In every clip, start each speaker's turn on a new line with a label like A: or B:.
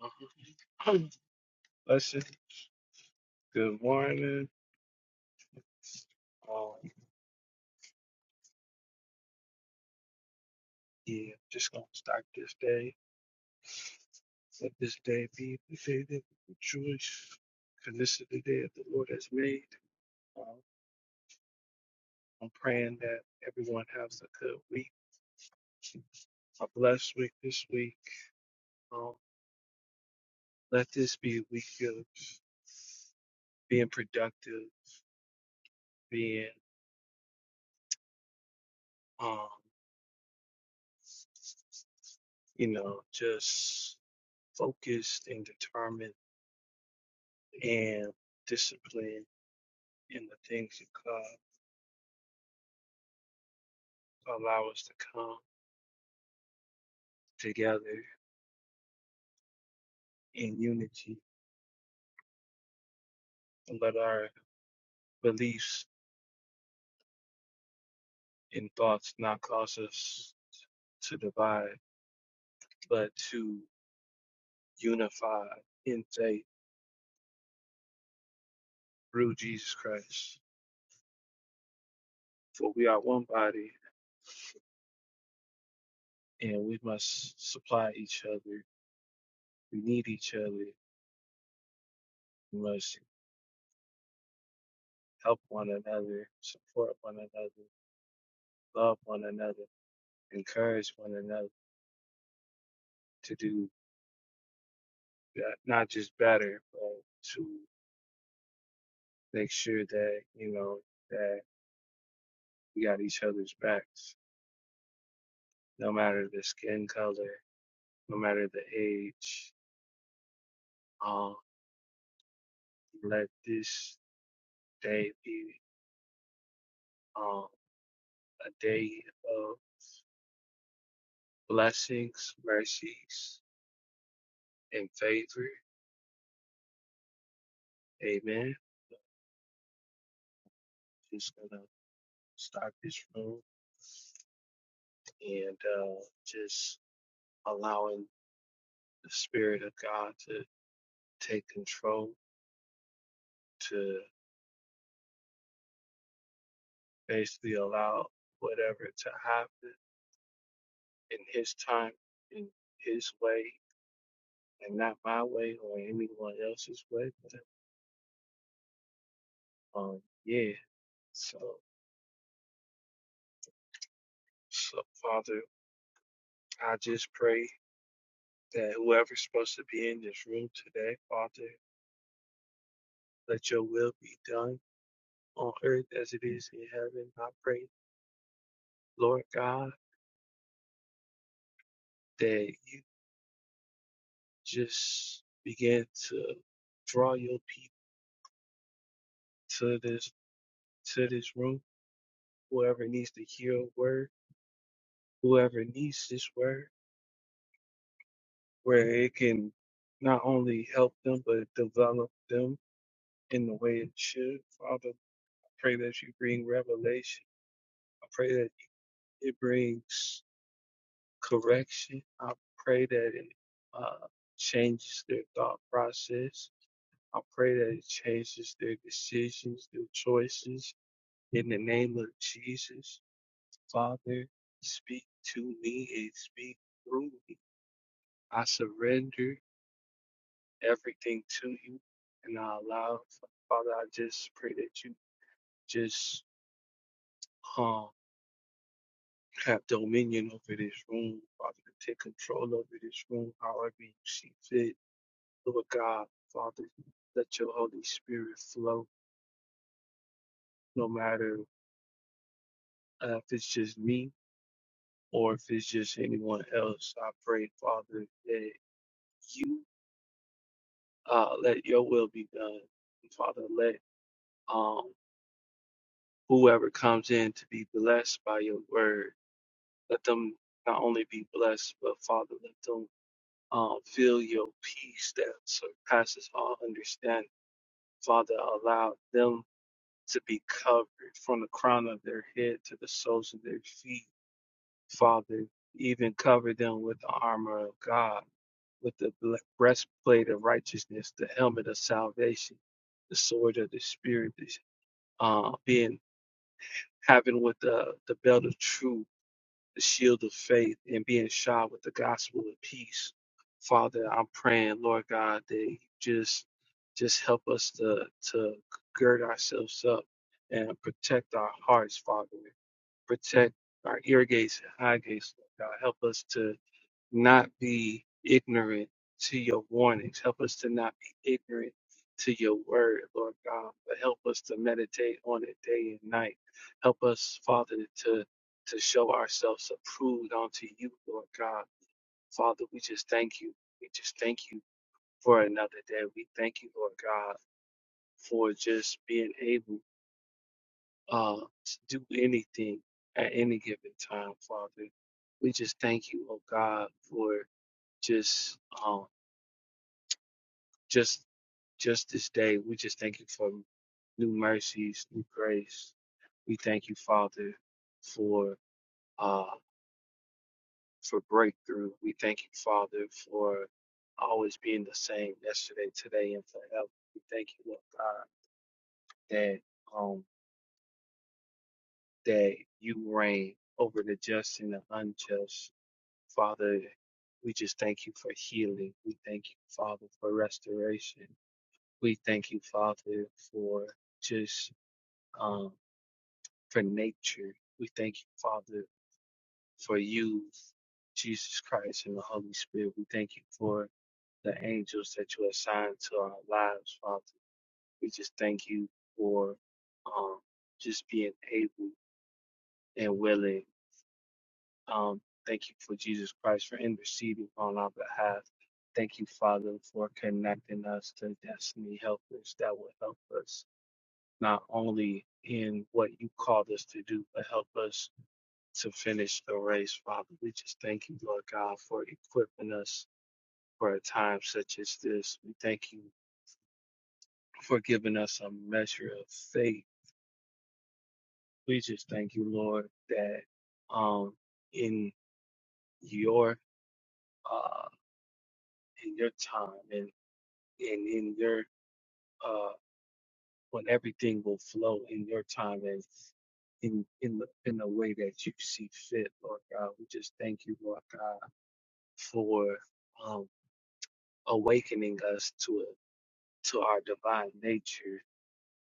A: Let's good morning. Um, yeah, just gonna start this day. Let this day be the day that we rejoice, because this is the day that the Lord has made. Um, I'm praying that everyone has a good week, a blessed week this week. Um, let this be a week of being productive, being, um, you know, just focused and determined and disciplined in the things of God. allow us to come together in unity and let our beliefs and thoughts not cause us to divide, but to unify in faith through Jesus Christ. For we are one body and we must supply each other. We need each other. We must help one another, support one another, love one another, encourage one another to do that, not just better, but to make sure that you know that we got each other's backs, no matter the skin color, no matter the age. Um, let this day be um, a day of blessings, mercies, and favor. Amen. Just gonna start this room and uh, just allowing the spirit of God to take control, to basically allow whatever to happen in his time, in his way, and not my way or anyone else's way. But, um, yeah. So, so Father, I just pray that whoever's supposed to be in this room today, Father, let your will be done on earth as it is in heaven. I pray, Lord God, that you just begin to draw your people to this to this room. Whoever needs to hear a word, whoever needs this word. where it can not only help them but develop them in the way it should. Father, I pray that you bring revelation. I pray that it brings correction. I pray that it uh, changes their thought process. I pray that it changes their decisions, their choices. In the name of Jesus, Father, speak to me and speak through me. I surrender everything to you. And I allow, Father, I just pray that you just um, have dominion over this room, Father, to take control over this room however you see fit. Lord God, Father, let your Holy Spirit flow no matter uh, if it's just me or if it's just anyone else. I pray, Father, that you uh, let your will be done. And Father, let um, whoever comes in to be blessed by your word Let them not only be blessed, but Father, let them uh, feel your peace that surpasses all understanding. Father, allow them to be covered from the crown of their head to the soles of their feet. Father, even cover them with the armor of God, with the ble- breastplate of righteousness, the helmet of salvation, the sword of the Spirit, the, uh, being having with the, the belt of truth the shield of faith and being shot with the gospel of peace. Father, I'm praying, Lord God, that you just just help us to to gird ourselves up and protect our hearts, Father. Protect our ear gates and eye gates, Lord God. Help us to not be ignorant to your warnings. Help us to not be ignorant to your word, Lord God, but help us to meditate on it day and night. Help us, Father, to to show ourselves approved unto you, Lord God. Father, we just thank you. We just thank you for another day. We thank you, Lord God, for just being able uh, to do anything at any given time, Father. We just thank you, oh God, for just um, just just this day. We just thank you for new mercies, new grace. We thank you, Father, for uh for breakthrough. We thank you, Father, for always being the same yesterday, today, and forever. We thank you, Lord God, that um that you reign over the just and the unjust. Father, we just thank you for healing. We thank you, Father, for restoration. We thank you, Father, for just um, for nature. We thank you, Father, for you, Jesus Christ, and the Holy Spirit. We thank you for the angels that you assigned to our lives, Father. We just thank you for um, just being able and willing. Um, thank you for Jesus Christ for interceding on our behalf. Thank you, Father, for connecting us to destiny helpers that will help us not only in what you called us to do, but help us to finish the race, Father. We just thank you, Lord God, for equipping us for a time such as this. We thank you for giving us a measure of faith. We just thank you, Lord, that um, in your uh, in your time and and in your uh, when everything will flow in your time and in in the in the way that you see fit, Lord God. We just thank you, Lord God, for um, awakening us to it to our divine nature.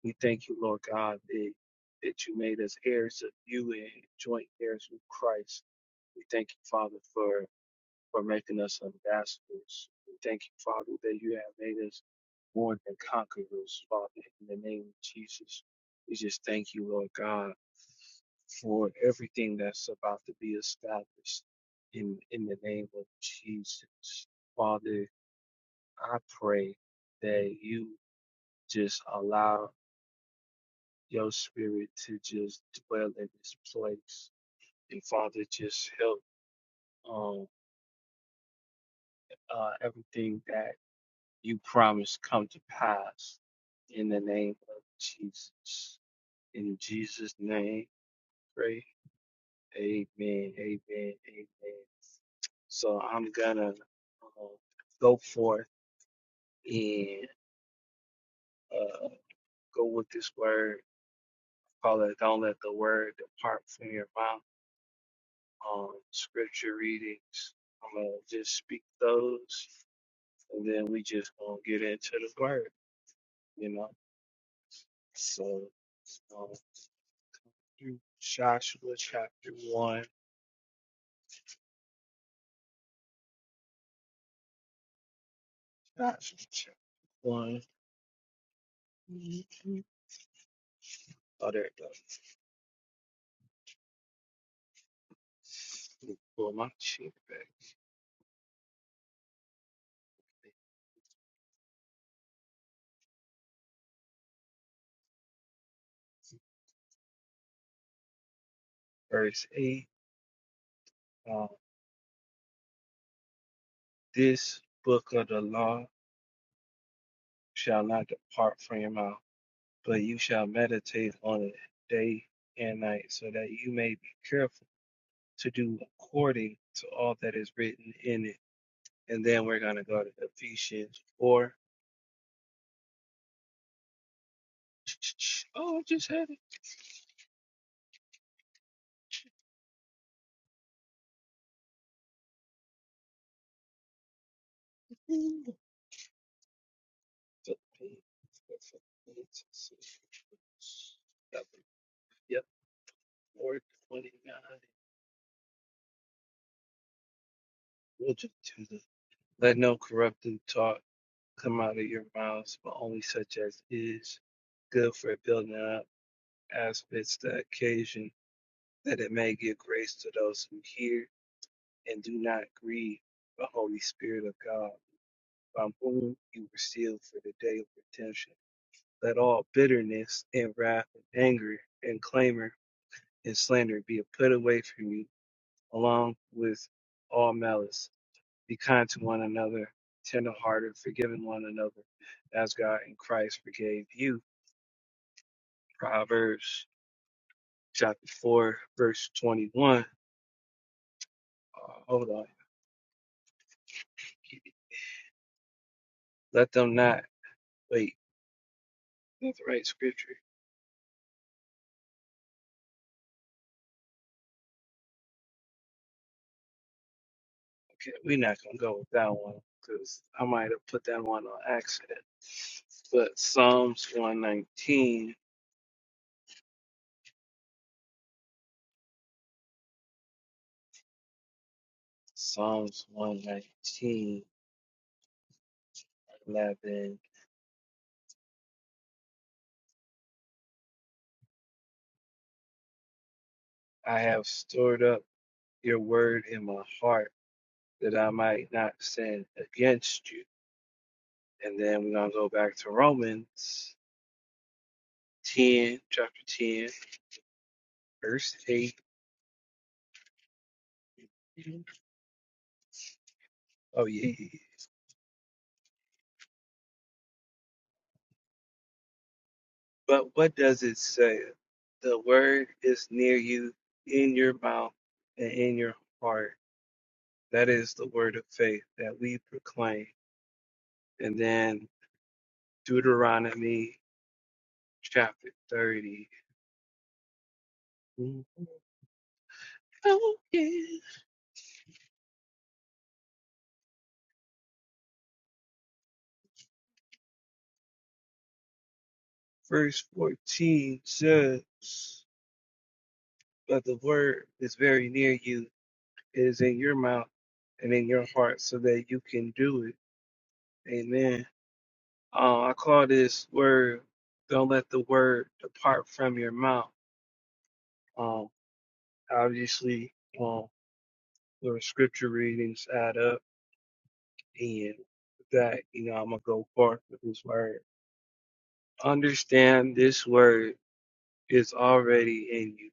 A: We thank you, Lord God, that, that you made us heirs of you and joint heirs with Christ. We thank you, Father, for, for making us ambassadors. We thank you, Father, that you have made us more than conquerors, Father, in the name of Jesus. We just thank you, Lord God, for everything that's about to be established in, in the name of Jesus. Father, I pray that you just allow your spirit to just dwell in this place. And Father, just help um uh everything that you promised come to pass in the name of Jesus. In Jesus' name, pray. Amen. Amen. Amen. So I'm gonna uh, go forth and uh, go with this word. Father, don't let the word depart from your mouth um, scripture readings. I'm gonna just speak those, and then we just gonna get into the word, you know. So, um, Joshua chapter one, Joshua chapter one. Oh, there it goes. Let me Pull my sheet back. Verse eight. Um, this book of the law shall not depart from your mouth, but you shall meditate on it day and night, so that you may be careful. to do according to all that is written in it. And then we're going to go to Ephesians 4. Oh, I just had it. Yep, 429. We'll just do the Let no corrupting talk come out of your mouths, but only such as is good for building up as fits the occasion, that it may give grace to those who hear and do not grieve the Holy Spirit of God By whom you were sealed for the day of redemption. Let all bitterness and wrath and anger and clamor and slander be put away from you, along with all malice. Be kind to one another, tenderhearted, forgiving one another, as God in Christ forgave you. Proverbs chapter 4, verse 21. Uh, hold on. Let them not, wait, that's the right scripture. Okay, We're not gonna go with that one because I might have put that one on accident. But Psalms 119, Psalms one nineteen eleven, I have stored up your word in my heart that I might not sin against you. And then we're gonna go back to Romans 10, chapter 10, verse 8. Oh yeah. yeah, yeah. But what does it say? The word is near you, in your mouth and in your heart. That is the word of faith that we proclaim. And then Deuteronomy chapter 30. Oh, yeah. Verse 14 says, But the word is very near you, it is in your mouth and in your heart, so that you can do it. Amen. Uh, I call this word, don't let the word depart from your mouth. Um, obviously, um, the scripture readings add up and with that, you know, I'm going to go forth with this word. Understand this word is already in you.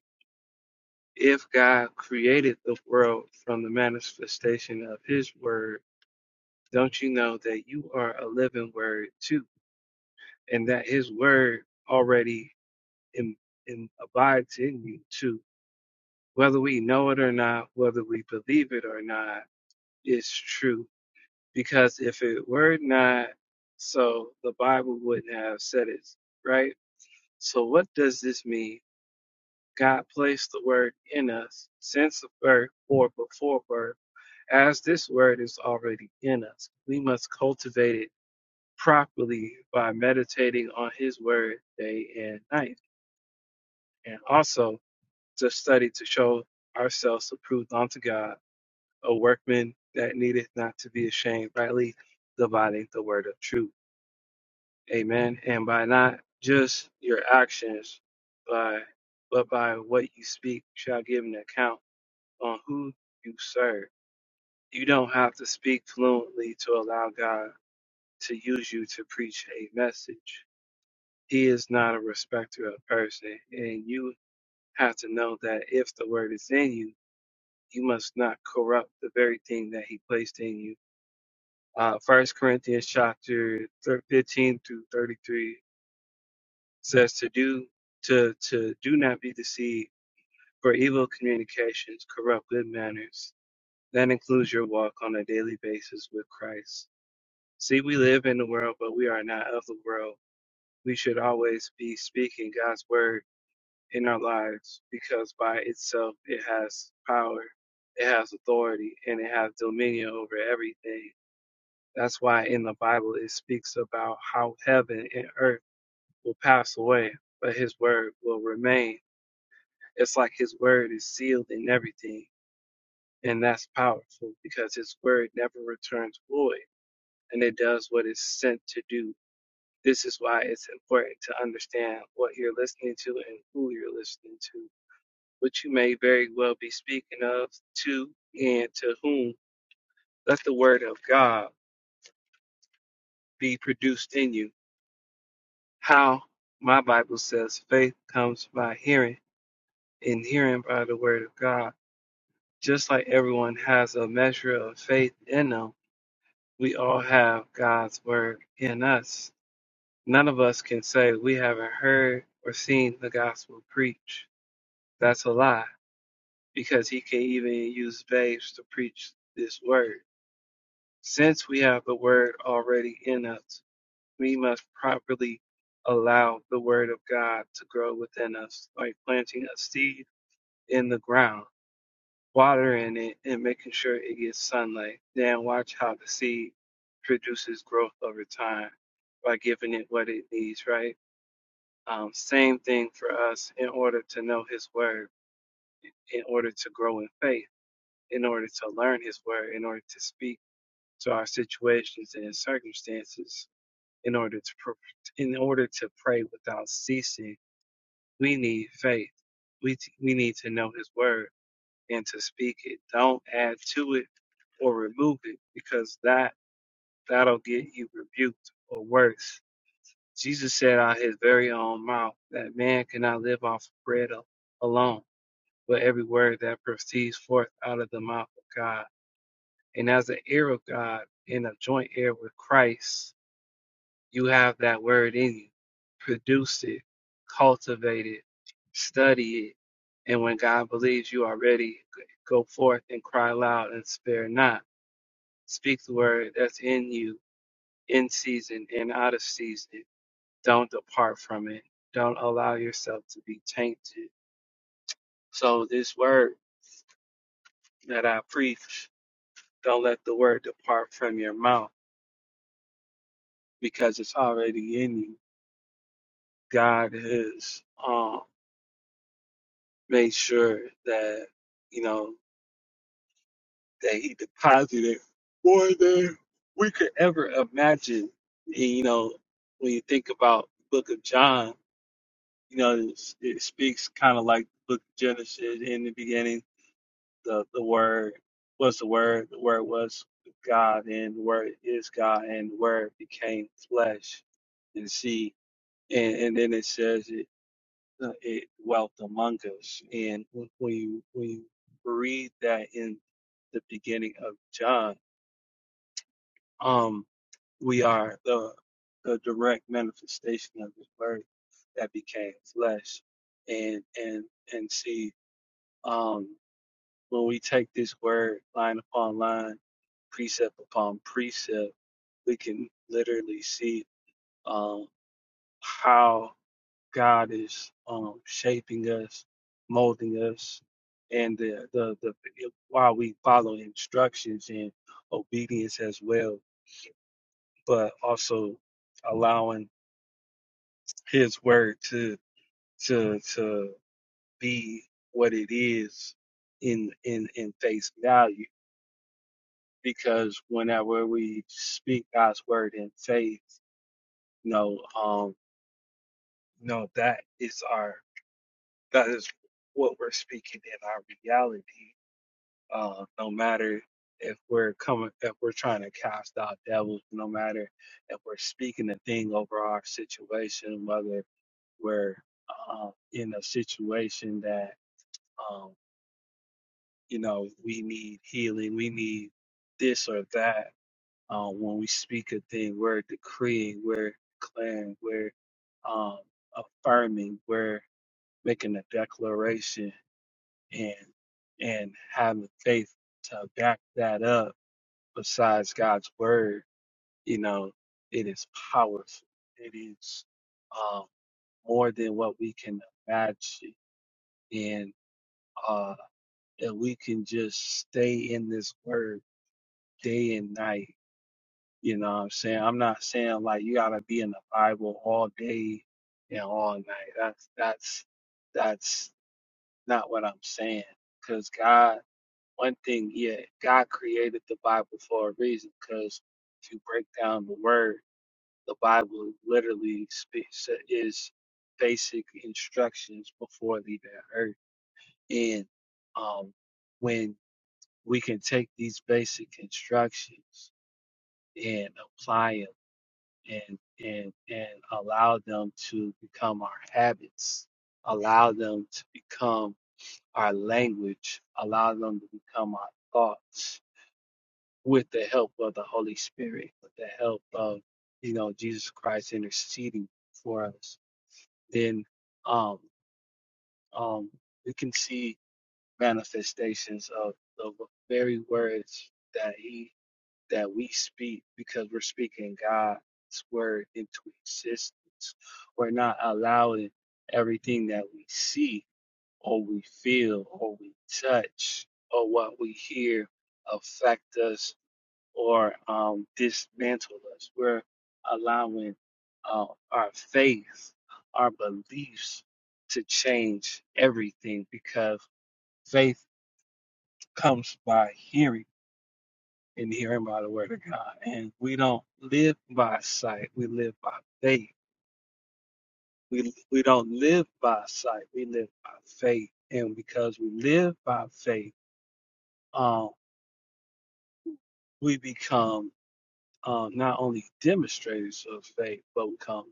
A: If God created the world from the manifestation of his word, don't you know that you are a living word too, and that his word already em- em- abides in you too? whether we know it or not, whether we believe it or not, it's true. Because if it were not so, the Bible wouldn't have said it, right? So, what does this mean? God placed the word in us since birth or before birth, as this word is already in us. We must cultivate it properly by meditating on His word day and night, and also to study to show ourselves approved unto God a workman that needeth not to be ashamed, rightly dividing the word of truth. Amen. And by not just your actions, by but by what you speak shall give an account on who you serve. You don't have to speak fluently to allow God to use you to preach a message. He is not a respecter of person, and you have to know that if the word is in you, you must not corrupt the very thing that he placed in you Uh, 1 Corinthians chapter thir- 15 through 33 says to do to to do not be deceived, for evil communications corrupt good manners. That includes your walk on a daily basis with Christ. See, we live in the world, but we are not of the world. We should always be speaking God's word in our lives because by itself it has power, it has authority, and it has dominion over everything That's why in the Bible it speaks about how heaven and earth will pass away, but his word will remain. It's like his word is sealed in everything. And that's powerful because his word never returns void and it does what it's sent to do. This is why it's important to understand what you're listening to and who you're listening to, which you may very well be speaking of, to, and to whom. Let the word of God be produced in you how my Bible says faith comes by hearing and hearing by the word of God. Just like everyone has a measure of faith in them, we all have God's word in us. None of us can say we haven't heard or seen the gospel preached. That's a lie because he can even use babes to preach this word. Since we have the word already in us, we must properly allow the word of God to grow within us, like planting a seed in the ground, watering it, and making sure it gets sunlight. Then watch how the seed produces growth over time by giving it what it needs, right? Um, same thing for us in order to know His word, in order to grow in faith, in order to learn His word, in order to speak to our situations and circumstances in order to pr- in order to pray without ceasing, we need faith. We t- we need to know His word and to speak it. Don't add to it or remove it because that that'll get you rebuked or worse. Jesus said out His very own mouth that man cannot live off of bread al- alone, but every word that proceeds forth out of the mouth of God. And as an heir of God and a joint heir with Christ, You have that word in you. Produce it, cultivate it, study it. And when God believes you are ready, go forth and cry loud and spare not. Speak the word that's in you, in season and out of season. Don't depart from it. Don't allow yourself to be tainted. So, this word that I preach, don't let the word depart from your mouth because it's already in you. God is. um, made sure that you know that he deposited more than we could ever imagine. And, you know, when you think about the Book of John, you know, it, it speaks kind of like the Book of Genesis. In the beginning, the the Word was the Word. The Word was with God, and the Word is God, and the Word became flesh and see. And, and then it says. uh, it dwelt among us. And when when you when you read that in the beginning of John, um, we are the the direct manifestation of His Word that became flesh, and and and see um, when we take this word line upon line, precept upon precept, we can literally see um, how God is um, shaping us, molding us, and the, the the while we follow instructions and obedience as well, but also allowing His word to to to be what it is in in in face value. Because whenever we speak God's word in faith, you know, um, you know that is our that is what we're speaking in our reality uh, no matter if we're coming, if we're trying to cast out devils, no matter if we're speaking a thing over our situation, whether we're uh, in a situation that, um, you know, we need healing, we need this or that. Uh, when we speak a thing, we're decreeing, we're declaring, we're um, affirming, we're making a declaration and and having faith to back that up besides God's word, you know, it is powerful. It is um, more than what we can imagine. And uh, if we can just stay in this word day and night, you know what I'm saying? I'm not saying like you gotta be in the Bible all day and all night. That's that's that's not what I'm saying. Cause God one thing, yeah, God created the Bible for a reason, because if you break down the word The Bible literally speaks is basic instructions before leaving earth. And um, when we can take these basic instructions and apply them and and and allow them to become our habits, allow them to become our language, allow them to become our thoughts with the help of the Holy Spirit, with the help of you know Jesus Christ interceding for us then um, um, we can see manifestations of the very words that he that we speak because we're speaking God's word into existence. We're not allowing everything that we see or we feel or we touch or what we hear affect us or um, dismantle us. We're allowing uh, our faith, our beliefs to change everything because faith comes by hearing and hearing by the word of God. And we don't live by sight, we live by faith. We, we don't live by sight, we live by faith. And because we live by faith, um, we become uh, not only demonstrators of faith, but become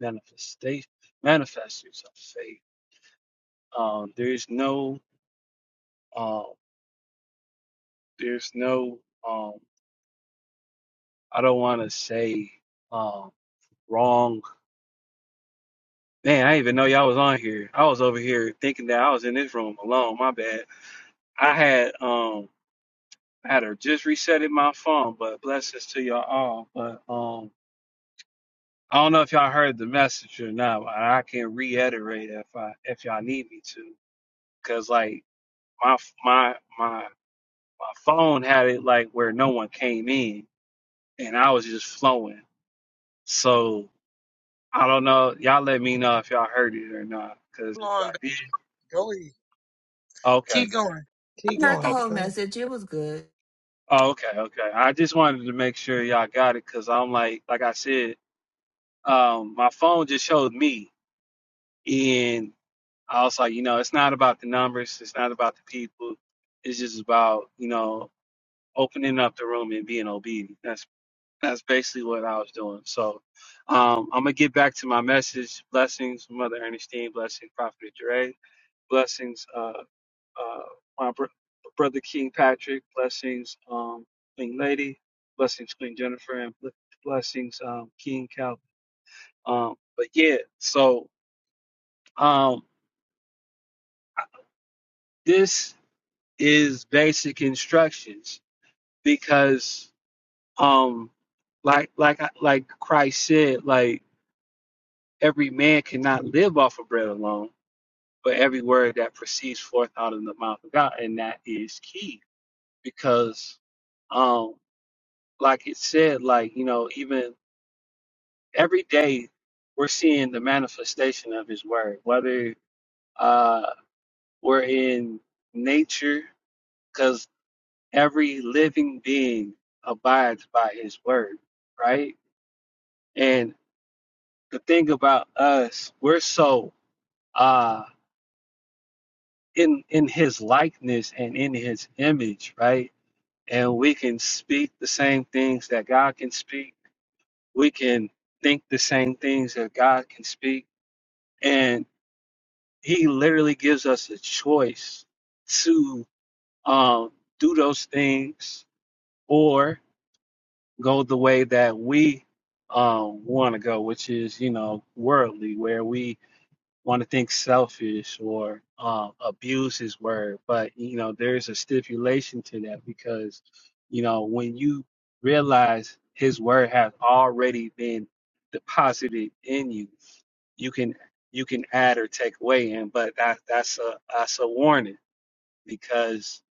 A: manifestation manifestors of faith. Um, there's no, um, there's no, um, I don't want to say um, wrong. Man, I didn't even know y'all was on here. I was over here thinking that I was in this room alone. My bad. I had um, I had her just resetting my phone, but blessings to y'all all. But um, I don't know if y'all heard the message or not. But I can reiterate if I if y'all need me to. Cause like my my my my phone had it like where no one came in, and I was just flowing. So I don't know. Y'all let me know if y'all heard it or not. Cause
B: Go
A: if
B: on,
A: y'all did,
B: baby. Go ahead.
A: okay,
B: Keep going. Keep
C: heard the
B: going.
C: whole
A: okay,
B: Go.
C: message. It was good.
A: oh, okay, okay. I just wanted to make sure y'all got it. Cause I'm like, like I said, um, my phone just showed me, and I was like, you know, it's not about the numbers. It's not about the people. It's just about you know opening up the room and being obedient. That's That's basically what I was doing. So um, I'm gonna get back to my message. Blessings, Mother Ernestine. Blessings, Prophet Jure. Blessings, uh, uh, my br- brother King Patrick. Blessings, um, Queen Lady. Blessings, Queen Jennifer, and bl- blessings, um, King Calvin. Um, but yeah, so um, this is basic instructions because, um, like, like, I- like Christ said, like every man cannot live off of bread alone, but every word that proceeds forth out of the mouth of God, and that is key because, um, like it said, like you know, even every day we're seeing the manifestation of His word, whether uh, we're in nature, because every living being abides by His word, right? And the thing about us, we're so. uh, in in his likeness and in his image, right? And we can speak the same things that God can speak. We can think the same things that God can speak. And he literally gives us a choice to um, do those things or go the way that we um, want to go, which is, you know, worldly, where we want to think selfish or um, abuse his word, but you know there's a stipulation to that because you know when you realize his word has already been deposited in you, you can you can add or take away, and but that that's a that's a warning because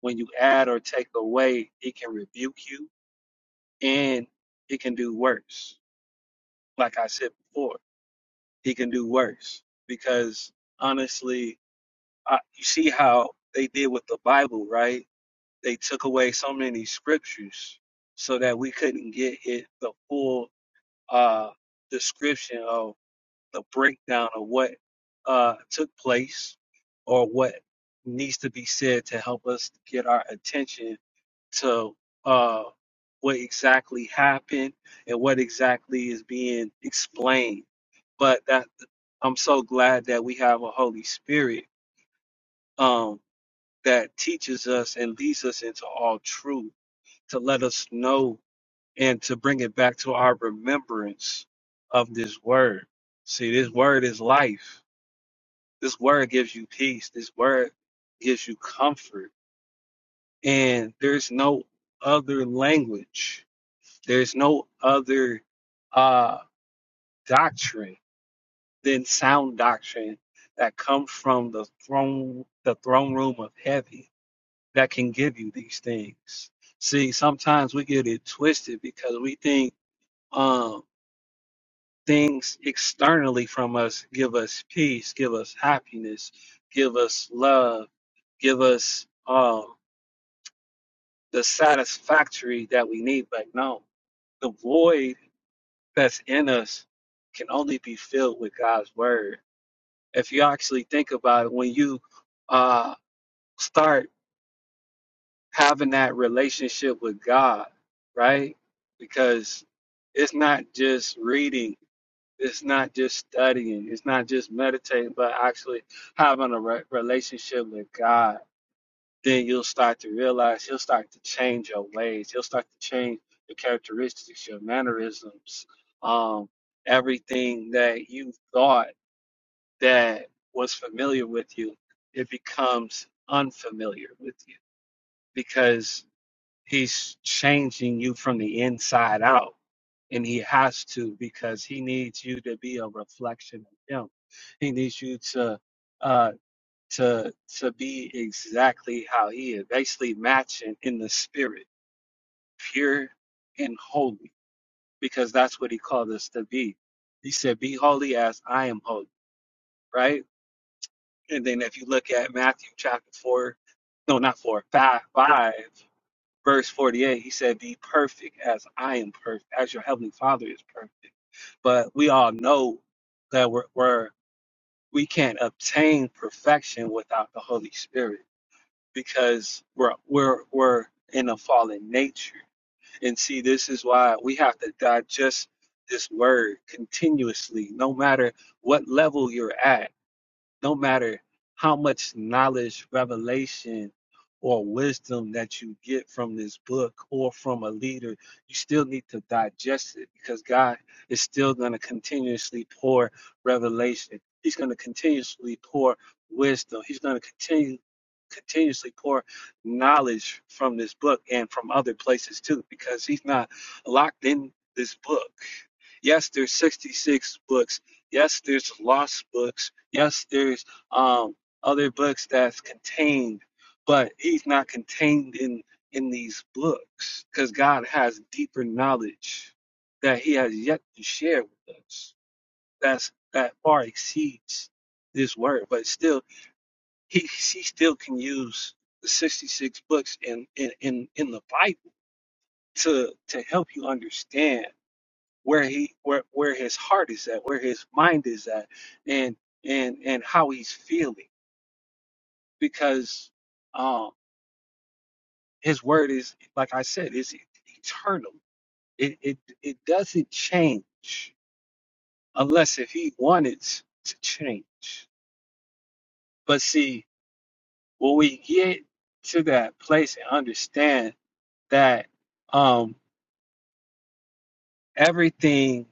A: when you add or take away, he can rebuke you and he can do worse. Like I said before, he can do worse because honestly I, you see how they did with the Bible, right? They took away so many scriptures so that we couldn't get it the full uh, description of the breakdown of what uh, took place or what needs to be said to help us get our attention to uh, what exactly happened and what exactly is being explained. But that I'm so glad that we have a Holy Spirit. Um, that teaches us and leads us into all truth to let us know and to bring it back to our remembrance of this word. See, this word is life. This word gives you peace. This word gives you comfort. And there's no other language, there's no other uh, doctrine than sound doctrine that comes from the throne, the throne room of heaven that can give you these things. See, sometimes we get it twisted because we think um, things externally from us give us peace, give us happiness, give us love, give us um, the satisfactory that we need. But no, the void that's in us can only be filled with God's word. If you actually think about it, when you uh, start having that relationship with God, right? Because it's not just reading, it's not just studying, it's not just meditating, but actually having a re- relationship with God. Then you'll start to realize you'll start to change your ways. You'll start to change your characteristics, your mannerisms, um, everything that you thought that was familiar with you, it becomes unfamiliar with you because He's changing you from the inside out. And he has to because he needs you to be a reflection of him. He needs you to uh to to be exactly how he is, basically matching in the spirit, pure and holy, because that's what he called us to be. He said, Be holy as I am holy, right? And then if you look at Matthew chapter four, no, not four, five, five. verse 48, he said, Be perfect as I am perfect, as your heavenly father is perfect. But we all know that we're, we're we can't obtain perfection without the Holy Spirit because we're we're we're in a fallen nature. And see, this is why we have to digest this word continuously, no matter what level you're at no matter how much knowledge, revelation, or wisdom that you get from this book or from a leader, you still need to digest it because God is still going to continuously pour revelation. He's going to continuously pour wisdom. He's going to continue continuously pour knowledge from this book and from other places too because he's not locked in this book yes there's 66 books Yes, there's lost books. Yes, there's um, other books that's contained, but he's not contained in in these books because God has deeper knowledge that He has yet to share with us. That's that far exceeds this word, but still, he he still can use the 66 books in in in, in the Bible to to help you understand where he where where his heart is at, where his mind is at, and and and how he's feeling, because um his word is like I said is eternal. It it it doesn't change unless if he wanted to change. But see, when we get to that place and understand that um everything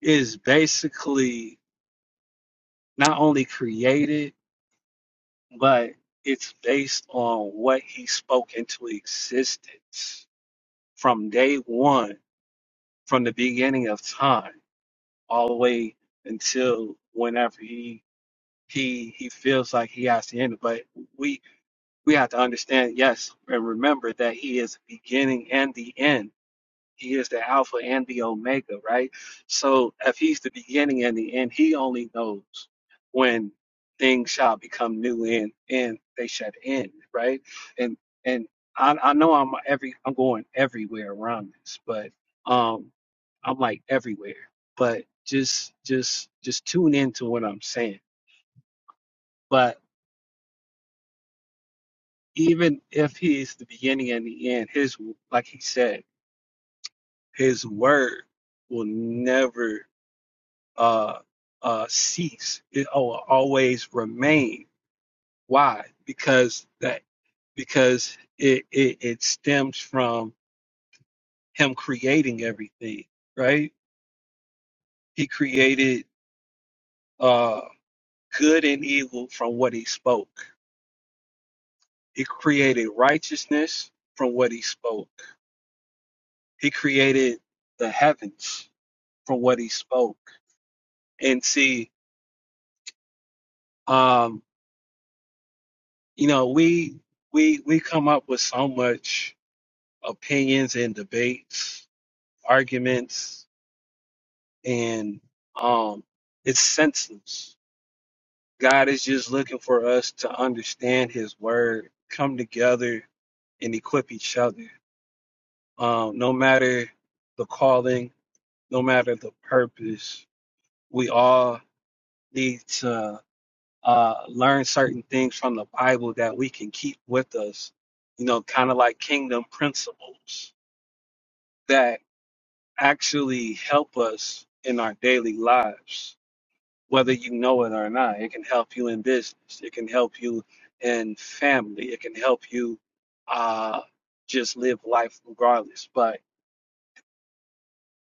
A: is basically not only created but it's based on what he spoke into existence from day one, from the beginning of time, all the way until whenever he he he feels like he has to end it. But we we have to understand, yes, and remember that he is the beginning and the end. He is the Alpha and the Omega, right? So if he's the beginning and the end, he only knows when things shall become new and and they should end, right? And and I, I know I'm every I'm going everywhere around this, but um I'm like everywhere. But just just just tune into what I'm saying. But even if he is the beginning and the end, his like he said, his word will never uh, uh, cease. It will always remain. Why? Because that because it, it it stems from him creating everything. Right? He created uh, good and evil from what he spoke. He created righteousness from what he spoke. He created the heavens from what he spoke. And see, um, you know, we we we come up with so much opinions and debates, arguments, and um, it's senseless. God is just looking for us to understand His word, come together, and equip each other. Um, no matter the calling, no matter the purpose, we all need to uh, learn certain things from the Bible that we can keep with us. You know, kind of like kingdom principles that. actually help us in our daily lives, whether you know it or not. It can help you in business, it can help you in family, it can help you uh, just live life regardless. But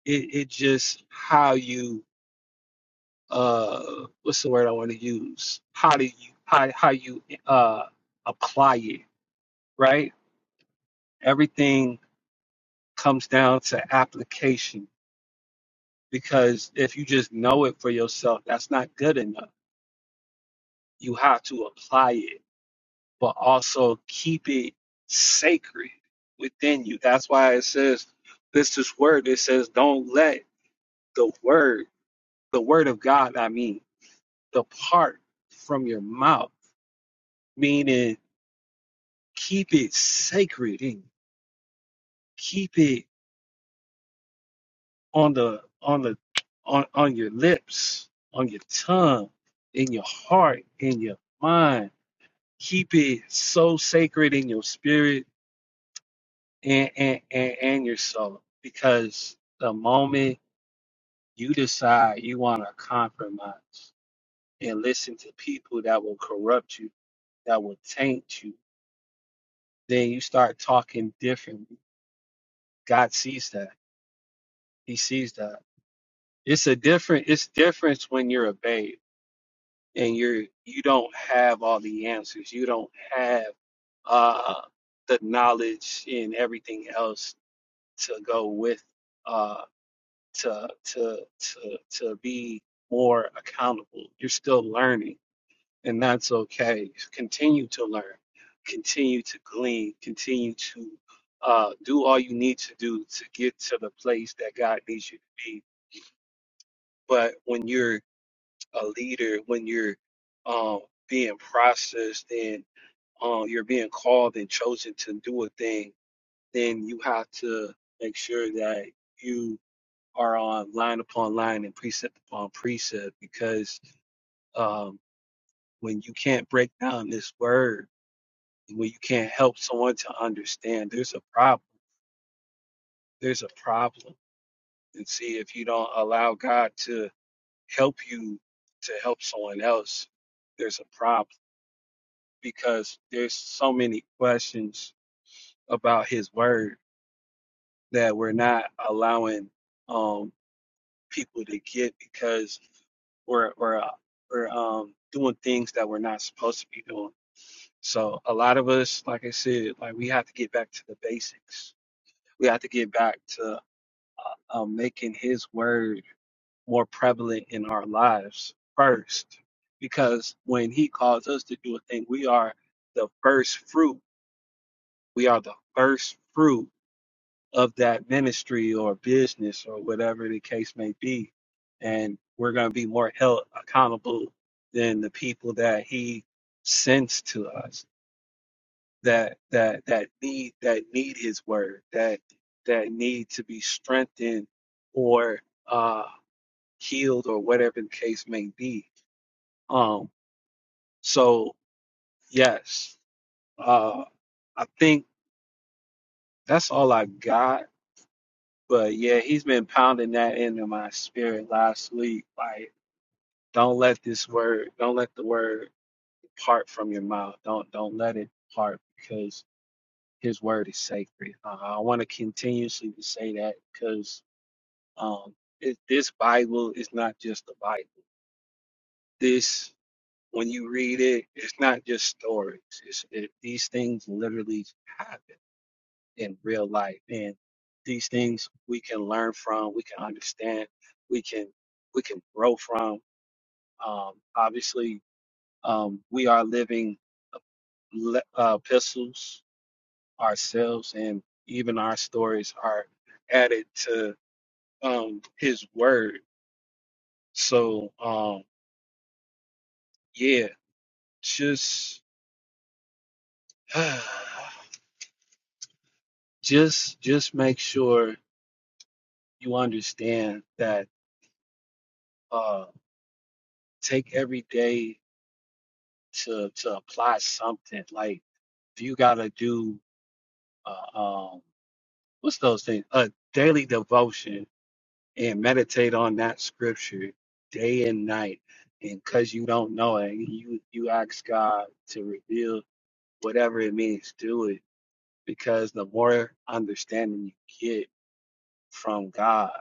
A: it, it just how you uh, what's the word I want to use? How do you how how you uh, apply it? Right? Everything comes down to application because if you just know it for yourself, that's not good enough you have to apply it, but also keep it sacred within you. That's why it says this is word. It says don't let the word, the word of God, I mean, depart from your mouth. Meaning keep it sacred and keep it on the on the on, on your lips, on your tongue, in your heart, in your mind. Keep it so sacred in your spirit and and and, and your soul because the moment you decide you want to compromise and listen to people that will corrupt you that will taint you then you start talking differently god sees that he sees that it's a different it's different when you're a babe and you're you don't have all the answers you don't have uh the knowledge and everything else to go with uh, to to to to be more accountable. You're still learning, and that's okay. Continue to learn, continue to glean, continue to uh, do all you need to do to get to the place that God needs you to be. But when you're a leader, when you're um, being processed and um, you're being called and chosen to do a thing, then you have to make sure that you are on line upon line and precept upon precept because um, when you can't break down this word, when you can't help someone to understand, there's a problem. There's a problem. And see, if you don't allow God to help you to help someone else, there's a problem because there's so many questions about His word that we're not allowing um, people to get because we're we're uh, we're um doing things that we're not supposed to be doing. So a lot of us, like I said, like we have to get back to the basics. We have to get back to um, making His word more prevalent in our lives first, because when He calls us to do a thing, we are the first fruit. We are the first fruit of that ministry or business or whatever the case may be. And we're going to be more held accountable than the people that he sends to us that that that need that need his word that that need to be strengthened or uh healed or whatever the case may be um so yes uh i think that's all i got But yeah, he's been pounding that into my spirit last week. Like, don't let this word, don't let the word depart from your mouth. Don't don't let it depart because his word is sacred. Uh, I want to continuously to say that because um, it, this Bible is not just the Bible. This when you read it, it's not just stories. It's, it, these things literally happen. in real life. And these things we can learn from, we can understand, we can we can grow from. Um, obviously, um, we are living uh, le- uh, epistles ourselves, and even our stories are added to um, His Word. So, um, yeah, just just just make sure you understand that uh, take every day to to apply something. Like if you gotta do uh, um what's those things? A daily devotion and meditate on that scripture day and night. And cause you don't know it, you you ask God to reveal whatever it means, do it. Because the more understanding you get from God,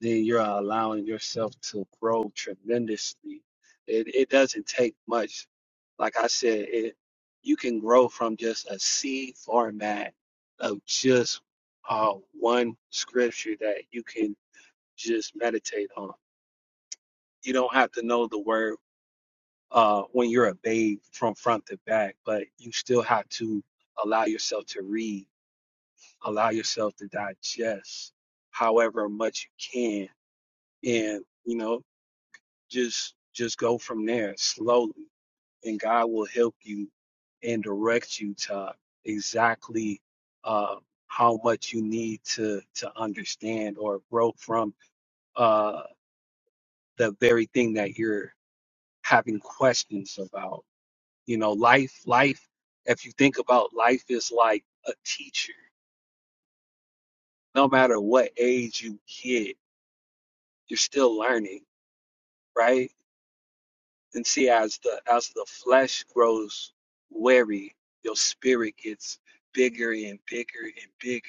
A: then you're allowing yourself to grow tremendously. It, it doesn't take much. Like I said, it, you can grow from just a seed format of just uh, one scripture that you can just meditate on. You don't have to know the word uh, when you're a babe from front to back, but you still have to allow yourself to read, allow yourself to digest however much you can. And, you know, just just go from there slowly and god will help you and direct you to exactly uh how much you need to to understand or grow from uh the very thing that you're having questions about you know life life if you think about life is like a teacher no matter what age you get you're still learning right And see, as the as the flesh grows weary, your spirit gets bigger and bigger and bigger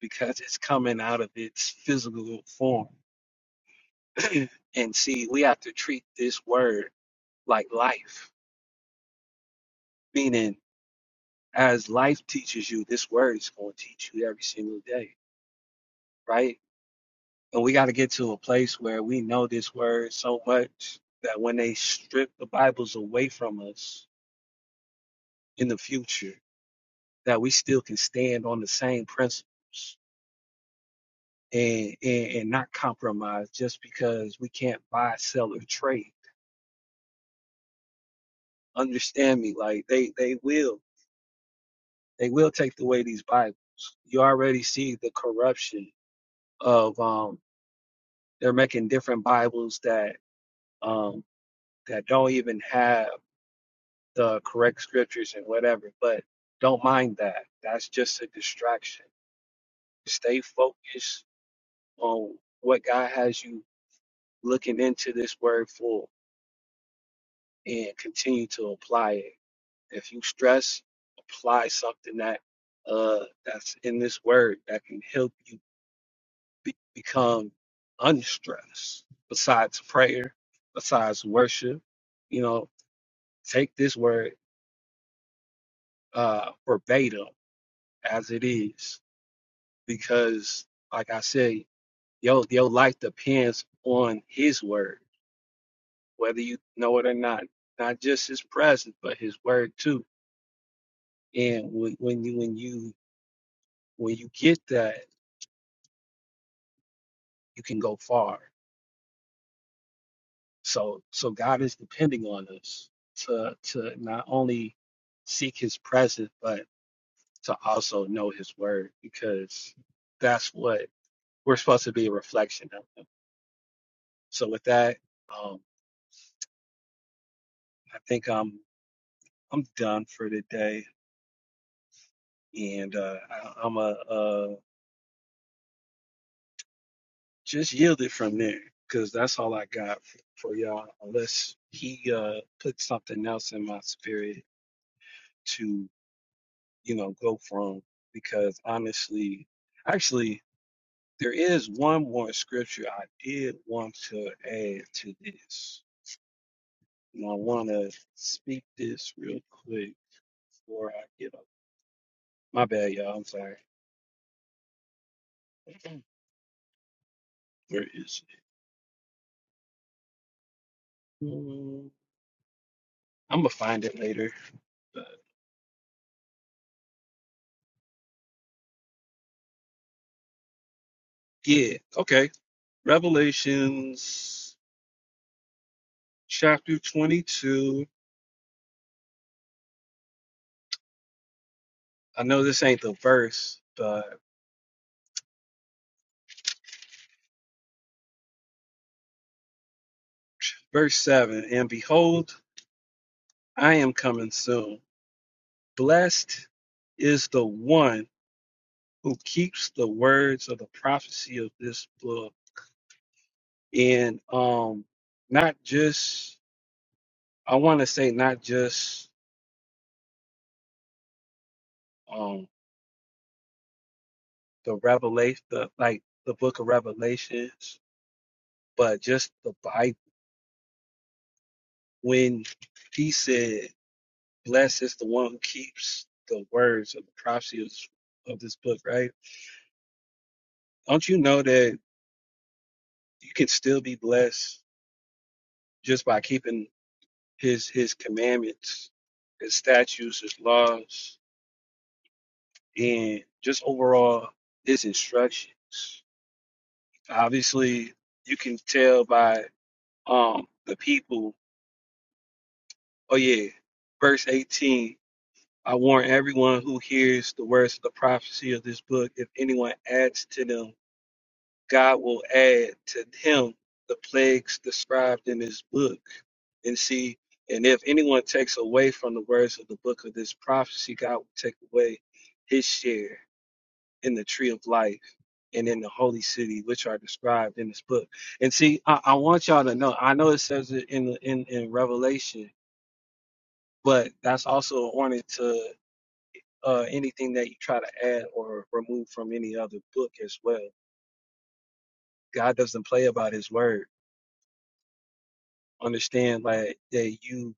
A: because it's coming out of its physical form. and see, we have to treat this word like life, meaning as life teaches you, this word is going to teach you every single day, right? And we got to get to a place where we know this word so much that when they strip the Bibles away from us in the future that we still can stand on the same principles and, and, and not compromise just because we can't buy, sell, or trade. Understand me, like they, they will, they will take away these Bibles. You already see the corruption of, um, they're making different Bibles that, um, that don't even have the correct scriptures and whatever, but don't mind that. That's just a distraction. Stay focused on what God has you looking into this word full and continue to apply it. If you stress, apply something that uh that's in this word that can help you be- become unstressed. Besides prayer, besides worship, you know, take this word uh verbatim as it is, because like I said, your your life depends on His word, whether you know it or not. Not just His presence, but His word too and when, when you when you when you get that you can go far so so god is depending on us to to not only seek his presence but to also know his word because that's what we're supposed to be a reflection of him so with that um i think i'm i'm done for today and uh I, i'm a uh just yield it from there because that's all I got f- for y'all unless he uh puts something else in my spirit to you know go from because honestly actually there is one more scripture I did want to add to this and I want to speak this real quick before I get up my bad y'all I'm sorry where is it Mm, I'm gonna find it later but yeah okay Revelations chapter 22. I know this ain't the verse, but verse 7 And behold, I am coming soon. Blessed is the one who keeps the words of the prophecy of this book. And um, not just, I want to say, not just um, the revelation, the, like the book of Revelations, but just the Bible. When he said, Blessed is the one who keeps the words of the prophecy of, of this book, right? Don't you know that you can still be blessed just by keeping his his commandments, his statutes, his laws, and just overall his instructions? Obviously, you can tell by um the people. Oh yeah, verse 18. I warn everyone who hears the words of the prophecy of this book, if anyone adds to them God will add to him the plagues described in his book. And see, and if anyone takes away from the words of the book of this prophecy, God will take away his share in the tree of life and in the holy city, which are described in this book. And see, I, I want y'all to know, I know it says it in, the- in, in Revelation, but that's also a warning to uh, anything that you try to add or remove from any other book as well. God doesn't play about his word. understand like that you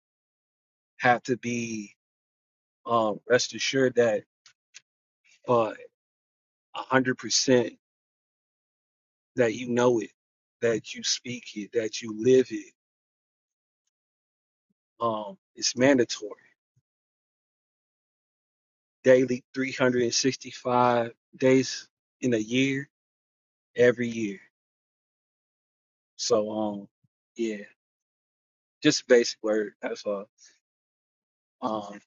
A: have to be um rest assured that uh a hundred percent that you know it, that you speak it, that you live it. Um it's mandatory. Daily three hundred and sixty five days in a year, every year. So um yeah, just basic word, that's all. Um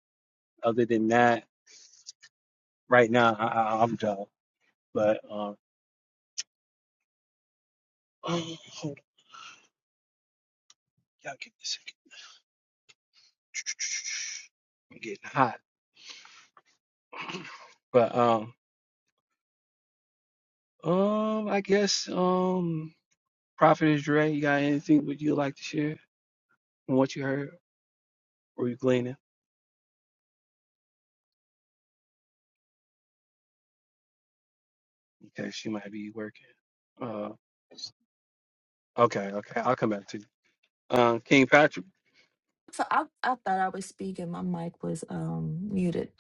A: other than that, right now I, I I'm done. But um oh, hold on, y'all give me a second. I'm getting hot. But um, um, I guess um, Prophet Dre, you got anything would you like to share from what you heard or you gleaning? Okay, she might be working. Uh, okay, okay, I'll come back to you. Um, King Patrick.
C: So I, I thought I was speaking. My mic was um, muted.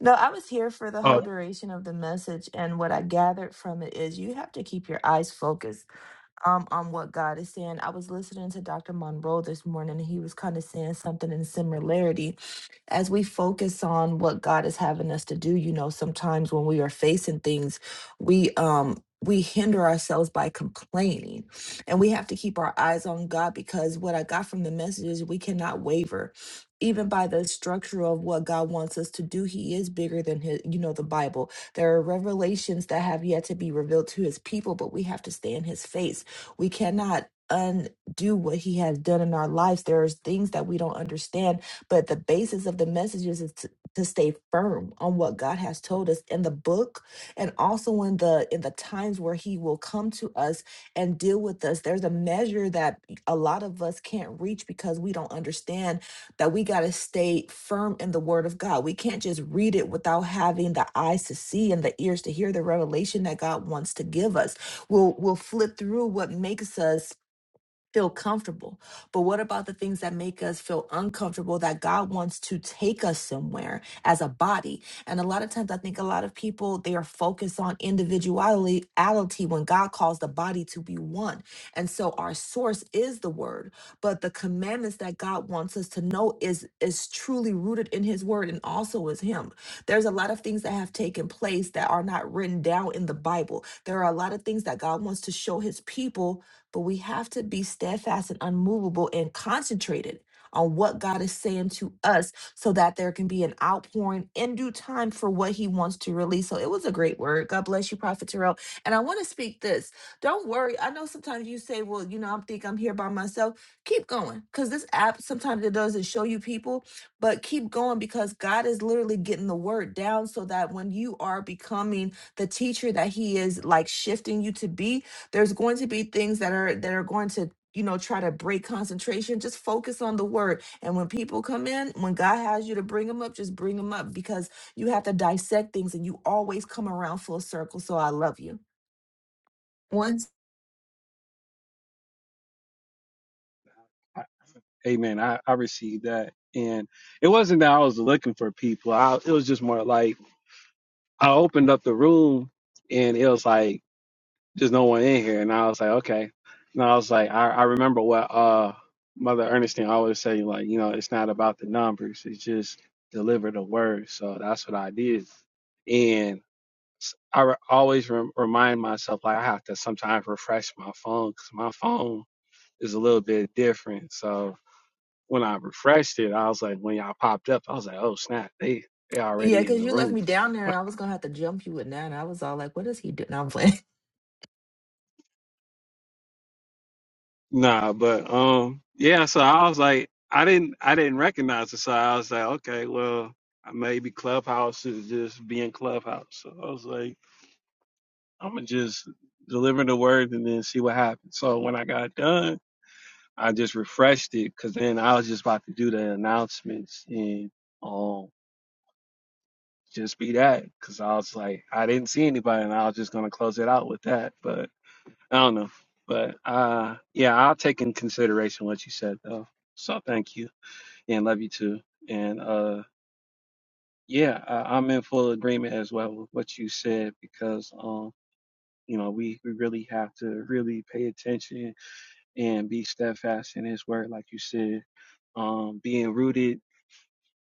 C: No, I was here for the whole
A: Uh,
C: duration of the message. And what I gathered from it is you have to keep your eyes focused um on what God is saying. I was listening to Dr. Monroe this morning and he was kind of saying something in similarity. As we focus on what God is having us to do, you know, sometimes when we are facing things, we um we hinder ourselves by complaining. And we have to keep our eyes on God because what I got from the message is we cannot waver. Even by the structure of what God wants us to do, He is bigger than His, you know, the Bible. There are revelations that have yet to be revealed to His people, but we have to stay in His face we cannot undo what he has done in our lives. There are things that we don't understand, but the basis of the messages is to, to stay firm on what God has told us in the book and also in the in the times where he will come to us and deal with us. There's a measure that a lot of us can't reach because we don't understand that we got to stay firm in the word of God. We can't just read it without having the eyes to see and the ears to hear the revelation that God wants to give us we'll we'll flip through what makes us feel comfortable. But what about the things that make us feel uncomfortable that God wants to take us somewhere as a body? And a lot of times I think a lot of people they are focused on individuality ality when God calls the body to be one. And so our source is the word, but the commandments that God wants us to know is is truly rooted in his word and also is him. There's a lot of things that have taken place that are not written down in the Bible. There are a lot of things that God wants to show his people but we have to be steadfast and unmovable and concentrated on what God is saying to us so that there can be an outpouring in due time for what he wants to release. So it was a great word. God bless you, Prophet Terrell. And I want to speak this. Don't worry. I know sometimes you say, well, you know, I am think I'm here by myself. Keep going because this app sometimes it doesn't show you people, but keep going because God is literally getting the word down so that when you are becoming the teacher that he is like shifting you to be, there's going to be things that are that are going to you know try to break concentration just focus on the word and when people come in when god has you to bring them up just bring them up because you have to dissect things and you always come around full circle so i love you once
A: Amen. I I received that, and it wasn't that I was looking for people. I it was just more like I opened up the room, and it was like. There's no one in here. And I was like, okay. And I was like, I, I remember what uh Mother Ernestine always say, like, you know, it's not about the numbers, it's just deliver the word. So that's what I did. And s- I re- always rem- remind myself, like, I have to sometimes refresh my phone because my phone is a little bit different. So when I refreshed it, I was like, when y'all popped up, I was like, oh snap, they they
C: yeah
A: already in
C: because
A: the
C: you left
A: room.
C: me down there and i was gonna have to jump you with that and i was all like what is he doing I'm playing.
A: Nah, but um, yeah. So I was like, I didn't, I didn't recognize it. So I was like, okay, well, maybe Clubhouse is just being Clubhouse. So I was like, I'm gonna just deliver the word and then see what happens. So when I got done, I just refreshed it because then I was just about to do the announcements and um, just be that because I was like, I didn't see anybody, and I was just gonna close it out with that. But I don't know. But uh, yeah, I'll take in consideration what you said though. So thank you. and love you too. And uh, yeah, I, I'm in full agreement as well with what you said because um, you know, we we really have to really pay attention and be steadfast in His word, like you said, um, being rooted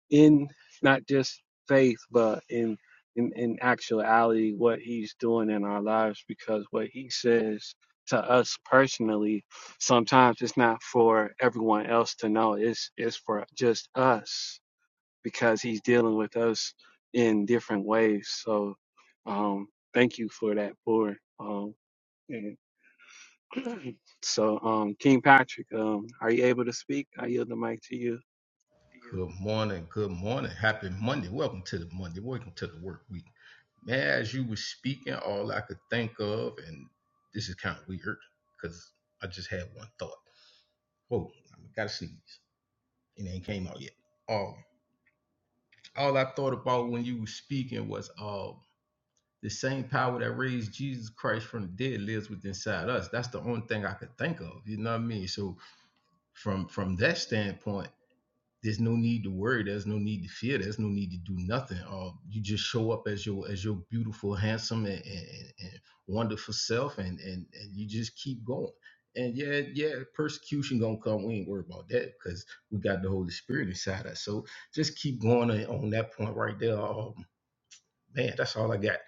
A: in not just faith but in in, in actuality what He's doing in our lives because what He says. To us personally, sometimes it's not for everyone else to know. It's it's for just us because he's dealing with us in different ways. So um, thank you for that, Board. Um, and so, um, King Patrick, um, are you able to speak? I yield the mic to you.
D: Good morning. Good morning. Happy Monday. Welcome to the Monday. Welcome to the work week. Man, as you were speaking, all I could think of, and this is kind of weird because I just had one thought. Whoa, I gotta sneeze. It ain't came out yet. Um, all I thought about when you were speaking was um the same power that raised Jesus Christ from the dead lives within inside us. That's the only thing I could think of. You know what I mean? So from from that standpoint there's no need to worry there's no need to fear there's no need to do nothing uh, you just show up as your as your beautiful handsome and, and, and wonderful self and, and and you just keep going and yeah yeah persecution gonna come we ain't worried about that because we got the holy spirit inside us so just keep going on on that point right there um, man that's all i got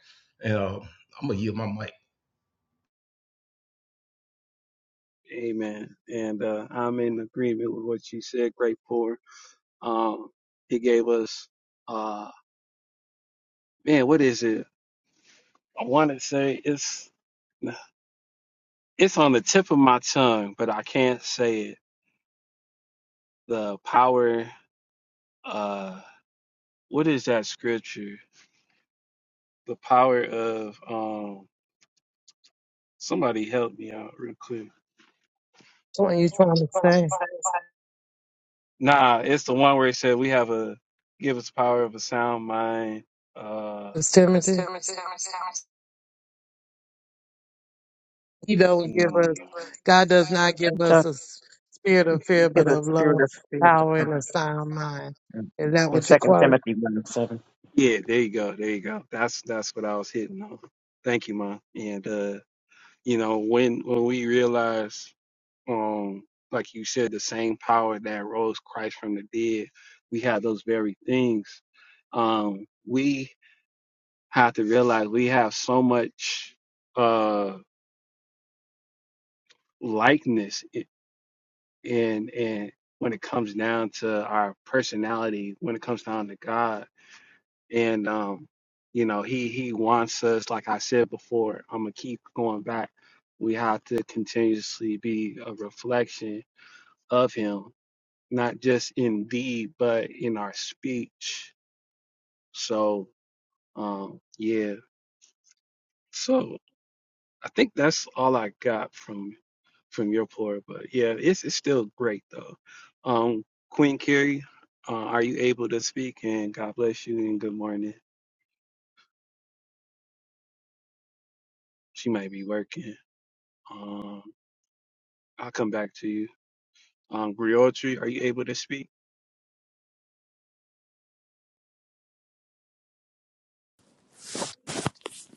D: and uh, i'm gonna yield my mic
A: Amen. And uh, I'm in agreement with what you said, great Poor. Um, he gave us, uh, man, what is it? I want to say it's it's on the tip of my tongue, but I can't say it. The power, uh, what is that scripture? the power of um somebody help me out real quick.
E: what are you trying to say?
A: Nah, it's the one where it said we have a give us power of a sound mind. Uh
E: It's Timothy. He don't give us,
A: mm, no.
E: God does not give
F: John,
E: us a s- spirit of
F: it's
E: fear,
F: because
E: but of
F: the spirit
E: love,
F: of fear. of the
E: power, and a
F: Lord.
E: sound mind. Is that
F: In
E: what you
F: Second
E: quote?
F: Timothy one and seven.
A: Yeah, there you go, there you go. That's that's what I was hitting on. Thank you, Mom. And uh, you know, when when we realize um like you said, the same power that rose Christ from the dead, we have those very things. Um, we have to realize we have so much Uh. likeness i- and and when it comes down to our personality when it comes down to god and um you know he he wants us like i said before i'm gonna keep going back we have to continuously be a reflection of him not just in deed but in our speech so um yeah so i think that's all i got from from your pour. But yeah, it's it's still great though. Um, Queen Carrie, uh, are you able to speak? And God bless you and good morning. She might be working. Um, I'll come back to you. Um, Griotri, are you able to speak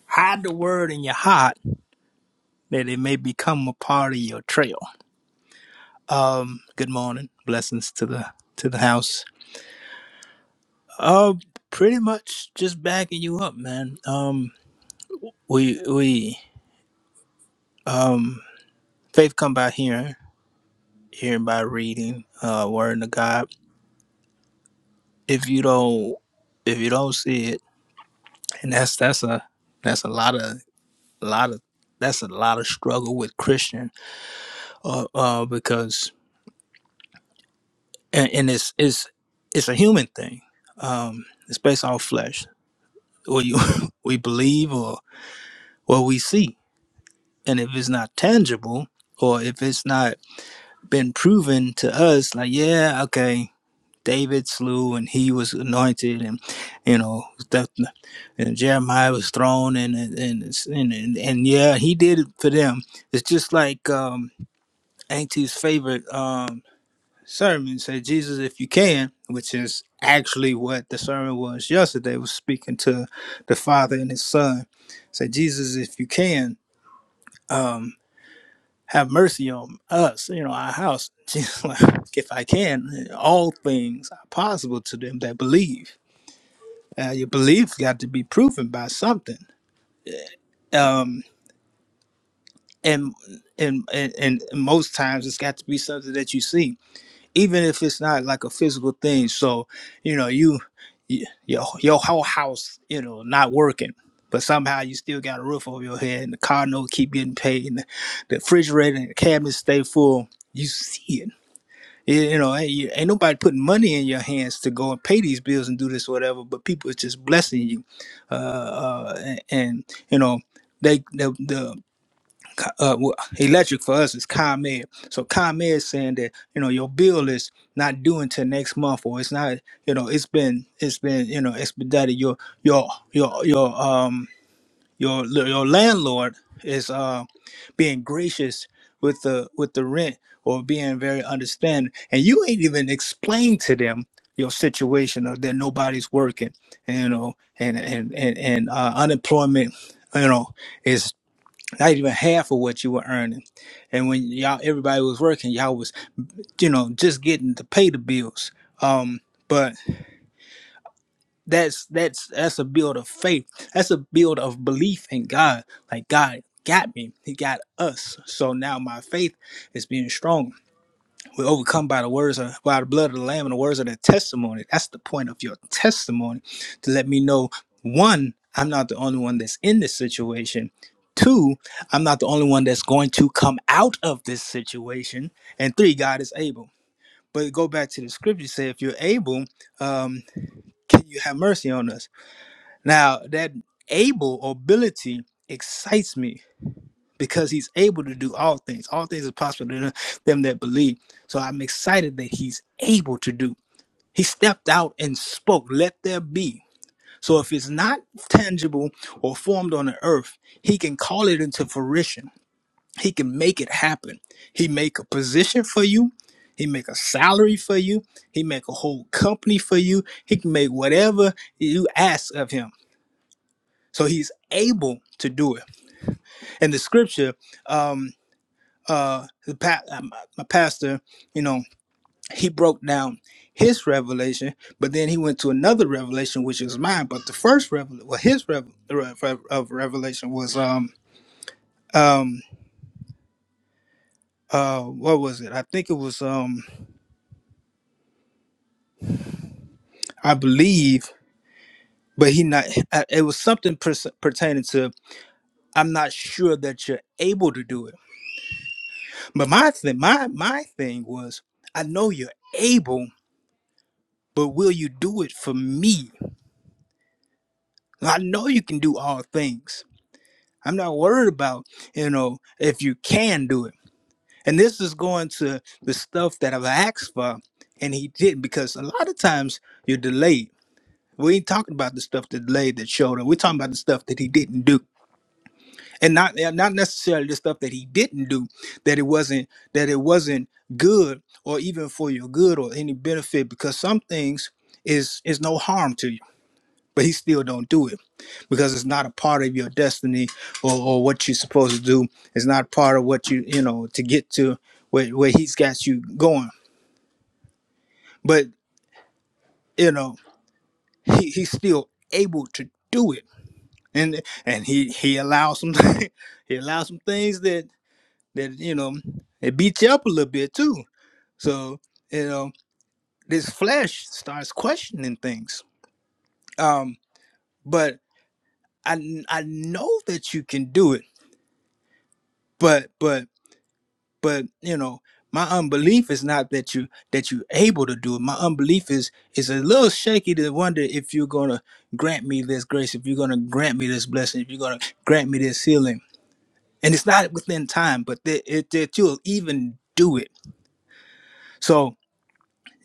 G: Hide the word in your heart that it may become a part of your trail. Um, good morning. Blessings to the to the house. Uh pretty much just backing you up, man. Um we we um faith come by hearing, hearing by reading, uh word of God. If you don't if you don't see it, and that's that's a that's a lot of lot of that's a lot of struggle with Christian uh, uh because and, and it's it's it's a human thing. Um, it's based on flesh, what you we believe or what we see, and if it's not tangible or if it's not been proven to us, like yeah, okay, David slew and he was anointed, and you know that, and Jeremiah was thrown, and and and, it's- and and and yeah, he did it for them. It's just like um, Auntie's favorite. Um, sermon said jesus if you can which is actually what the sermon was yesterday was speaking to the father and his son said jesus if you can um have mercy on us you know our house jesus like, if i can all things are possible to them that believe uh, your belief got to be proven by something um and and and, and most times it's got to be something that you see even if it's not like a physical thing. So, you know, you, y- your your whole house, you know, not working, but somehow you still got a roof over your head, and the car note keep getting paid, and the the refrigerator and the cabinets stay full. You see it. You you know, ain't, you- ain't nobody putting money in your hands to go and pay these bills and do this or whatever, but people is just blessing you. Uh, uh, and, and you know, they the, the uh, well, electric for us is ComEd. So ComEd is saying that you know your bill is not due until next month, or it's not you know it's been it's been you know expedited. Your your your your um your your landlord is uh being gracious with the with the rent or being very understanding, and you ain't even explained to them your situation or that nobody's working, you know, and and and and uh, unemployment, you know, is not even half of what you were earning. And when y'all everybody was working, y'all was, you know, just getting to pay the bills. Um, but that's that's that's a build of faith. That's a build of belief in God. Like God got me. He got us. So now my faith is being strong we overcome by the words of by the blood of the Lamb and the words of their testimony. That's the point of your testimony to let me know one, I'm not the only one that's in this situation. Two, I'm not the only one that's going to come out of this situation. And three, God is able. But go back to the scripture say, if you're able, um, can you have mercy on us? Now that able or ability excites me because he's able to do all things. All things are possible to them that believe. So I'm excited that he's able to do. He stepped out and spoke, let there be. So if it's not tangible or formed on the earth, he can call it into fruition. He can make it happen. He make a position for you. He make a salary for you. He make a whole company for you. He can make whatever you ask of him. So he's able to do it. And the scripture um. uh, the pa- uh, my, pastor, you know, he broke down his revelation, but then he went to another revelation, which is mine. But the first revelation, well, his rev- re- re- of revelation was um um uh what was it? I think it was um I believe, but he not uh, it was something pers- pertaining to I'm not sure that you're able to do it. But my thing, my my thing was I know you're able, but will you do it for me? I know you can do all things I'm not worried about, you know, if you can do it. And this is going to the stuff that I've asked for and he didn't because a lot of times you're delayed. We ain't talking about the stuff that delayed that showed up. We're talking about the stuff that he didn't do. And not and not necessarily the stuff that he didn't do, that it wasn't that it wasn't good or even for your good or any benefit, because some things is is no harm to you but he still don't do it because it's not a part of your destiny or, or what you're supposed to do it's not part of what you you know to get to where, where he's got you going but you know he, he's still able to do it and and he he allows some he allows some things that that you know it beats you up a little bit too so you know this flesh starts questioning things um but i i know that you can do it but but but you know my unbelief is not that you that you're able to do it my unbelief is is a little shaky to wonder if you're gonna grant me this grace if you're gonna grant me this blessing if you're gonna grant me this healing and it's not within time but that, it, that you'll even do it so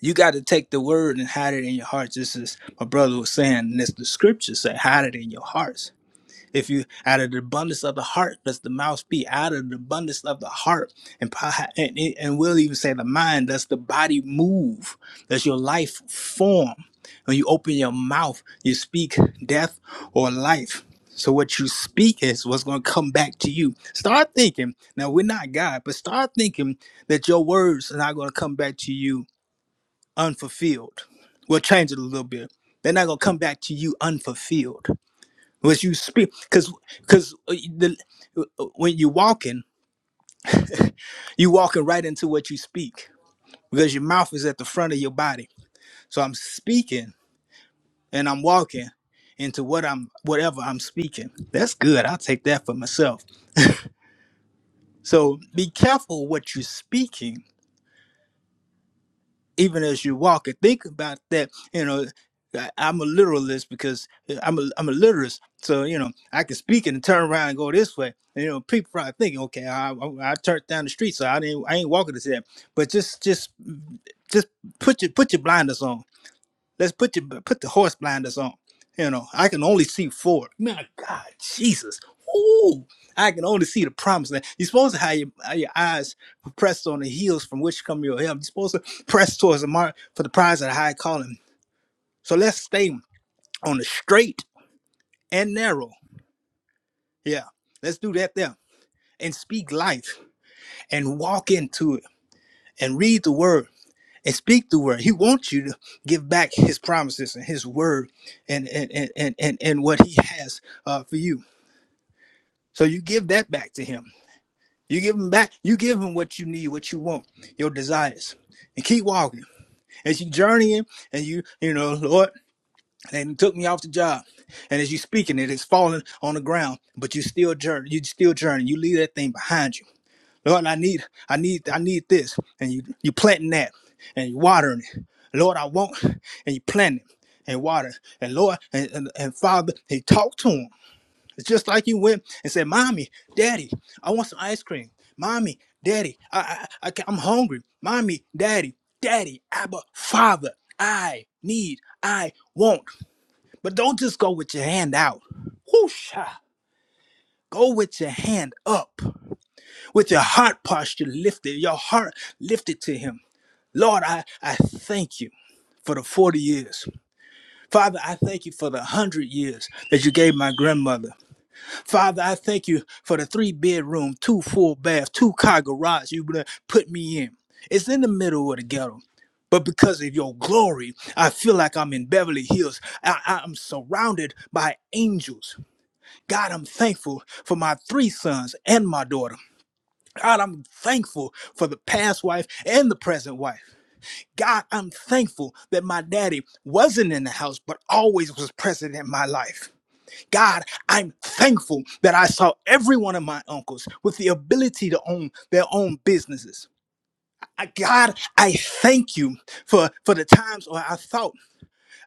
G: you got to take the word and hide it in your hearts this is my brother was saying and this the scriptures say hide it in your hearts if you out of the abundance of the heart, does the mouth speak? Out of the abundance of the heart, and and, and we'll even say the mind, does the body move? Does your life form? When you open your mouth, you speak death or life. So what you speak is what's going to come back to you. Start thinking. Now we're not God, but start thinking that your words are not going to come back to you unfulfilled. We'll change it a little bit. They're not going to come back to you unfulfilled. Was you speak because because the uh, uh, when you're walking, you walking right into what you speak because your mouth is at the front of your body. So I'm speaking and I'm walking into what I'm whatever I'm speaking. That's good. I'll take that for myself. So be careful what you're speaking even as you walk and think about that you know I- i'm a literalist because eh, i'm a, I'm a literist so you know i can speak and turn around and go this way And, you know people probably thinking okay i, I, I turned down the street so i didn't i ain't walking this way but just just just put your put your blinders on Let's put your put the horse blinders on. You know, I can only see forward. My God, Jesus. Ooh, I can only see the promise. land. You're supposed to have your, have your eyes pressed on the heels from which come your help. You're supposed to press towards the mark for the prize of the high calling. So let's stay on the straight and narrow. Yeah, let's do that there and speak life and walk into it and read the word and speak the word. He wants you to give back his promises and his word and and and and and, and what he has uh, for you. So you give that back to him. You give him back, you give him what you need, what you want, your desires. And keep walking. As you journeying and you, you know, Lord, and took me off the job. And as you speaking, it is falling on the ground, but you still journey, you still journey. You leave that thing behind you Lord, I need, I need, I need this. And you you planting that and you watering it. Lord, I want and you plant it and water. And Lord and, and, and Father, he talked to him. It's just like you went and said, Mommy, Daddy, I want some ice cream. Mommy, Daddy, I, I, I ca- I'm hungry. Mommy, Daddy, Daddy, Abba, Father, I need, I want. But don't just go with your hand out. Whoosh, ah. go with your hand up with your heart posture lifted, your heart lifted to Him. Lord, I, I thank you for the 40 years. Father, I thank you for the 100 years that you gave my grandmother. Father, I thank you for the three bedroom, two full bath, two car garage you put me in. It's in the middle of the ghetto. But because of your glory, I feel like I'm in Beverly Hills. I- I'm surrounded by angels. God, I'm thankful for my three sons and my daughter. God, I'm thankful for the past wife and the present wife. God, I'm thankful that my daddy wasn't in the house, but always was present in my life. God, I'm thankful that I saw every one of my uncles with the ability to own their own businesses. I- God, I thank you for, for the times where I thought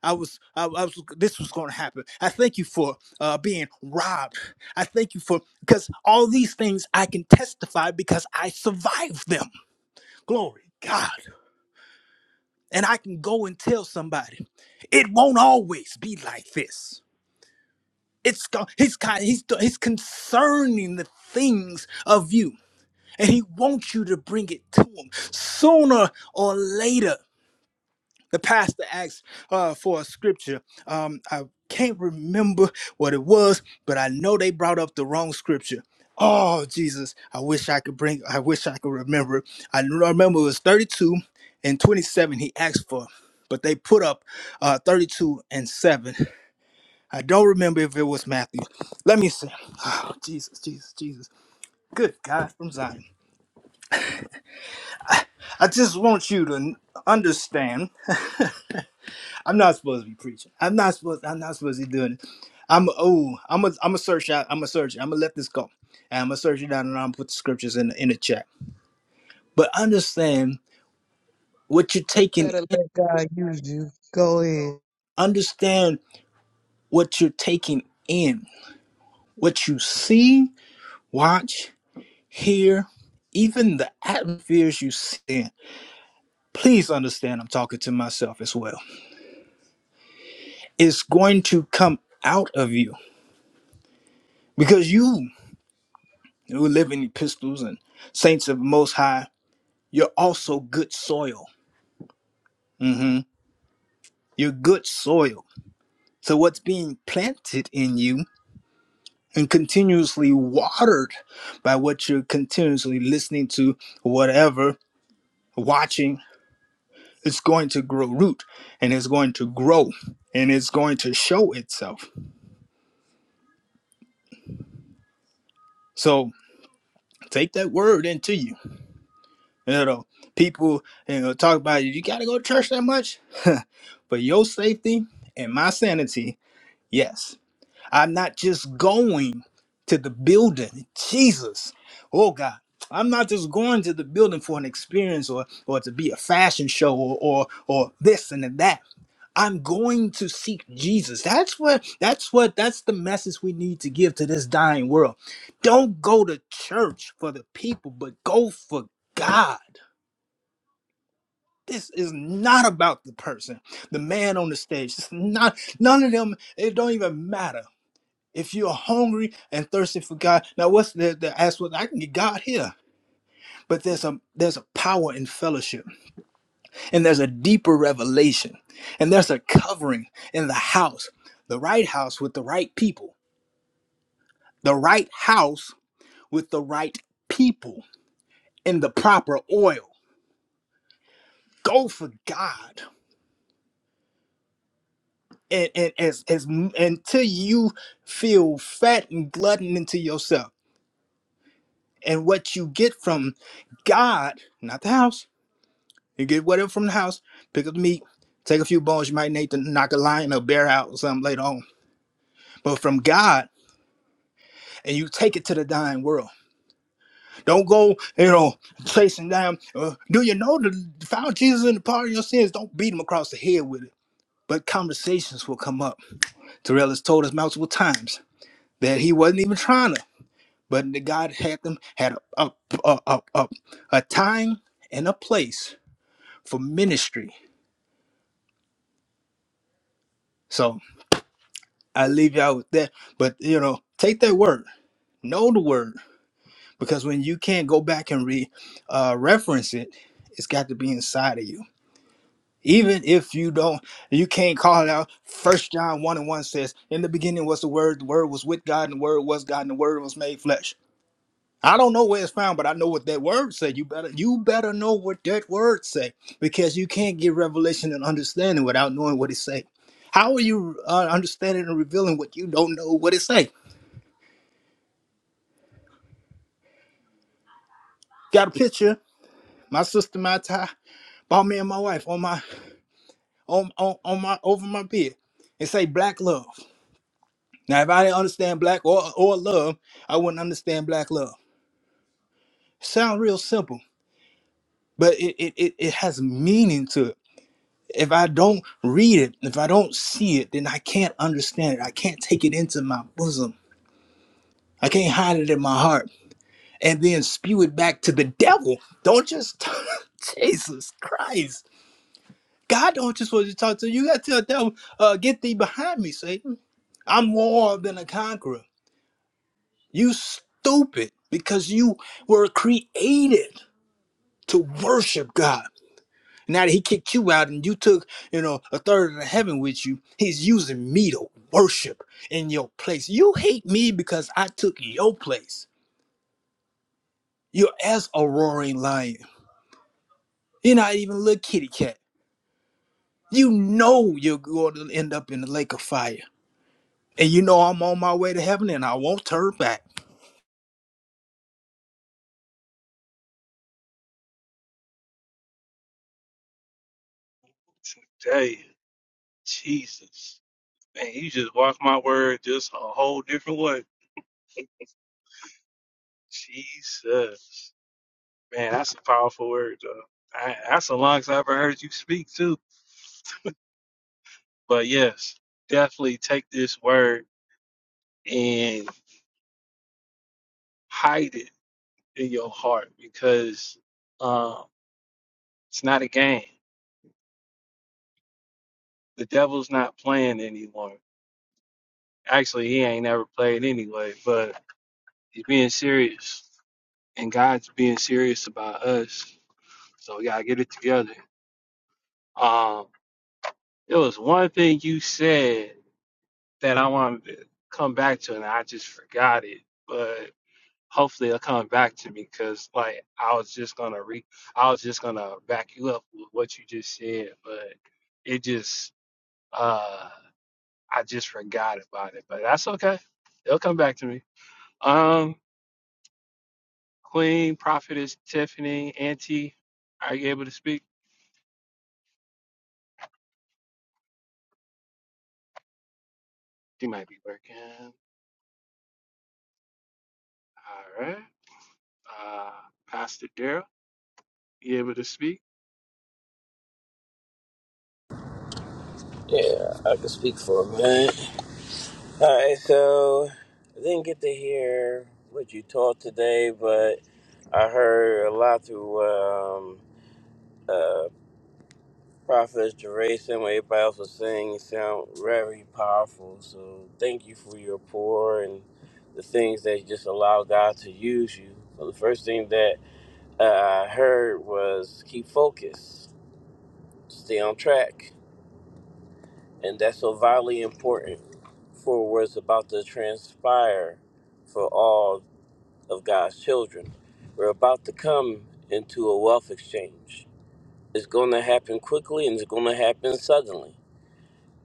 G: I was, I, I was this was going to happen. I thank you for uh, being robbed. I thank you for because all these things I can testify because I survived them. Glory God. And I can go and tell somebody, it won't always be like this. It's go- he's kind he's he's concerning the things of you. And he wants you to bring it to him sooner or later. The pastor asked uh, for a scripture. Um, I can't remember what it was, but I know they brought up the wrong scripture. Oh Jesus, I wish I could bring. I wish I could remember. I remember it was 32 and 27. He asked for, but they put up uh, 32 and seven. I don't remember if it was Matthew. Let me see. Oh Jesus, Jesus, Jesus. Good God from Zion. I just want you to understand. I'm not supposed to be preaching. I'm not supposed. I'm not supposed to be doing it. I'm oh, I'm a I'm a search out. I'm a search. I'm gonna let this go, and I'm gonna search it out, and I'm gonna put the scriptures in the, in the chat. But understand what you're taking.
E: Better
G: in.
E: let God use you. Go ahead.
G: Understand what you're taking in. What you see, watch, hear, even the atmospheres you sit in. Please understand. I'm talking to myself as well. It's going to come out of you because you who live in epistles and saints of Most High you're also good soil. hmm You're good soil. So what's being planted in you and continuously watered by what you're continuously listening to, whatever, watching, it's going to grow root and it's going to grow and it's going to show itself. So take that word into you. You know, people you know talk about you gotta go to church that much. but your safety and my sanity, yes. I'm not just going to the building. Jesus. Oh God. I'm not just going to the building for an experience or or to be a fashion show or or, or this and that. I'm going to seek Jesus. That's what that's what that's the message we need to give to this dying world. Don't go to church for the people, but go for God. This is not about the person, the man on the stage. It's not none of them, it don't even matter. If you're hungry and thirsty for God, now what's the, the aspect? I can get God here, but there's a there's a power in fellowship, and there's a deeper revelation, and there's a covering in the house, the right house with the right people, the right house with the right people in the proper oil. Go for God, and, and as as until you feel fat and glutton into yourself, and what you get from God, not the house You get whatever from the house, pick up the meat, take a few bones. You might need to knock a lion or bear out or something later on. But from God, and you take it to the dying world. Don't go, you know, chasing down. Uh, do you know the found Jesus in the pardon of your sins? Don't beat him across the head with it. But conversations will come up. Terrell has told us multiple times that he wasn't even trying to, but that God had them had a a, a, a, a time and a place for ministry. So. I leave y'all with that. But you know, take that word, know the word, because when you can't go back and re uh, reference it, it's got to be inside of you. Even if you don't, you can't call it out. First John one and one says, "In the beginning was the Word. The Word was with God, and the Word was God, and the Word was made flesh." I don't know where it's found, but I know what that word said. You better, you better know what that word say, because you can't get revelation and understanding without knowing what it say. How are you uh, understanding and revealing what you don't know what it say? Got a picture. My sister, my tie, bought me and my wife on my on on, on my over my bed. It say black love. Now, if I didn't understand black or or love, I wouldn't understand black love. Sound real simple, but it it, it it has meaning to it. If I don't read it, if I don't see it, then I can't understand it. I can't take it into my bosom. I can't hide it in my heart and then spew it back to the devil. Don't just Jesus Christ God don't just want you to talk to you. You got to tell them, uh, get thee behind me, Satan. I'm more than a conqueror. You stupid because you were created to worship God. Now that he kicked you out and you took, you know, a third of the heaven with you, he's using me to worship in your place. You hate me because I took your place. You're as a roaring lion. You're not even a little kitty cat. You know you're going to end up in the lake of fire. And you know I'm on my way to heaven and I won't turn back.
A: today? Jesus, man, you just walked my word just a whole different way. Jesus, man, that's a powerful word. Though. I, that's the longest I ever heard you speak too. But yes, definitely take this word and hide it in your heart because um, it's not a game. The devil's not playing anymore. Actually, he ain't ever played anyway, but he's being serious, and God's being serious about us. So we gotta get it together. Um, there was one thing you said that I wanted to come back to, and I just forgot it. But hopefully, it'll come back to me because, like, I was just gonna re, I was just gonna back you up with what you just said, but it just Uh, I just forgot about it, but that's okay. It'll come back to me. Um, Queen Prophetess Tiffany Auntie, are you able to speak? You might be working. All right. Uh, Pastor Daryl, you able to speak?
H: Yeah, I can speak for a minute. All right, so I didn't get to hear what you taught today, but I heard a lot through um, uh, Prophetess Teresa and what everybody else was saying. It sound very powerful. So thank you for your pour and the things that you just allow God to use you. So the first thing that uh, I heard was keep focused, stay on track, and that's so vitally important for what's about to transpire for all of God's children. We're about to come into a wealth exchange. It's going to happen quickly and it's going to happen suddenly.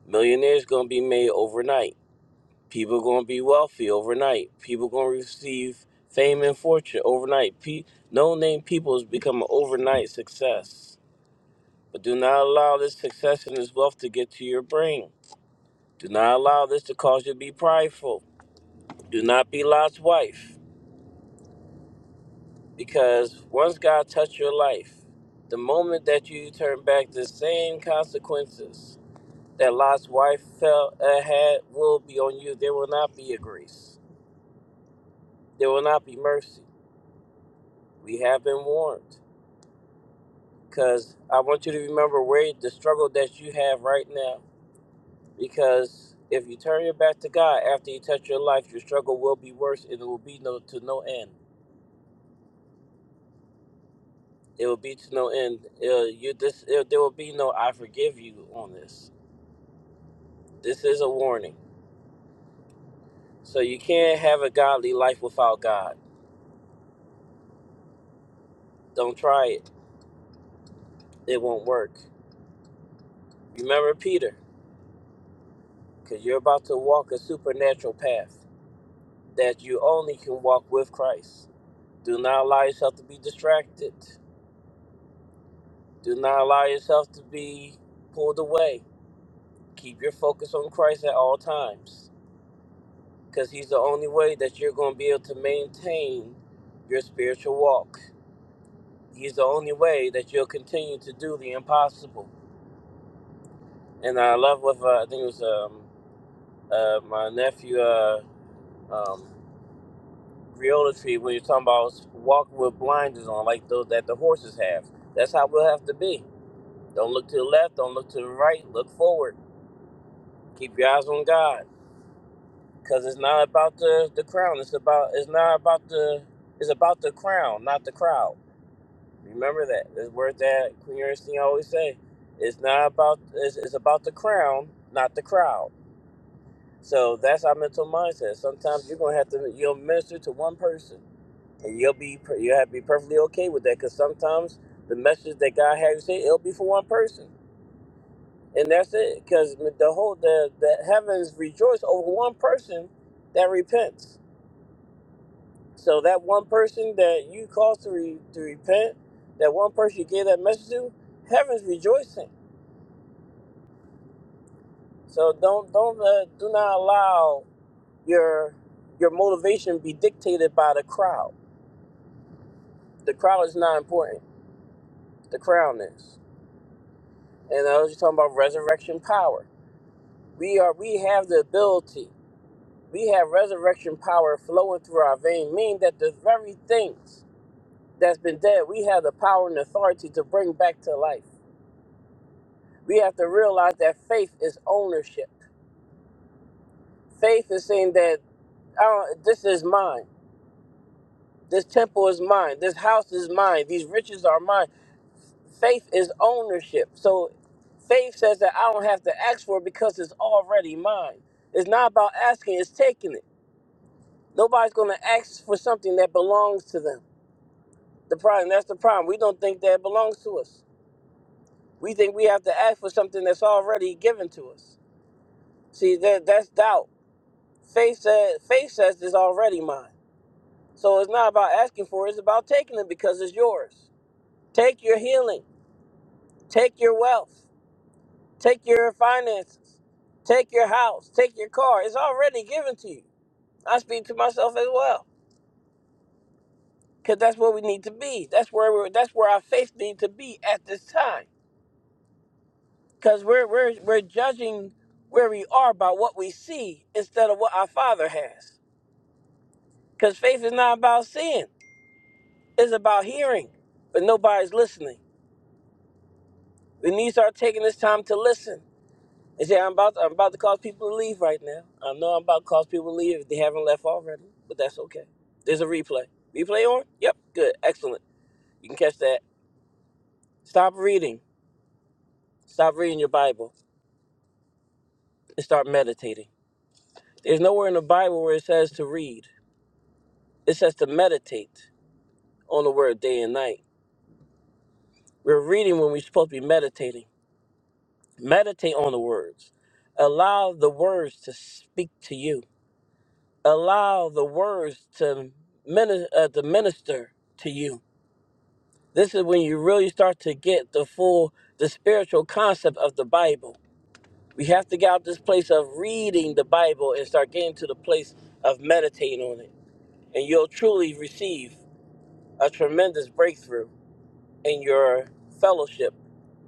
H: Millionaires going to be made overnight. People going to be wealthy overnight. People going to receive fame and fortune overnight. Pe- no name people has become an overnight success. But do not allow this success and this wealth to get to your brain. Do not allow this to cause you to be prideful. Do not be Lot's wife. Because once God touched your life, the moment that you turn back, the same consequences that Lot's wife felt uh, had will be on you. There will not be a grace. There will not be mercy. We have been warned. Because I want you to remember where the struggle that you have right now. Because if you turn your back to God after you touch your life, your struggle will be worse, and it will be no to no end. It will be to no end. Uh, you this. uh, there will be no I forgive you on this This is a warning. So you can't have a godly life without God. Don't try it. It won't work. Remember Peter, because you're about to walk a supernatural path that you only can walk with Christ. Do not allow yourself to be distracted. Do not allow yourself to be pulled away. Keep your focus on Christ at all times, because He's the only way that you're going to be able to maintain your spiritual walk. He's the only way that you'll continue to do the impossible. And I love with uh, I think it was um, uh, my nephew uh, um, Riola Tree when you're talking about walking with blinders on, like those that the horses have. That's how we'll have to be. Don't look to the left. Don't look to the right. Look forward. Keep your eyes on God, because it's not about the the crown. It's about it's not about the it's about the crown, not the crowd. Remember that. This word that Queen Ernestine always say. It's not about it's, it's about the crown, not the crowd. So that's our mental mindset. Sometimes you're gonna have to you'll minister to one person, and you'll be you'll have to be perfectly okay with that. Because sometimes the message that God has you say it'll be for one person, and that's it. Because the whole the the heavens rejoice over one person that repents. So that one person that you caused to re, to repent, that one person you gave that message to, heaven's rejoicing. So don't don't uh, do not allow your your motivation be dictated by the crowd The crown is not important. The crown is. And I was just talking about resurrection power. We are we have the ability. We have resurrection power flowing through our veins, meaning that the very things that's been dead, we have the power and authority to bring back to life. We have to realize that faith is ownership. Faith is saying that I don't, this is mine. This temple is mine. This house is mine. These riches are mine. faith is ownership. So faith says that I don't have to ask for it because it's already mine. It's not about asking, it's taking it. Nobody's gonna ask for something that belongs to them. The problem that's the problem. We don't think that it belongs to us. We think we have to ask for something that's already given to us. See that that's doubt. Faith says faith says it's already mine. So it's not about asking for it, it's about taking it because it's yours. Take your healing, take your wealth, Take your finances. Take your house. Take your car. It's already given to you. I speak to myself as well. Cause that's where we need to be. That's where we're, that's where our faith need to be at this time. Cause we're we're we're judging where we are by what we see instead of what our Father has. Cause faith is not about seeing; it's about hearing. But nobody's listening. We need to start taking this time to listen They say I'm about I'm about to cause people to leave right now. I know I'm about to cause people to leave if they haven't left already, but that's okay. There's a replay. Replay on? Yep. Good. Excellent. You can catch that. Stop reading. Stop reading your Bible and start meditating. There's nowhere in the Bible where it says to read. It says to meditate on the word day and night. We're reading when we're supposed to be meditating. Meditate on the words. Allow the words to speak to you. Allow the words to, mini- uh, to minister to you This is when you really start to get the full, the spiritual concept of the Bible. We have to get out this place of reading the Bible and start getting to the place of meditating on it. And you'll truly receive a tremendous breakthrough in your fellowship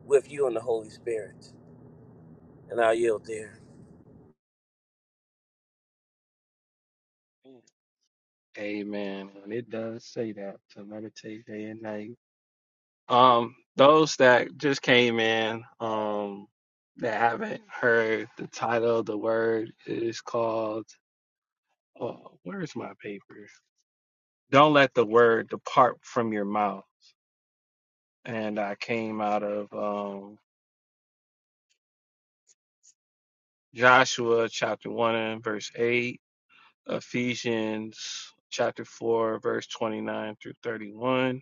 H: with you and the Holy Spirit. And I yield there.
A: Amen. And it does say that to meditate day and night. Um, those that just came in, um, that haven't heard the title of the word it is called. Oh, where's my paper? don't let the word depart from your mouth. And I came out of um, Joshua chapter 1 and verse 8, Ephesians chapter 4, verse 29 through 31,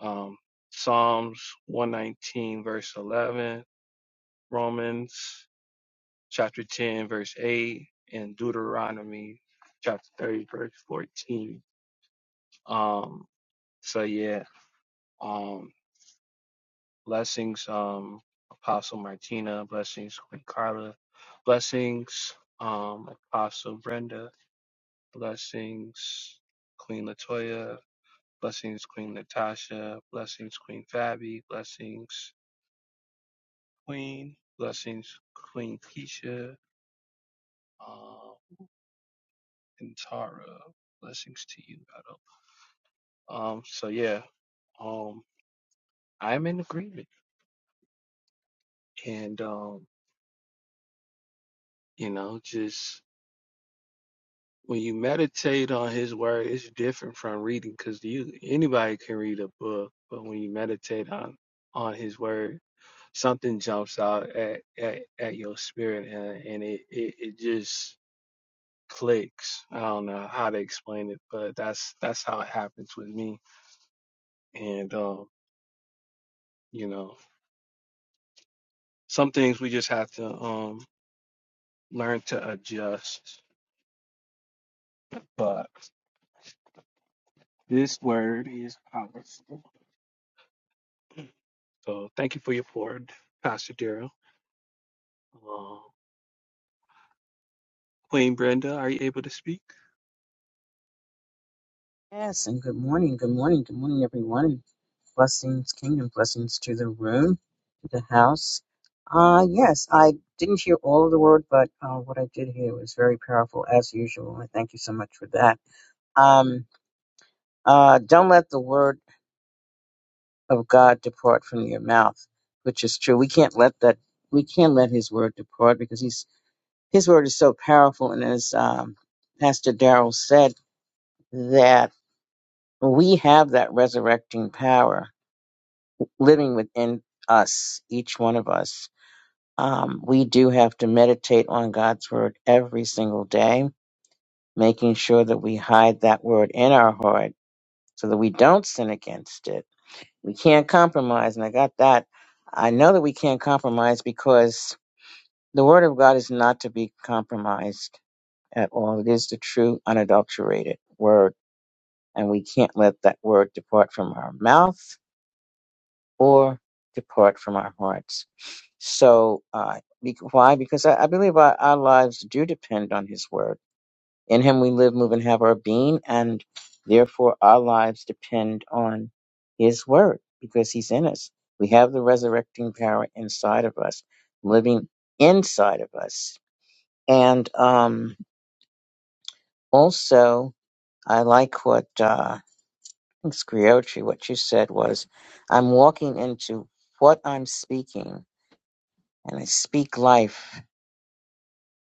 A: um, Psalms 119, verse 11, Romans chapter 10, verse 8, and Deuteronomy chapter 30, verse 14. Um, so, yeah. Um, Blessings, um, Apostle Martina. Blessings, Queen Carla. Blessings, um, Apostle Brenda. Blessings, Queen Latoya. Blessings, Queen Natasha. Blessings, Queen Fabi. Blessings, Queen. Blessings, Queen Keisha. Um, and Tara. Blessings to you, Otto. Um, so yeah, um, I'm in agreement, and um, you know, just when you meditate on his word, it's different from reading because you anybody can read a book, but when you meditate on on his word, something jumps out at at, at your spirit and, and it, it it just clicks. I don't know how to explain it, but that's that's how it happens with me. And um, you know, some things we just have to um learn to adjust. But this word is powerful. So thank you for your pour, Pastor Daryl. Queen Brenda, are you able to speak?
F: Yes, and good morning, good morning, good morning, everyone. Blessings, kingdom blessings to the room, to the house. Uh, yes, I didn't hear all of the word, but uh, what I did hear was very powerful as usual. And thank you so much for that. Um, uh, don't let the word of God depart from your mouth, which is true. We can't let that. We can't let His word depart because He's His word is so powerful, and as um, Pastor Darrell said, that we have that resurrecting power living within us, each one of us. Um, we do have to meditate on God's word every single day, making sure that we hide that word in our heart so that we don't sin against it. We can't compromise, and I got that. I know that we can't compromise because The word of God is not to be compromised at all. It is the true, unadulterated word, and we can't let that word depart from our mouth or depart from our hearts. So, uh, bec- why? Because I, I believe our, our lives do depend on His word. In Him we live, move, and have our being, and therefore our lives depend on His word because He's in us. We have the resurrecting power inside of us, living inside of us. And um, also, I like what uh, I think Scriocci, what you said was, I'm walking into what I'm speaking, and I speak life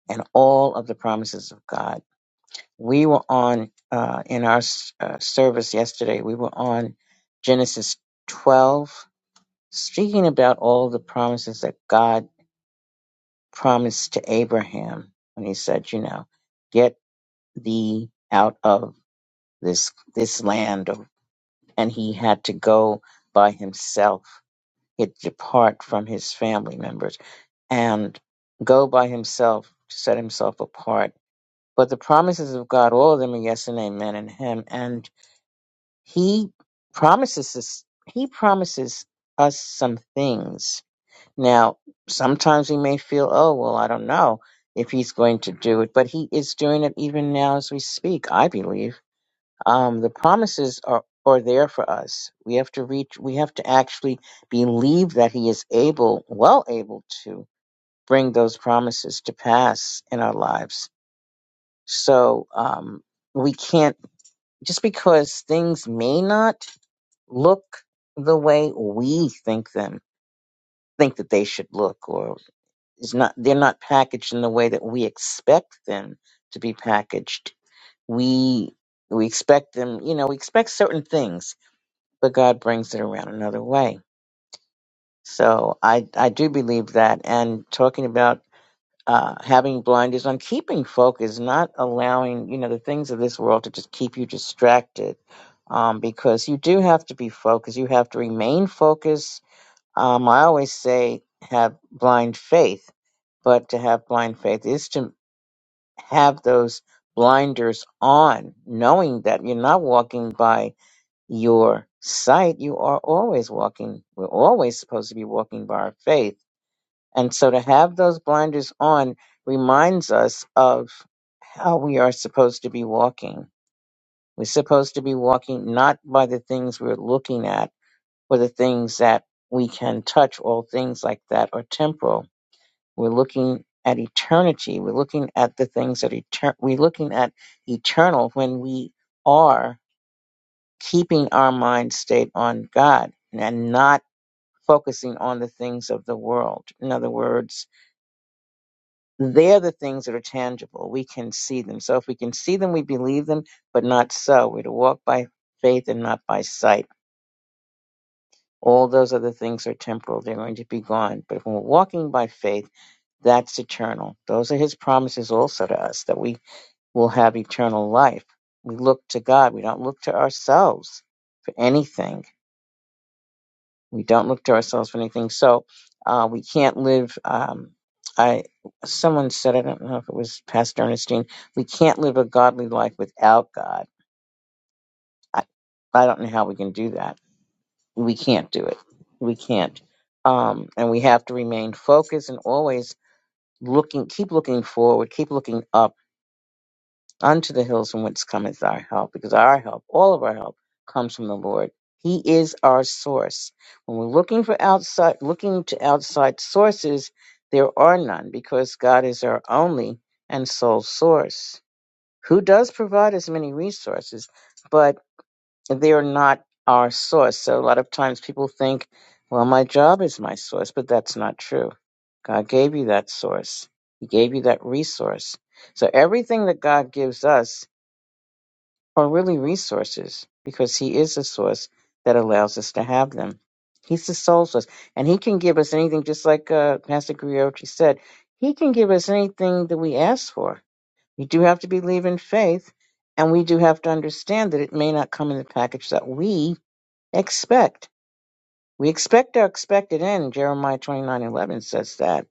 F: and all of the promises of God. We were on, uh, in our s- uh, service yesterday, we were on Genesis 12, speaking about all the promises that God promised to Abraham when he said, you know, get thee out of this this land and he had to go by himself. He'd depart from his family members and go by himself to set himself apart. But the promises of God, all of them are yes and amen in him. And he promises us, he promises us some things. Now, sometimes we may feel, oh, well, I don't know if he's going to do it, but he is doing it even now as we speak, I believe um, the promises are, are there for us. We have to reach, we have to actually believe that He is able, well able to bring those promises to pass in our lives. So um, we can't, just because things may not look the way we think them, think that they should look, or is not, they're not packaged in the way that we expect them to be packaged. We we expect them, you know, we expect certain things but God brings it around another way. So I I do believe that. And talking about uh, having blinders on, keeping focus, not allowing you know the things of this world to just keep you distracted, um, because you do have to be focused. You have to remain focused. Um, I always say have blind faith, but to have blind faith is to have those blinders on, knowing that you're not walking by your sight, you are always walking. We're always supposed to be walking by our faith. And so to have those blinders on reminds us of how we are supposed to be walking. We're supposed to be walking not by the things we're looking at or the things that we can touch, all things like that are temporal. We're looking at eternity. We're looking at the things that etern- we're looking at eternal when we are keeping our mind state on God and not focusing on the things of the world. In other words, they're the things that are tangible. We can see them. So if we can see them, we believe them, but not so. We're to walk by faith and not by sight. All those other things are temporal. They're going to be gone. But if we're walking by faith, that's eternal. Those are his promises also to us that we will have eternal life. We look to God. We don't look to ourselves for anything We don't look to ourselves for anything. So uh, we can't live. Um, I someone said I don't know if it was Pastor Ernestine. We can't live a godly life without God. I, I don't know how we can do that. We can't do it. We can't. Um, and we have to remain focused and always looking, keep looking forward, keep looking up unto the hills from whence cometh our help, because our help, all of our help, comes from the Lord. He is our source. When we're looking for outside, looking to outside sources, there are none, because God is our only and sole source, who does provide us many resources, but they are not our source. So a lot of times people think, well, my job is my source, but that's not true. God gave you that source. He gave you that resource. So everything that God gives us or really resources, because He is the source that allows us to have them. He's the sole source, and He can give us anything, just like uh, Pastor Griotri said. He can give us anything that we ask for. We do have to believe in faith, and we do have to understand that it may not come in the package that we expect. We expect our expected end. Jeremiah twenty nine eleven says that,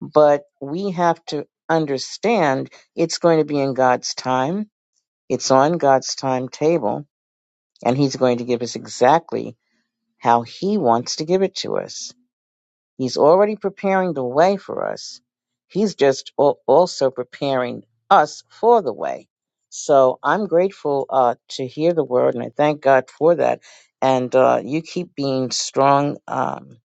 F: but we have to understand it's going to be in God's time. It's on God's timetable and he's going to give us exactly how he wants to give it to us. He's already preparing the way for us. He's just al- also preparing us for the way. So I'm grateful uh, to hear the word, and I thank God for that. And uh, you keep being strong, um,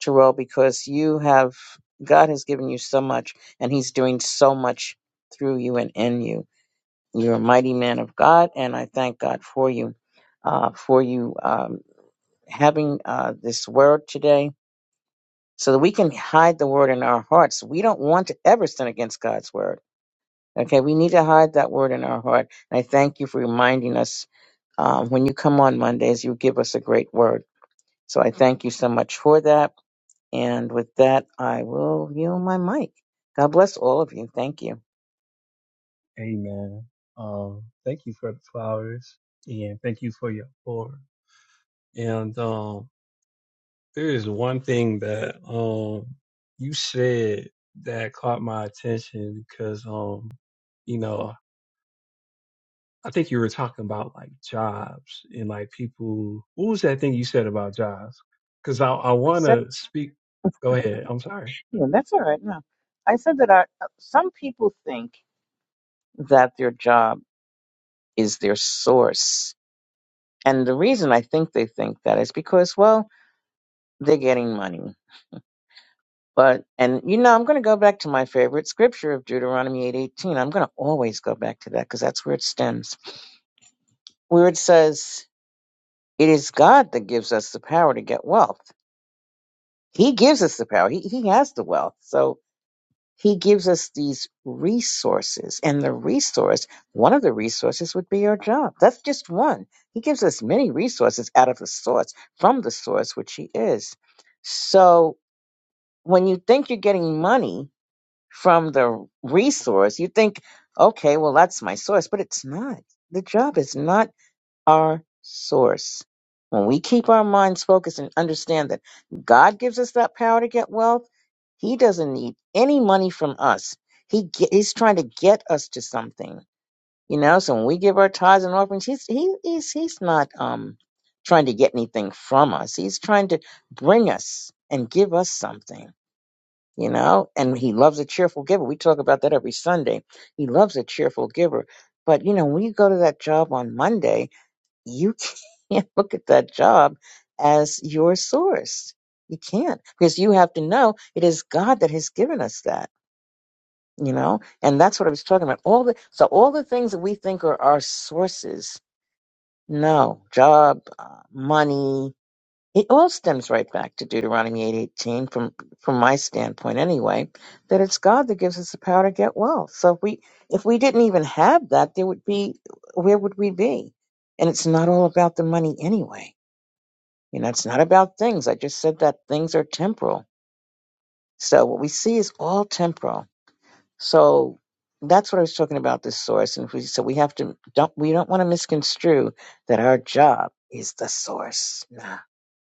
F: Terrell, because you have God has given you so much, and He's doing so much through you and in you. You're a mighty man of God, and I thank God for you, uh, for you um, having uh, this word today so that we can hide the word in our hearts. We don't want to ever sin against God's word. Okay, we need to hide that word in our heart. And I thank you for reminding us um, when you come on Mondays, you give us a great word. So I thank you so much for that. And with that, I will yield my mic. God bless all of you. Thank you.
A: Amen. Um, thank you for the flowers and thank you for your pour. And um, there is one thing that um you said that caught my attention because um, you know, I think you were talking about like jobs and like people. What was that thing you said about jobs? Because I I
F: I
A: want
F: said,
A: to speak. Go ahead. I'm sorry.
F: yeah, that's all right. No, I said that I, some people think. that their job is their source. And the reason I think they think that is because, well, they're getting money. But and you know, I'm going to go back to my favorite scripture of Deuteronomy 8:18. I'm going to always go back to that because that's where it stems. Where it says, "It is God that gives us the power to get wealth. He gives us the power. He he has the wealth." So He gives us these resources, and the resource, one of the resources would be your job. That's just one. He gives us many resources out of the source, from the source, which He is. So when you think you're getting money from the resource, you think, okay, well, that's my source, but it's not. The job is not our source. When we keep our minds focused and understand that God gives us that power to get wealth, He doesn't need any money from us. He ge- He's trying to get us to something, you know. So when we give our tithes and offerings, He's he, He's He's not um trying to get anything from us. He's trying to bring us and give us something. You know, and he loves a cheerful giver. We talk about that every Sunday. He loves a cheerful giver. But you know, when you go to that job on Monday, you can't look at that job as your source. You can't because you have to know it is God that has given us that, you know? And that's what I was talking about. All the so all the things that we think are our sources. No, job, uh, money, it all stems right back to Deuteronomy 8:18 from from my standpoint anyway, that it's God that gives us the power to get wealth. So if we if we didn't even have that, there would be where would we be? And it's not all about the money anyway you know, it's not about things. I just said that things are temporal. So what we see is all temporal. So that's what I was talking about this source. And we, so we have to don't we don't want to misconstrue that our job is the source. Nah.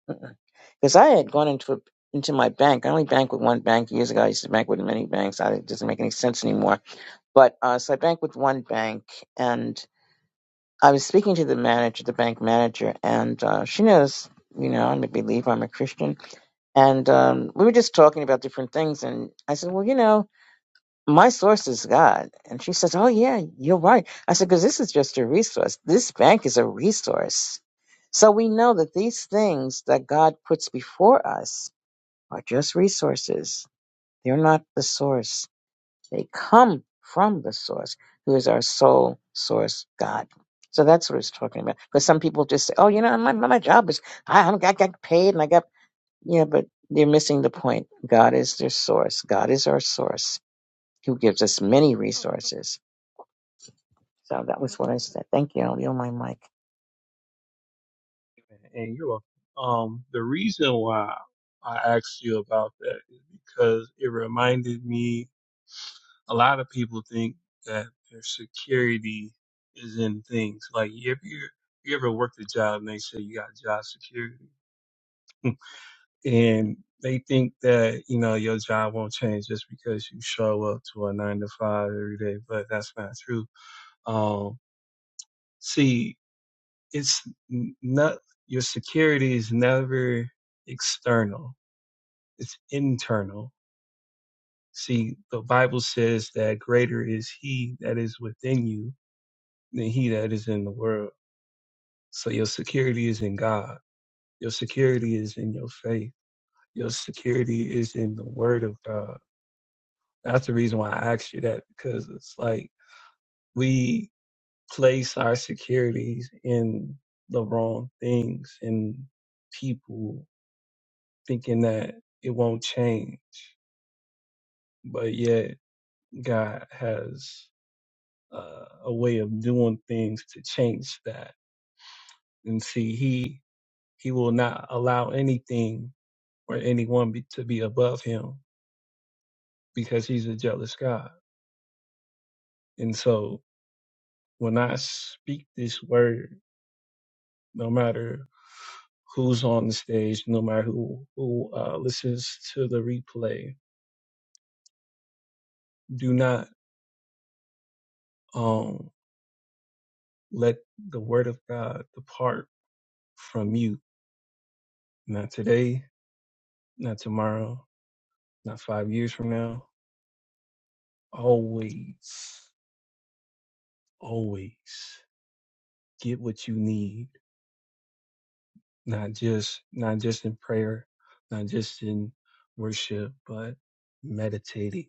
F: Because I had gone into a, into my bank. I only bank with one bank years ago. I used to bank with many banks. I, it doesn't make any sense anymore. But uh, so I bank with one bank, and I was speaking to the manager, the bank manager, and uh, she knows. You know, I'm a believer. I'm a Christian And um, we were just talking about different things. And I said, well, you know, my source is God. And she says, oh, yeah, you're right. I said, because this is just a resource. This bank is a resource. So we know that these things that God puts before us are just resources. They're not the source. They come from the source, who is our sole source, God. So that's what it's talking about. Because some people just say, oh, you know, my, my my job is, I, I'm- I got paid and I got yeah, but they're missing the point. God is their source. God is our source who gives us many resources. So that was what I said. Thank you. I'll yield my mic.
A: And you're welcome. Um, the reason why I asked you about that is because it reminded me a lot of people think that their security is in things. Like if you you ever worked a job and they say you got job security and they think that, you know, your job won't change just because you show up to a nine to five every day, but that's not true. Um, see, it's n- not, your security is never external It's internal. See, the Bible says that greater is he that is within you than he that is in the world. So your security is in God. Your security is in your faith. Your security is in the word of God. That's the reason why I asked you that because it's like we place our securities in the wrong things and people thinking that it won't change. But yet God has uh, a way of doing things to change that. And see, he he will not allow anything or anyone be, to be above him because he's a jealous God. And so, when I speak this word, no matter who's on the stage, no matter who who uh, listens to the replay, do not um let the word of God depart from you. Not today, not tomorrow, not five years from now. Always always get what you need, not just not just in prayer, not just in worship, but meditating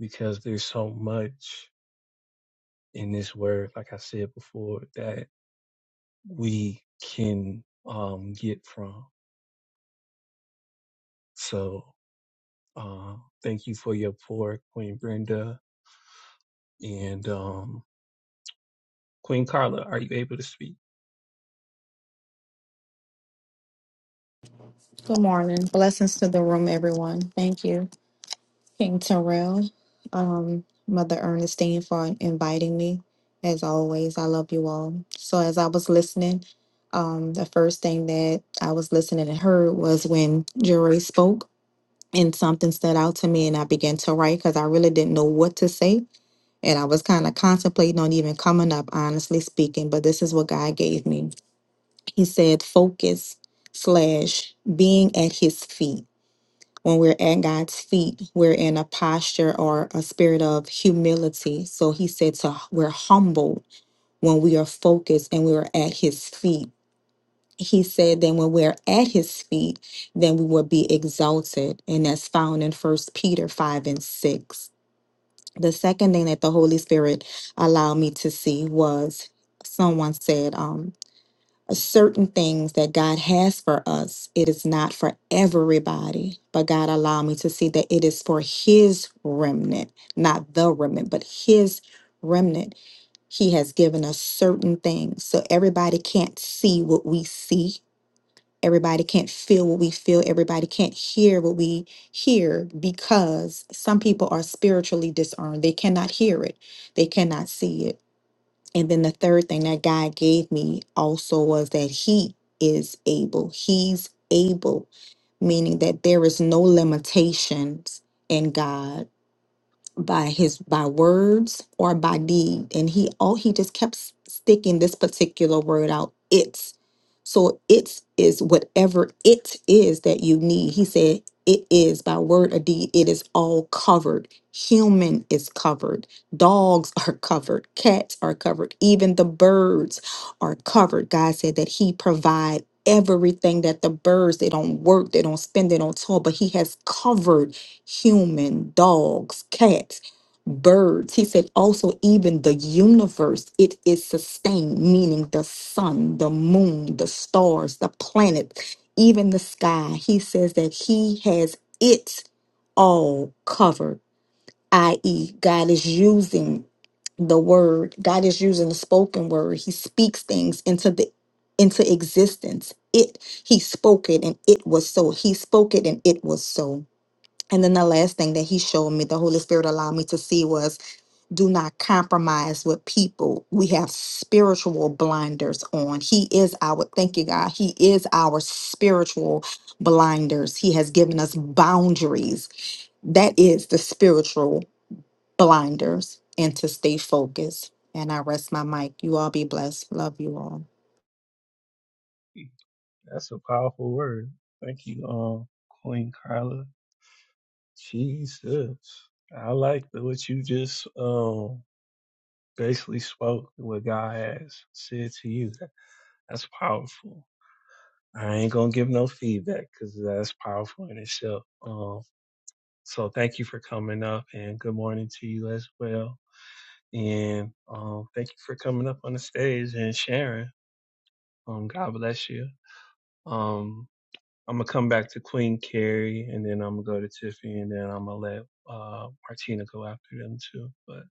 A: because there's so much in this word, like I said before, that we can um, get from. So uh, thank you for your pour, Queen Brenda and um, Queen Carla. Are you able to speak?
I: Good morning. Blessings to the room, everyone. Thank you, King Terrell, um, Mother Ernestine, for inviting me. As always, I love you all. So, as I was listening, um, the first thing that I was listening and heard was when Jerry spoke, and something stood out to me, and I began to write because I really didn't know what to say. And I was kind of contemplating on even coming up, honestly speaking, but this is what God gave me. He said, focus slash being at his feet when we're at God's feet, we're in a posture or a spirit of humility. So he said to we're humble when we are focused and we are at his feet. He said then when we're at his feet, then we will be exalted. And that's found in first Peter five and six. The second thing that the Holy Spirit allowed me to see was someone said, "Um." certain things that God has for us, it is not for everybody, but God allowed me to see that it is for His remnant, not the remnant, but His remnant. He has given us certain things. So everybody can't see what we see. Everybody can't feel what we feel. Everybody can't hear what we hear because some people are spiritually discerned. They cannot hear it, they cannot see it. And then the third thing that God gave me also was that He is able. He's able, meaning that there is no limitations in God by his by words or by deed and he all he just kept s- sticking this particular word out it's so it's is whatever it is that you need he said it is by word or deed it is all covered human is covered dogs are covered cats are covered even the birds are covered god said that he provide everything that the birds they don't work they don't spend they don't toil but he has covered human, dogs, cats, birds. He said also, even the universe, it is sustained, meaning the sun, the moon, the stars, the planets, even the sky. He says that he has it all covered, i.e., God is using the word god is using the spoken word he speaks things into the into existence it he spoke it and it was so he spoke it and it was so and then the last thing that he showed me, the Holy Spirit allowed me to see was do not compromise with people. We have spiritual blinders on. He is our, thank you, God. He is our spiritual blinders. He has given us boundaries. That is the spiritual blinders and to stay focused. And I rest my mic. You all be blessed. Love you all.
A: That's a powerful word. Thank you, um, Queen Carla. Jesus. I like the, what you just um basically spoke, what God has said to you. That, That's powerful. I ain't gonna give no feedback because that's powerful in itself. Um, so thank you for coming up and good morning to you as well. And um, thank you for coming up on the stage and sharing. Um, God bless you. Um, I'm gonna come back to Queen Carrie, and then I'm gonna go to Tiffany, and then I'm gonna let uh, Martina go after them too. But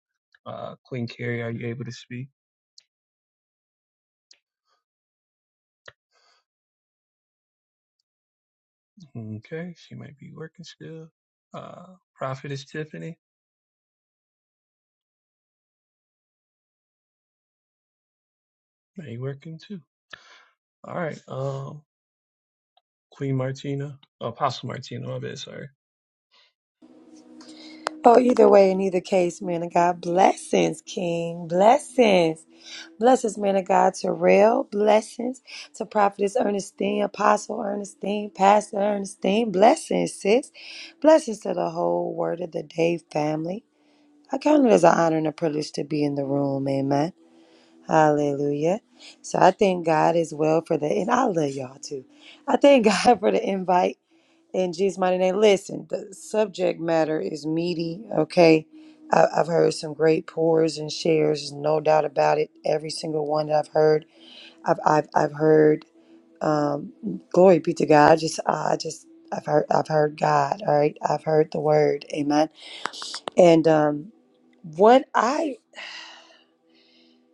A: uh, Queen Carrie, are you able to speak? Okay, she might be working still. Uh, Prophetess Tiffany, are you working too? All right, um, Queen Martina, Apostle Martina, my bad, sorry.
J: Oh, either way, in either case, man of God, blessings, King, blessings. Blessings, man of God, Terrell, blessings to Prophetess Ernestine, Apostle Ernestine, Pastor Ernestine, blessings, sis. Blessings to the whole Word of the Day family. I count it as an honor and a privilege to be in the room, amen. Hallelujah. So I thank God as well for the, and I love y'all too. I thank God for the invite in Jesus' mighty name, listen, the subject matter is meaty, okay? I, I've heard some great pours and shares, no doubt about it. Every single one that I've heard, I've, I've, I've heard, um, glory be to God. I just, I just, I've heard, I've heard God, all right? I've heard the word, amen. And, um, what I,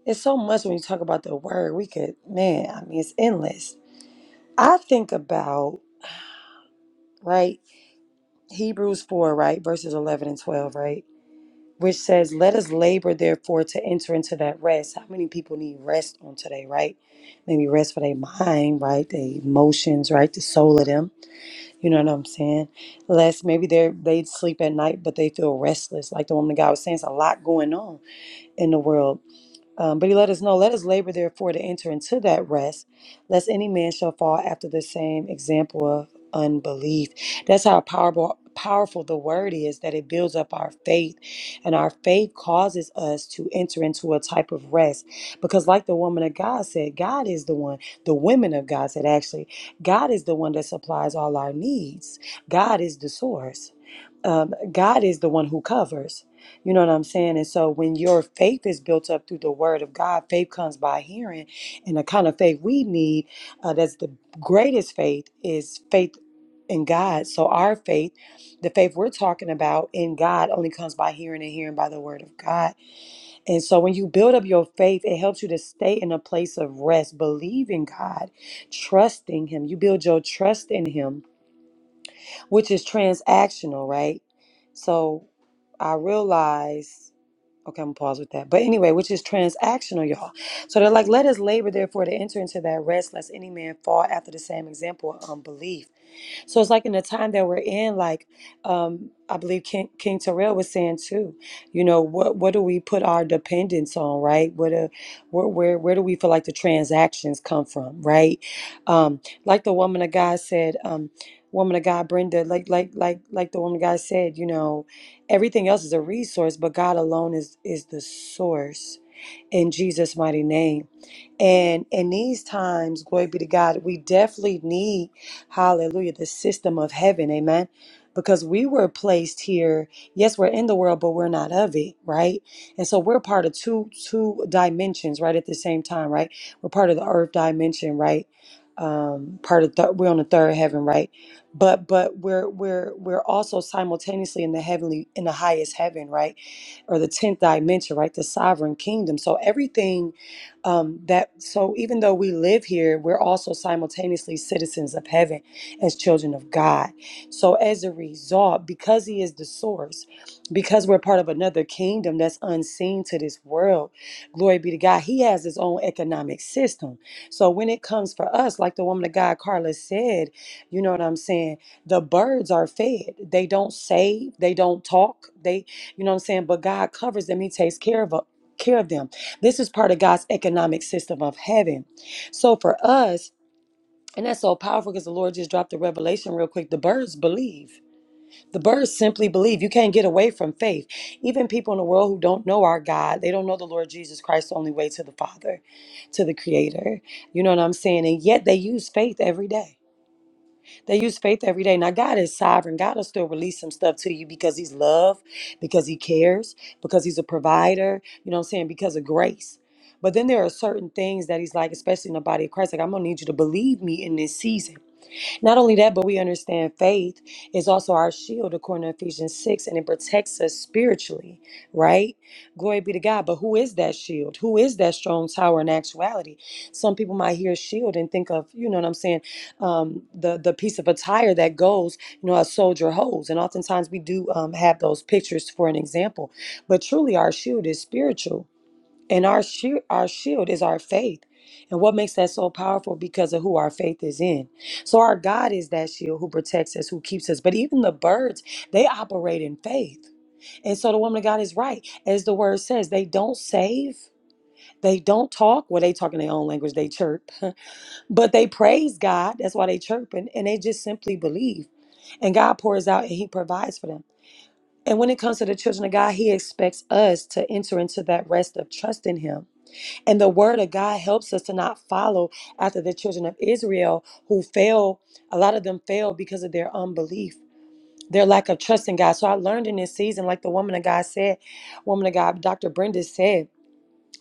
J: it's so much when you talk about the word, we could, man, I mean, it's endless. I think about, right? Hebrews 4, right? Verses 11 and 12, right? which says, Let us labor, therefore, to enter into that rest. How many people need rest on today, right? They need rest for their mind, right? Their emotions, right? The soul of them. You know what I'm saying? Less maybe they they sleep at night, but they feel restless. Like the woman of God was saying, it's a lot going on in the world. Um, but he let us know, let us labor therefore to enter into that rest, lest any man shall fall after the same example of unbelief. That's how powerful powerful the word is that it builds up our faith and our faith causes us to enter into a type of rest because like the woman of god said god is the one the women of god said actually god is the one that supplies all our needs god is the source um, God is the one who covers. You know what I'm saying? And so when your faith is built up through the word of God, faith comes by hearing. And the kind of faith we need, uh, that's the greatest faith, is faith in God. So our faith, the faith we're talking about in God, only comes by hearing and hearing by the word of God. And so when you build up your faith, it helps you to stay in a place of rest, believing God, trusting Him. You build your trust in Him which is transactional, right? So I realize, okay, I'm gonna pause with that. But anyway, which is transactional, y'all. So they're like, let us labor, therefore, to enter into that rest, lest any man fall after the same example of unbelief. So it's like in the time that we're in, like um, I believe King, King Terrell was saying too. You know, what what do we put our dependence on, right? What do, where where where do we feel like the transactions come from, right? Um, like the woman of God said, um, woman of God, Brenda, like like like like the woman of God said, you know, everything else is a resource, but God alone is is the source in Jesus' mighty name. And in these times, glory be to God, we definitely need, hallelujah, the system of heaven, amen. Because we were placed here, yes, we're in the world, but we're not of it, right? And so we're part of two two dimensions, right, at the same time, right? We're part of the earth dimension, right? Um, part of th- we're on the third heaven, right? But but we're we're we're also simultaneously in the heavenly in the highest heaven, right? Or the tenth dimension, right? The sovereign kingdom. So everything um, that so even though we live here we're also simultaneously citizens of heaven as children of god so as a result because he is the source because we're part of another kingdom that's unseen to this world glory be to god he has his own economic system so when it comes for us like the woman of god carla said you know what i'm saying the birds are fed they don't save they don't talk they you know what i'm saying but god covers them he takes care of uh, care of them this is part of God's economic system of heaven. So for us, and that's so powerful because the Lord just dropped the revelation real quick. The birds believe. The birds simply believe. You can't get away from faith. Even people in the world who don't know our God, they don't know the Lord Jesus Christ, the only way to the Father, to the Creator. You know what I'm saying? And yet they use faith every day. They use faith every day. Now, God is sovereign. God will still release some stuff to you because He's love, because He cares, because He's a provider, you know what I'm saying? Because of grace. But then there are certain things that He's like, especially in the body of Christ, like, I'm going to need you to believe me in this season. Not only that, but we understand faith is also our shield, according to Ephesians 6, and it protects us spiritually, right? Glory be to God. But who is that shield? Who is that strong tower in actuality? Some people might hear shield and think of, you know what I'm saying, um, the, the piece of attire that goes, you know, a soldier holds. And oftentimes we do um, have those pictures for an example. But truly, our shield is spiritual and our shield, our shield is our faith. And what makes that so powerful? Because of who our faith is in. So our God is that shield who protects us, who keeps us. But even the birds, they operate in faith. And so the woman of God is right. As the word says, they don't save. They don't talk. Well, they talk in their own language. They chirp. But they praise God. That's why they chirp. and they just simply believe. And God pours out and he provides for them. And when it comes to the children of God, he expects us to enter into that rest of trust in him and the word of God helps us to not follow after the children of Israel who fail. A lot of them fail because of their unbelief, their lack of trust in God. So I learned in this season, like the woman of God said, woman of God, Dr. Brenda said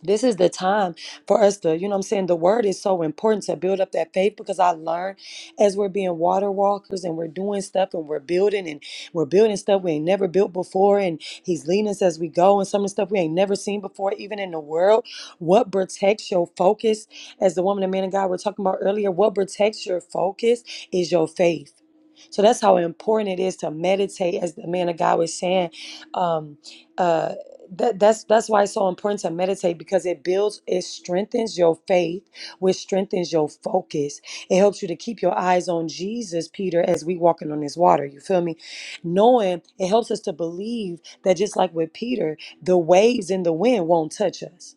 J: this is the time for us to, you know what I'm saying? The word is so important to build up that faith because I learned as we're being water walkers and we're doing stuff and we're building and we're building stuff we ain't never built before. And he's leading us as we go and some of the stuff we ain't never seen before, even in the world. What protects your focus, as the woman and man of God were talking about earlier, what protects your focus is your faith. So that's how important it is to meditate, as the man of God was saying. Um, uh, that that's that's why it's so important to meditate because it builds it strengthens your faith which strengthens your focus it helps you to keep your eyes on jesus peter as we walking on this water you feel me knowing it helps us to believe that just like with peter the waves and the wind won't touch us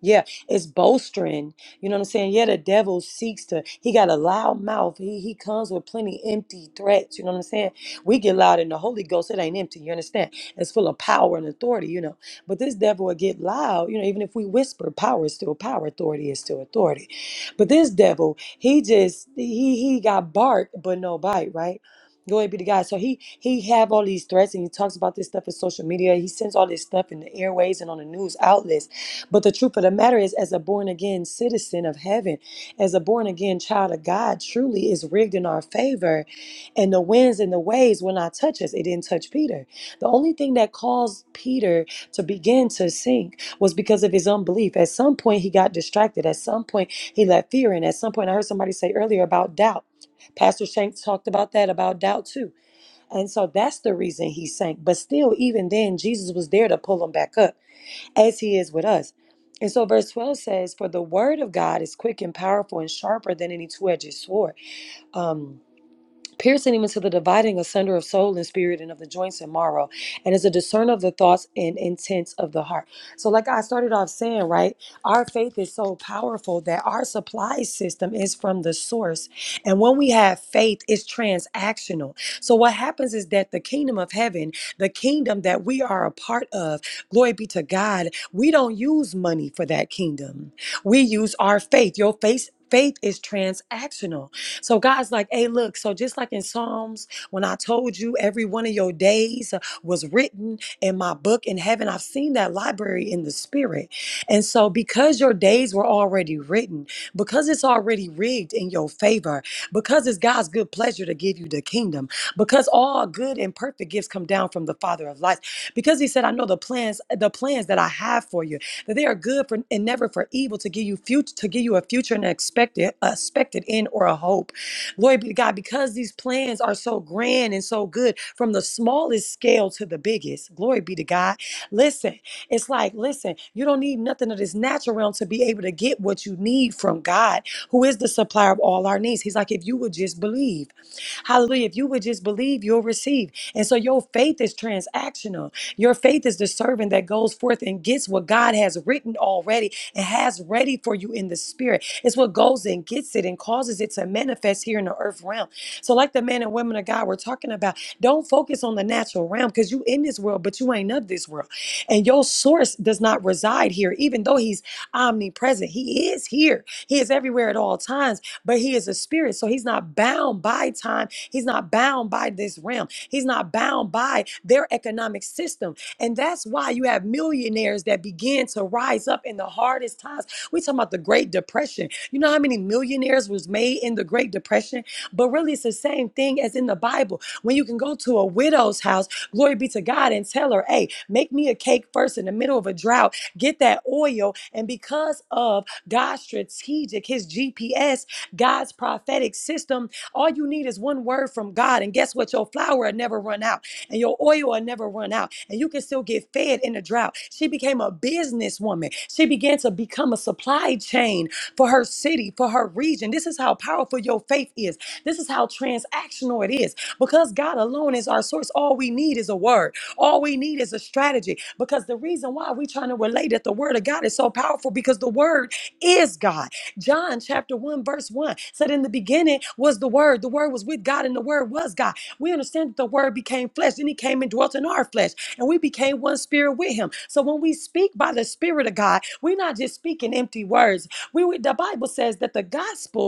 J: yeah, it's bolstering. You know what I'm saying? Yeah, the devil seeks to, he got a loud mouth. He he comes with plenty empty threats. You know what I'm saying? We get loud in the Holy Ghost, it ain't empty. You understand? It's full of power and authority, you know. But this devil will get loud, you know, even if we whisper, power is still power, authority is still authority. But this devil, he just he he got bark, but no bite, right? Glory be to God. So he he have all these threats and he talks about this stuff in social media. He sends all this stuff in the airways and on the news outlets but the truth of the matter is, as a born again citizen of heaven, as a born again child of God, truly is rigged in our favor. And the winds and the waves will not touch us. It didn't touch Peter. The only thing that caused Peter to begin to sink was because of his unbelief. At some point, he got distracted. At some point, he let fear in. At some point, I heard somebody say earlier about doubt. Pastor Shanks talked about that, about doubt too. And so that's the reason he sank. But still, even then, Jesus was there to pull him back up as he is with us. And so, verse 12 says, For the word of God is quick and powerful and sharper than any two edged sword. Um, piercing even to the dividing asunder of soul and spirit and of the joints and marrow, and is a discerner of the thoughts and intents of the heart. So, like I started off saying, right, our faith is so powerful that our supply system is from the source. And when we have faith, it's transactional. So, what happens is that the kingdom of heaven, the kingdom that we are a part of, glory be to God, we don't use money for that kingdom. We use our faith. Your faith. Faith is transactional. So God's like, hey, look, so just like in Psalms, when I told you every one of your days uh, was written in my book in heaven, I've seen that library in the spirit. And so because your days were already written, because it's already rigged in your favor, because it's God's good pleasure to give you the kingdom, because all good and perfect gifts come down from the Father of lights, because he said, I know the plans, uh, the plans that I have for you, that they are good for and never for evil to give you future to give you a future and expected expected end or a hope. Glory be to God, because these plans are so grand and so good, from the smallest scale to the biggest. Glory be to God. Listen, it's like, listen, you don't need nothing of this natural realm to be able to get what you need from God, who is the supplier of all our needs. He's like, if you would just believe, hallelujah, if you would just believe, you'll receive. And so your faith is transactional. Your faith is the servant that goes forth and gets what God has written already and has ready for you in the spirit. It's what goes and gets it and causes it to manifest here in the earth realm. So, like the men and women of God we're talking about, don't focus on the natural realm because you in this world, but you ain't of this world. And your source does not reside here, even though he's omnipresent. He is here. He is everywhere at all times, but he is a spirit. So he's not bound by time. He's not bound by this realm. He's not bound by their economic system. And that's why you have millionaires that begin to rise up in the hardest times. we talking about the Great Depression. You know how many millionaires was made in the Great Depression? But really, it's the same thing as in the Bible. When you can go to a widow's house, glory be to God, and tell her, hey, make me a cake first in the middle of a drought, get that oil. And because of God's strategic, his GPS, God's prophetic system, all you need is one word from God. And guess what? Your flour will never run out and your oil will never run out. And you can still get fed in a drought. She became a businesswoman. She began to become a supply chain for her city, for her region. This is how powerful your faith is. This is how transactional it is. Because God alone is our source, all we need is a word. All we need is a strategy. Because the reason why we're trying to relate that the word of God is so powerful because the word is God. John chapter 1, verse 1 said, In the beginning was the word, the word was with God, and the word was God. We understand that the word became flesh, and he came and dwelt in our flesh, and we became one spirit with him. So when we speak by the spirit of God, we're not just speaking empty words we read the Bible says that the gospel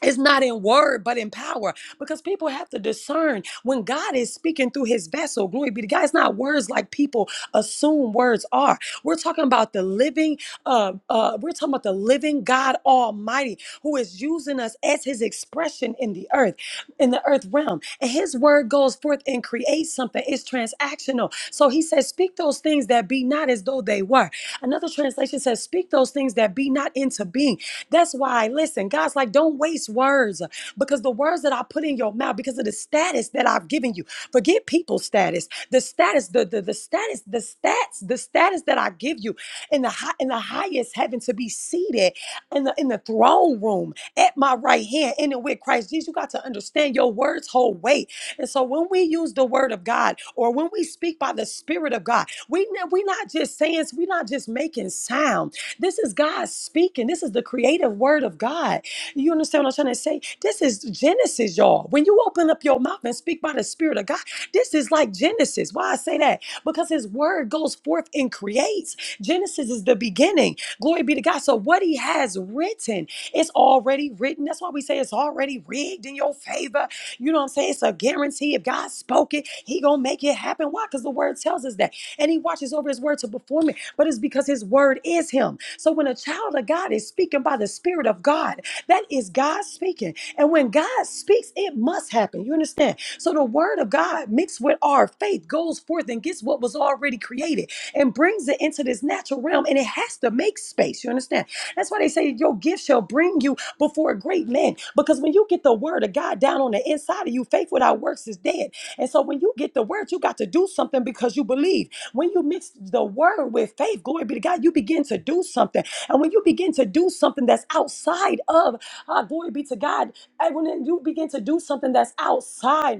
J: it's not in word, but in power, because people have to discern when God is speaking through his vessel. Glory be to God. It's not words like people assume words are. We're talking about the living, uh, uh, we're talking about the living God Almighty who is using us as his expression in the earth, in the earth realm. And his word goes forth and creates something. It's transactional. So he says, Speak those things that be not as though they were. Another translation says, Speak those things that be not into being. That's why, listen, God's like, don't waste words because the words that I put in your mouth, because of the status that I've given you, forget people's status, the status, the, the, the status, the stats, the status that I give you in the high, in the highest heaven to be seated in the in the throne room at my right hand, in and with Christ Jesus. You got to understand your words hold weight. And so when we use the word of God or when we speak by the spirit of God, we we're not just saying, we're not just making sound. This is God speaking. This is the creative word of God. You understand what I'm trying to say? This is Genesis, y'all. When you open up your mouth and speak by the Spirit of God, this is like Genesis. Why I say that? Because His word goes forth and creates. Genesis is the beginning. Glory be to God. So what He has written, it's already written. That's why we say it's already rigged in your favor. You know what I'm saying? It's a guarantee. If God spoke it, He gonna make it happen. Why? Because the word tells us that and he watches over his word to perform it, but it's because his word is him. So when a child of God is speaking by the Spirit of God, that is God speaking. And when God speaks, it must happen. You understand? So the word of God mixed with our faith goes forth and gets what was already created and brings it into this natural realm and it has to make space. You understand? That's why they say your gift shall bring you before great men. Because when you get the word of God down on the inside of you, faith without works is dead. And so when you get the word, you got to do something because you believe. When you mix the word with faith, glory be to God, you begin to do something. And when you begin to do something that's outside of, uh, glory be to God, and when you begin to do something that's outside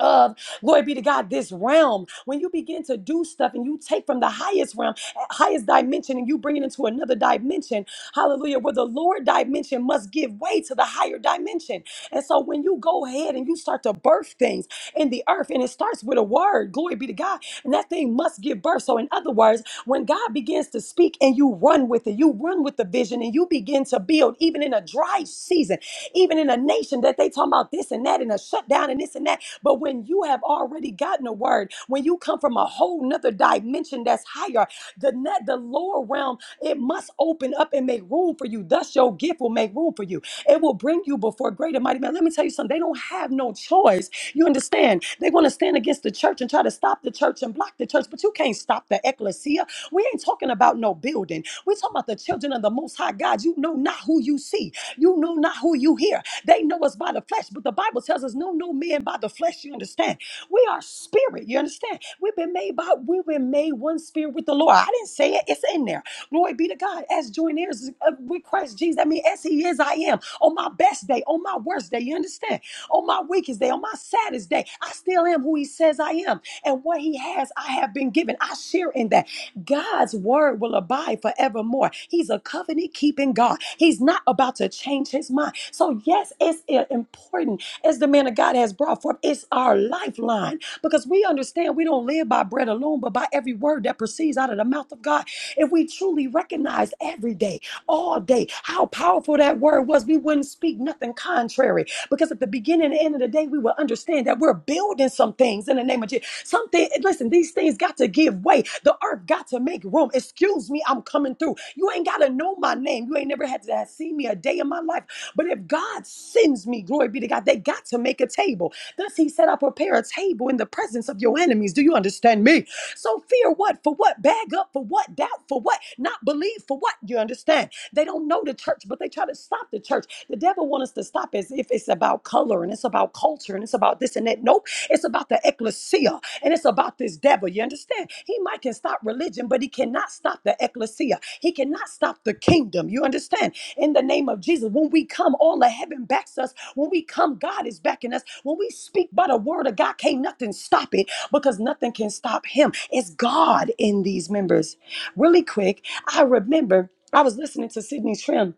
J: of glory be to God this realm when you begin to do stuff and you take from the highest realm eh, highest dimension and you bring it into another dimension hallelujah where the lower dimension must give way to the higher dimension and so when you go ahead and you start to birth things in the earth and it starts with a word glory be to God and that thing must give birth so in other words when God begins to speak and you run with it you run with the vision and you begin to build even in a dry season even in a nation that they talking about this and that and a shutdown and this and that. But when you have already gotten a word, when you come from a whole nother dimension that's higher, the net, the lower realm, it must open up and make room for you. Thus, your gift will make room for you. It will bring you before great and mighty men. Let me tell you something. They don't have no choice. You understand? They're going to stand against the church and try to stop the church and block the church, but you can't stop the ecclesia. We ain't talking about no building. we talking about the children of the Most High God. You know not who you see. You know not who you hear. They know us by the flesh, but the Bible tells us, no, no man by the flesh. You understand? We are spirit. You understand? We've been made by, we've been made one spirit with the Lord. I didn't say it. It's in there. Glory be to God. As joint heirs uh, with Christ Jesus. I mean, as He is, I am. On my best day, on my worst day, you understand? On my weakest day, on my saddest day, I still am who He says I am. And what He has, I have been given. I share in that. God's word will abide forevermore. He's a covenant keeping God. He's not about to change His mind. So, yes, it's uh, important as the man of God has brought forth. It's our lifeline because we understand we don't live by bread alone, but by every word that proceeds out of the mouth of God. If we truly recognize every day, all day, how powerful that word was, we wouldn't speak nothing contrary. Because at the beginning and end of the day, we will understand that we're building some things in the name of Jesus. Something, listen, these things got to give way. The earth got to make room. Excuse me, I'm coming through. You ain't got to know my name. You ain't never had to see me a day in my life. But if God sends me, glory be to God, they got to make a table. Thus he said, I prepare a table in the presence of your enemies. Do you understand me? So fear what? For what? Bag up for what? Doubt for what? Not believe for what? You understand? They don't know the church, but they try to stop the church. The devil wants us to stop as if it's about color and it's about culture and it's about this and that. Nope. It's about the ecclesia and it's about this devil. You understand? He might can stop religion, but he cannot stop the ecclesia. He cannot stop the kingdom. You understand? In the name of Jesus, when we come, all of heaven backs us. When we come, God is backing us. When we speak by the word of God, can't nothing stop it because nothing can stop him. It's God in these members. Really quick, I remember I was listening to Sydney Trim.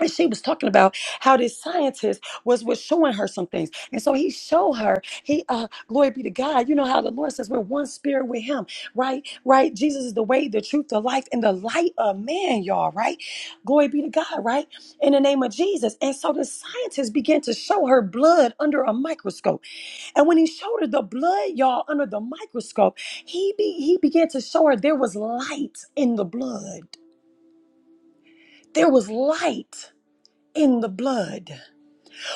J: And she was talking about how this scientist was was showing her some things, and so he showed her. He, uh, glory be to God. You know how the Lord says we're one spirit with Him, right? Right. Jesus is the way, the truth, the life, and the light of man, y'all. Right. Glory be to God. Right. In the name of Jesus. And so the scientist began to show her blood under a microscope and when he showed her the blood, y'all, under the microscope, he be, he began to show her there was light in the blood. There was light in the blood.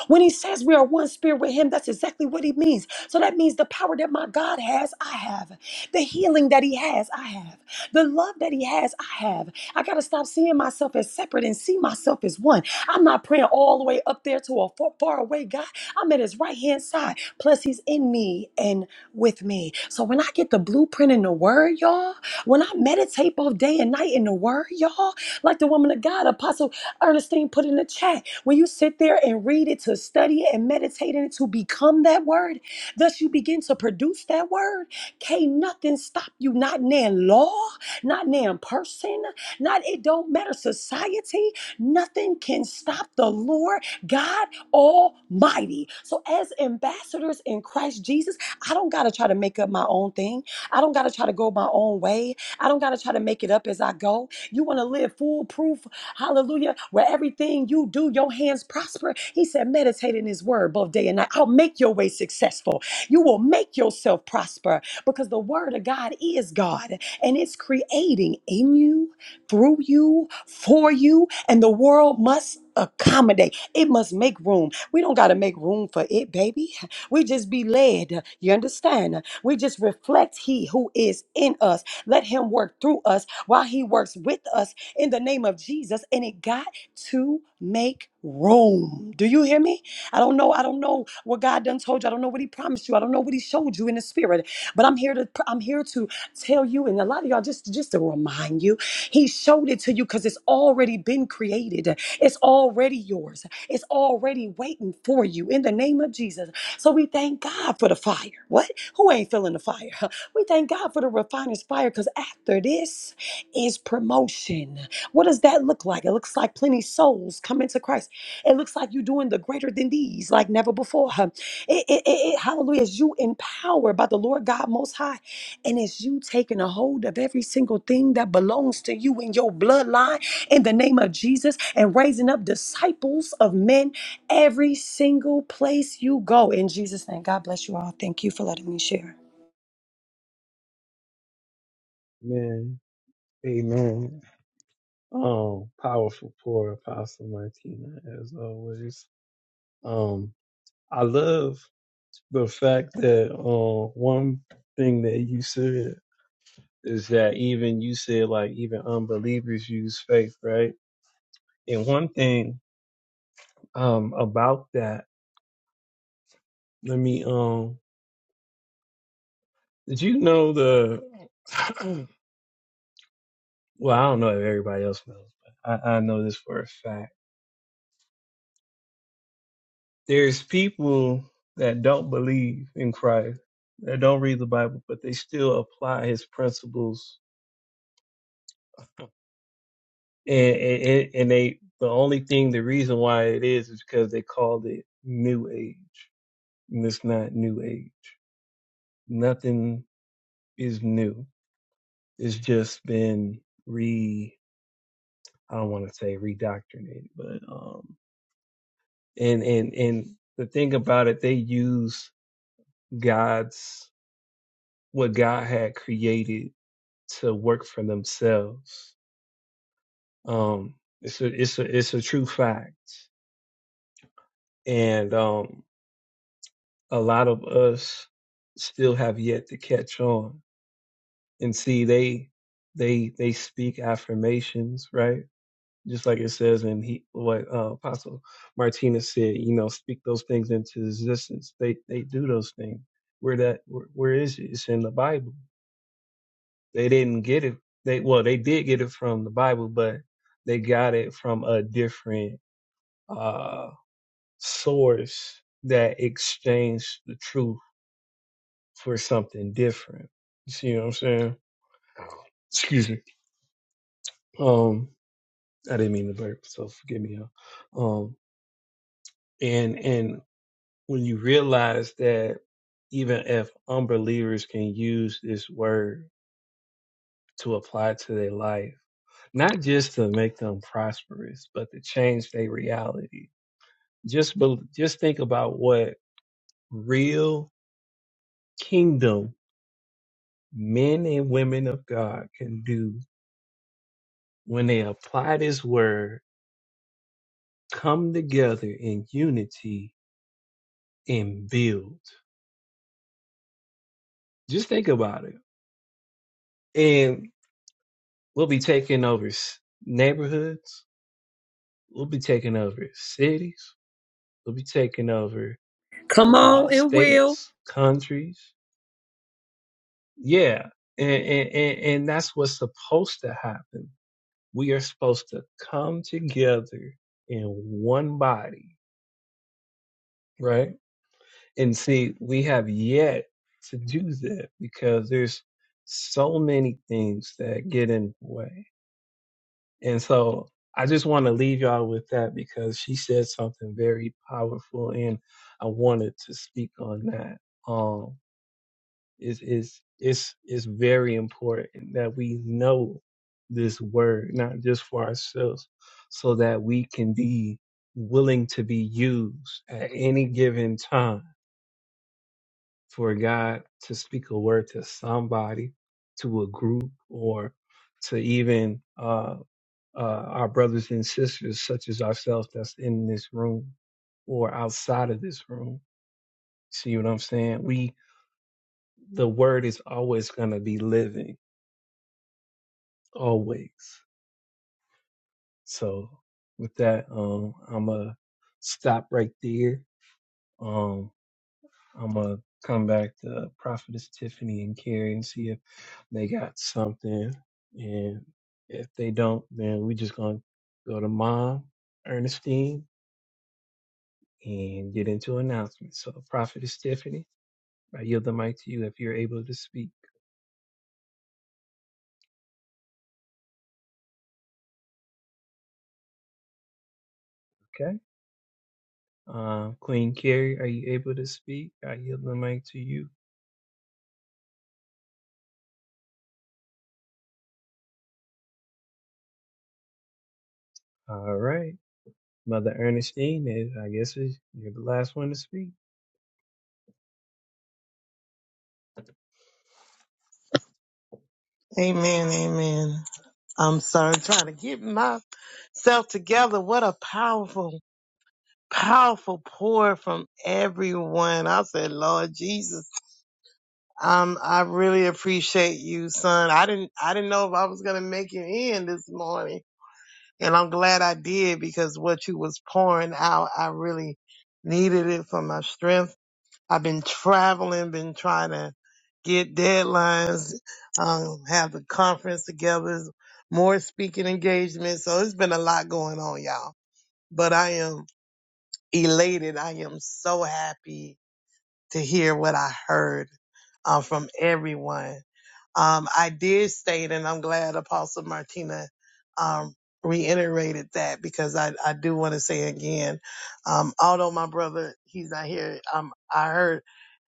J: When he says we are one spirit with him, that's exactly what he means. So that means the power that my God has, I have. The healing that he has, I have. The love that he has, I have. I got to stop seeing myself as separate and see myself as one. I'm not praying all the way up there to a far, far away God. I'm at his right hand side. Plus, he's in me and with me. So when I get the blueprint in the word, y'all, when I meditate both day and night in the word, y'all, like the woman of God, Apostle Ernestine put in the chat, when you sit there and read it, to study it and meditate in it, to become that word, thus you begin to produce that word. Can't nothing stop you, not nan law, not nan person, not it don't matter society. Nothing can stop the Lord God Almighty. So, as ambassadors in Christ Jesus, I don't got to try to make up my own thing. I don't got to try to go my own way. I don't got to try to make it up as I go. You want to live foolproof, Hallelujah. Where everything you do, your hands prosper. He said, meditate in his word both day and night. I'll make your way successful. You will make yourself prosper because the word of God is God and it's creating in you, through you, for you, and the world must accommodate. It must make room. We don't got to make room for it, baby. We just be led. You understand? We just reflect he who is in us. Let him work through us while he works with us in the name of Jesus. And it got to make room. Do you hear me? I don't know. I don't know what God done told you. I don't know what He promised you. I don't know what He showed you in the spirit. But I'm here to I'm here to tell you, and a lot of y'all just just to remind you, He showed it to you because it's already been created. It's already yours. It's already waiting for you in the name of Jesus. So we thank God for the fire. What? Who ain't feeling the fire? We thank God for the refiner's fire because after this is promotion. What does that look like? It looks like plenty souls coming to Christ. It looks like you're doing the greater than these, like never before. huh? It, it, it, it- hallelujah. As you empowered by the Lord God Most High, and as you taking a hold of every single thing that belongs to you in your bloodline, in the name of Jesus, and raising up disciples of men every single place you go. In Jesus' name, God bless you all. Thank you for letting me share.
A: Amen. amen. Um, powerful, poor Apostle Martina, as always. Um, I love. the fact that uh, one thing that you said is that even you said like even unbelievers use faith, right? And one thing um about that, let me um did you know the well, I don't know if everybody else knows, but I, I know this for a fact. There's people that don't believe in Christ, that don't read the Bible, but they still apply his principles and and, and they the only thing the reason why it is is because they called it new age and it's not new age nothing is new it's just been re i don't want to say redoctrinated but um and and and the thing about it they use god's what god had created to work for themselves um it's a it's a it's a true fact and um, a lot of us still have yet to catch on and see they they they speak affirmations right just like it says in he what uh, apostle martinez said you know speak those things into existence they they do those things where that where, where is it it's in the bible they didn't get it they well they did get it from the bible but they got it from a different uh source that exchanged the truth for something different. You see what I'm saying? Excuse me. Um, I didn't mean to burp, so forgive me. y'all. Um, and and when you realize that even if unbelievers can use this word to apply to their life, not just to make them prosperous, but to change their reality. Just bel just think about what real kingdom men and women of God can do when they apply this word come together in unity and build. Just think about it. And we'll be taking over neighborhoods. We'll be taking over cities. We'll be taking over
J: Come
A: uh,
J: on and will.
A: states, countries. Yeah. and, and, and that's what's supposed to happen. We are supposed to come together in one body, right? And see, we have yet to do that because there's so many things that get in the way. And so I just want to leave y'all with that because she said something very powerful and I wanted to speak on that. Um is is it's it's very important that we know this word, not just for ourselves, so that we can be willing to be used at any given time for God to speak a word to somebody, to a group, or to even uh, uh, our brothers and sisters, such as ourselves, that's in this room or outside of this room. See what I'm saying? We, the word is always going to be living, always. So with that, um, I'm going to stop right there. Um, I'm gonna come back to Prophetess Tiffany and Carrie and see if they got something. And if they don't, then we just gonna go to Mom Ernestine and get into announcements. So Prophetess Tiffany, I yield the mic to you if you're able to speak. Okay. Uh, Queen Carrie, are you able to speak? I yield the mic to you. All right. Mother Ernestine, eh, I guess is- you're the last one to speak.
B: Amen. Amen. I'm sorry, trying to get myself together. What a powerful, powerful pour from everyone. I said, Lord Jesus, um, I really appreciate you, son. I didn't, I didn't know if I was gonna make it in this morning, and I'm glad I did because what you was pouring out, I really needed it for my strength. I've been traveling, been trying to get deadlines, um, have the conference together, more speaking engagements. So it's been a lot going on, y'all. But I am elated. I am so happy to hear what I heard uh, from everyone. Um, I did state, and I'm glad Apostle Martina um, reiterated that because I, I do want to say again, um, although my brother, he's not here, um, I heard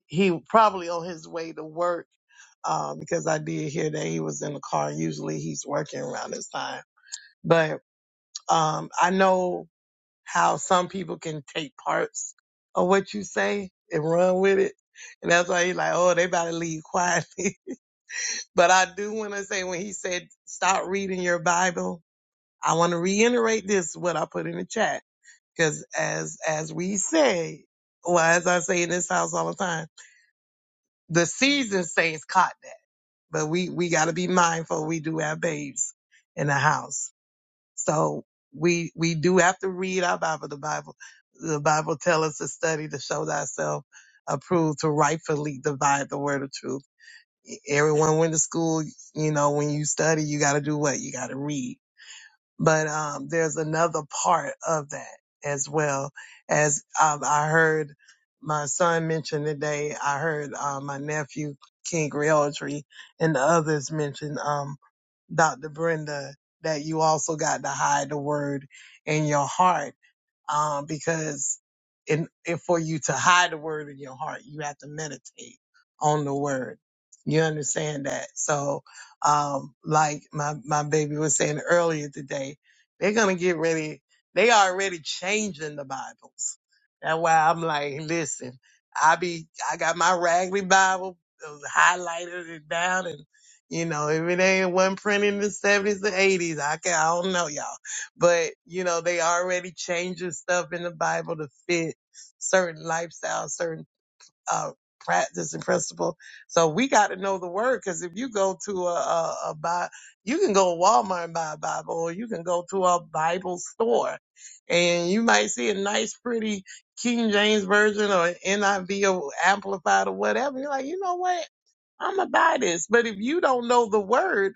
B: he probably on his way to work uh, because I did hear that he was in the car. Usually he's working around this time. But um, I know how some people can take parts of what you say and run with it. And that's why he's like, oh, they about to leave quietly. but I do want to say when he said, stop reading your Bible, I want to reiterate this, what I put in the chat. Because as, as we say, well, as I say in this house all the time, the seasoned saints caught that but we we got to be mindful. We do have babes in the house, so we we do have to read our Bible. The Bible the Bible tells us to study to show thyself approved to rightfully divide the word of truth. E, Everyone went to school, you know. When you study, you got to do what you got to read but um, there's another part of that as well. As um, I heard my son mention today, I heard uh, my nephew King Realtree and the others mention um, Dr. Brenda that you also got to hide the word in your heart um, because in, in for you to hide the word in your heart, you have to meditate on the word. You understand that? So, um, like my, my baby was saying earlier today, they're going to get ready. They already changing the Bibles. That's why I'm like, listen, I be, I got my Ragley Bible uh, highlighted it down and, you know, if it ain't one printed in the 70s or 80s, I can, I don't know y'all but you know they already changing stuff in the Bible to fit certain lifestyles, certain uh, practice and principle. So we got to know the word because if you go to a, a, a Bible, you can go to Walmart and buy a Bible, or you can go to a Bible store, and you might see a nice, pretty King James version or NIV or amplified or whatever. You're like, you know what? I'm gonna buy this. But if you don't know the word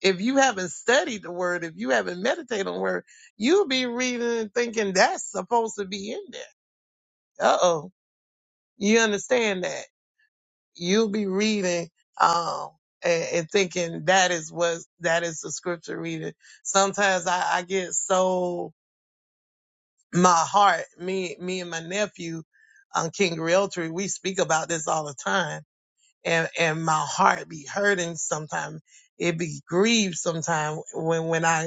B: if you haven't studied the word, if you haven't meditated on the word, you'll be reading and thinking that's supposed to be in there. Uh oh. You understand that? You'll be reading um and, and thinking that is what that is the scripture reading. Sometimes I, I get so my heart, me me and my nephew on King Realtree, we speak about this all the time. And and my heart be hurting sometimes it be grieved sometimes when when I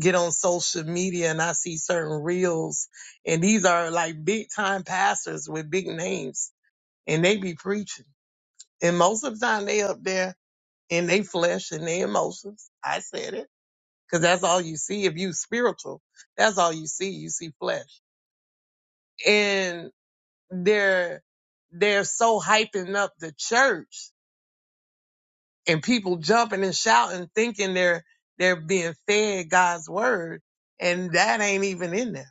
B: get on social media and I see certain reels and these are like big time pastors with big names and they be preaching. And most of the time they up there in they flesh and their emotions. I said it because that's all you see. If you spiritual, that's all you see. You see flesh and they're, they're so hyping up the church and people jumping and shouting, thinking they're, they're being fed God's word. And that ain't even in there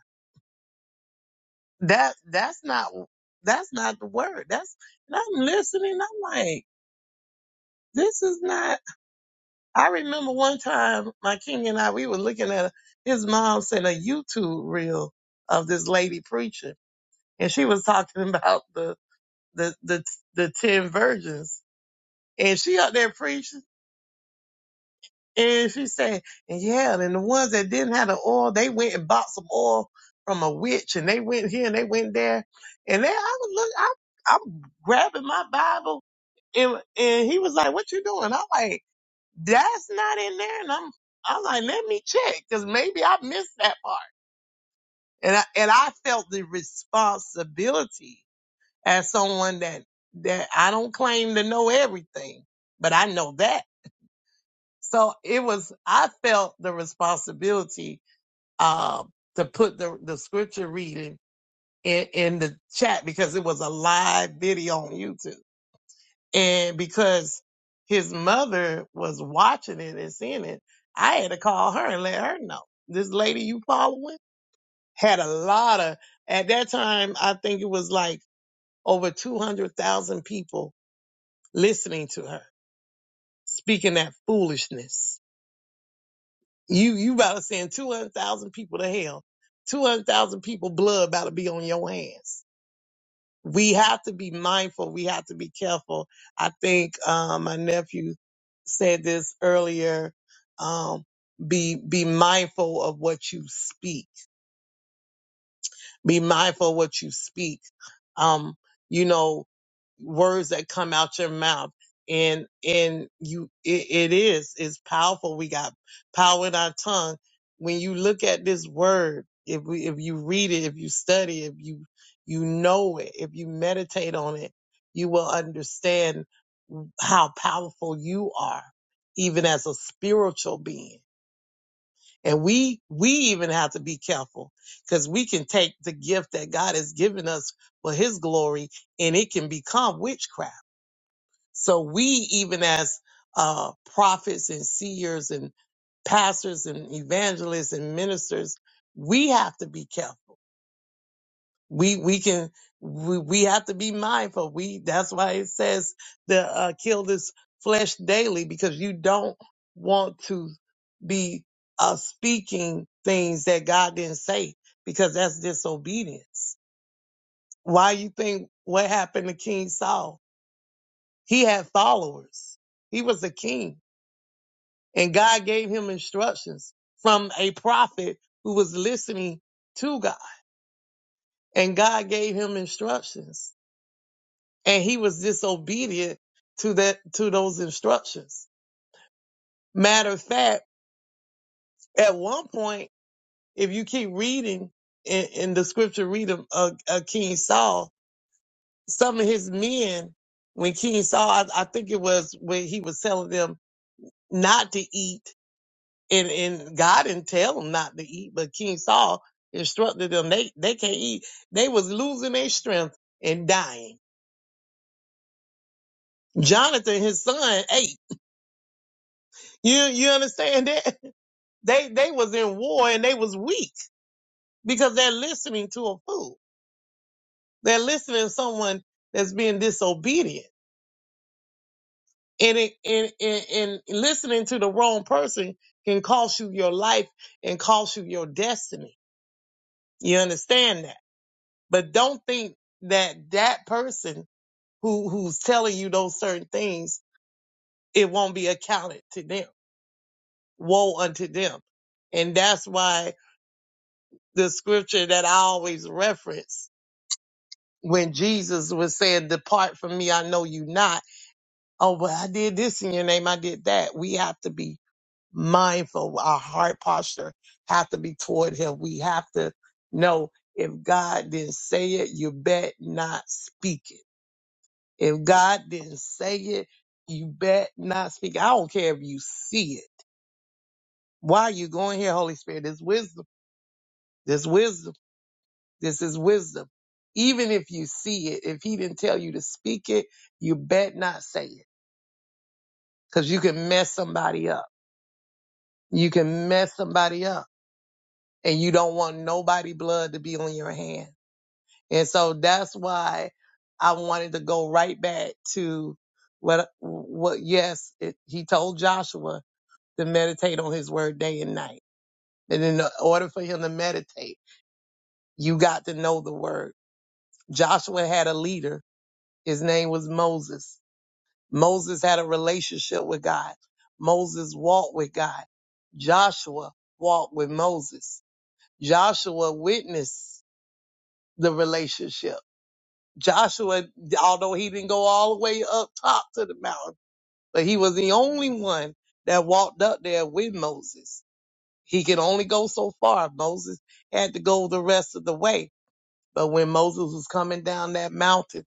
B: that that's not that's not the word. That's and I'm listening. I'm like, this is not. I remember one time my king and I we were looking at his mom sent a YouTube reel of this lady preaching, and she was talking about the the the the ten virgins, and she out there preaching. And she said, and yeah, and the ones that didn't have the oil, they went and bought some oil from a witch and they went here and they went there. And then I was look, I, I'm grabbing my Bible and, and he was like, what you doing? I'm like, that's not in there. And I'm, I'm like, let me check because maybe I missed that part. And I, and I felt the responsibility as someone that, that I don't claim to know everything, but I know that. So it was, I felt the responsibility um, to put the, the scripture reading in, in the chat because it was a live video on YouTube. And because his mother was watching it and seeing it, I had to call her and let her know. This lady you following had a lot of, at that time, I think it was like over 200,000 people listening to her speaking that foolishness You you about to send two hundred thousand people to hell. Two hundred thousand people blood about to be on your hands. We have to be mindful. We have to be careful. I think um, my nephew said this earlier. Um, be be mindful of what you speak. Be mindful of what you speak. Um, you know, words that come out your mouth and and you it, it is is powerful we got power in our tongue when you look at this word if we if you read it if you study if you you know it if you meditate on it you will understand how powerful you are even as a spiritual being and we, we even have to be careful because we can take the gift that God has given us for his glory and it can become witchcraft. So we, even as uh, prophets and seers and pastors and evangelists and ministers, we have to be careful we we can we, we have to be mindful we that's why it says to uh, kill this flesh daily because you don't want to be uh, speaking things that god didn't say because that's disobedience why you think what happened to king saul he had followers he was a king and god gave him instructions from a prophet who was listening to god and god gave him instructions and he was disobedient to that to those instructions. Matter of fact, at one point, if you keep reading in, in the scripture, read of, of, of King Saul, some of his men, when King Saul, I, I think it was when he was telling them not to eat, and and God didn't tell them not to eat, but King Saul instructed them they they can't eat. They was losing their strength and dying. Jonathan, his son, ate. You you understand that? They they was in war and they was weak because they're listening to a fool. They're listening to someone that's being disobedient. And it and, and, and listening to the wrong person can cost you your life and cost you your destiny. You understand that? But don't think that that person who who's telling you those certain things, it won't be accounted to them. Woe unto them. And that's why the scripture that I always reference when Jesus was saying, Depart from me, I know you not. Oh, well, I did this in your name, I did that. We have to be mindful. Our heart posture have to be toward him. We have to know if God didn't say it, you bet not speak it. If God didn't say it, you bet not speak. it. I don't care if you see it. Why are you going here, Holy Spirit? This wisdom. This wisdom. This is wisdom. Even if you see it, if he didn't tell you to speak it, you bet not say it because you can mess somebody up. You can mess somebody up and you don't want nobody blood to be on your hand. And so that's why I wanted to go right back to what, what, yes, it, he told Joshua to meditate on his word day and night. And in order for him to meditate, you got to know the word. Joshua had a leader. His name was Moses Moses had a relationship with God. Moses walked with God. Joshua walked with Moses. Joshua witnessed the relationship. Joshua, although he didn't go all the way up top to the mountain, but he was the only one that walked up there with Moses. He could only go so far. Moses had to go the rest of the way. But when Moses was coming down that mountain,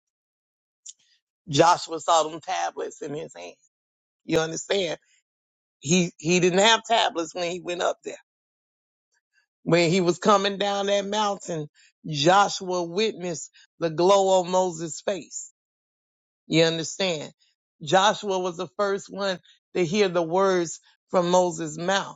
B: Joshua saw them tablets in his hand. You understand? He he didn't have tablets when he went up there. When he was coming down that mountain, Joshua witnessed the glow on Moses' face. You understand? Joshua was the first one to hear the words from Moses' mouth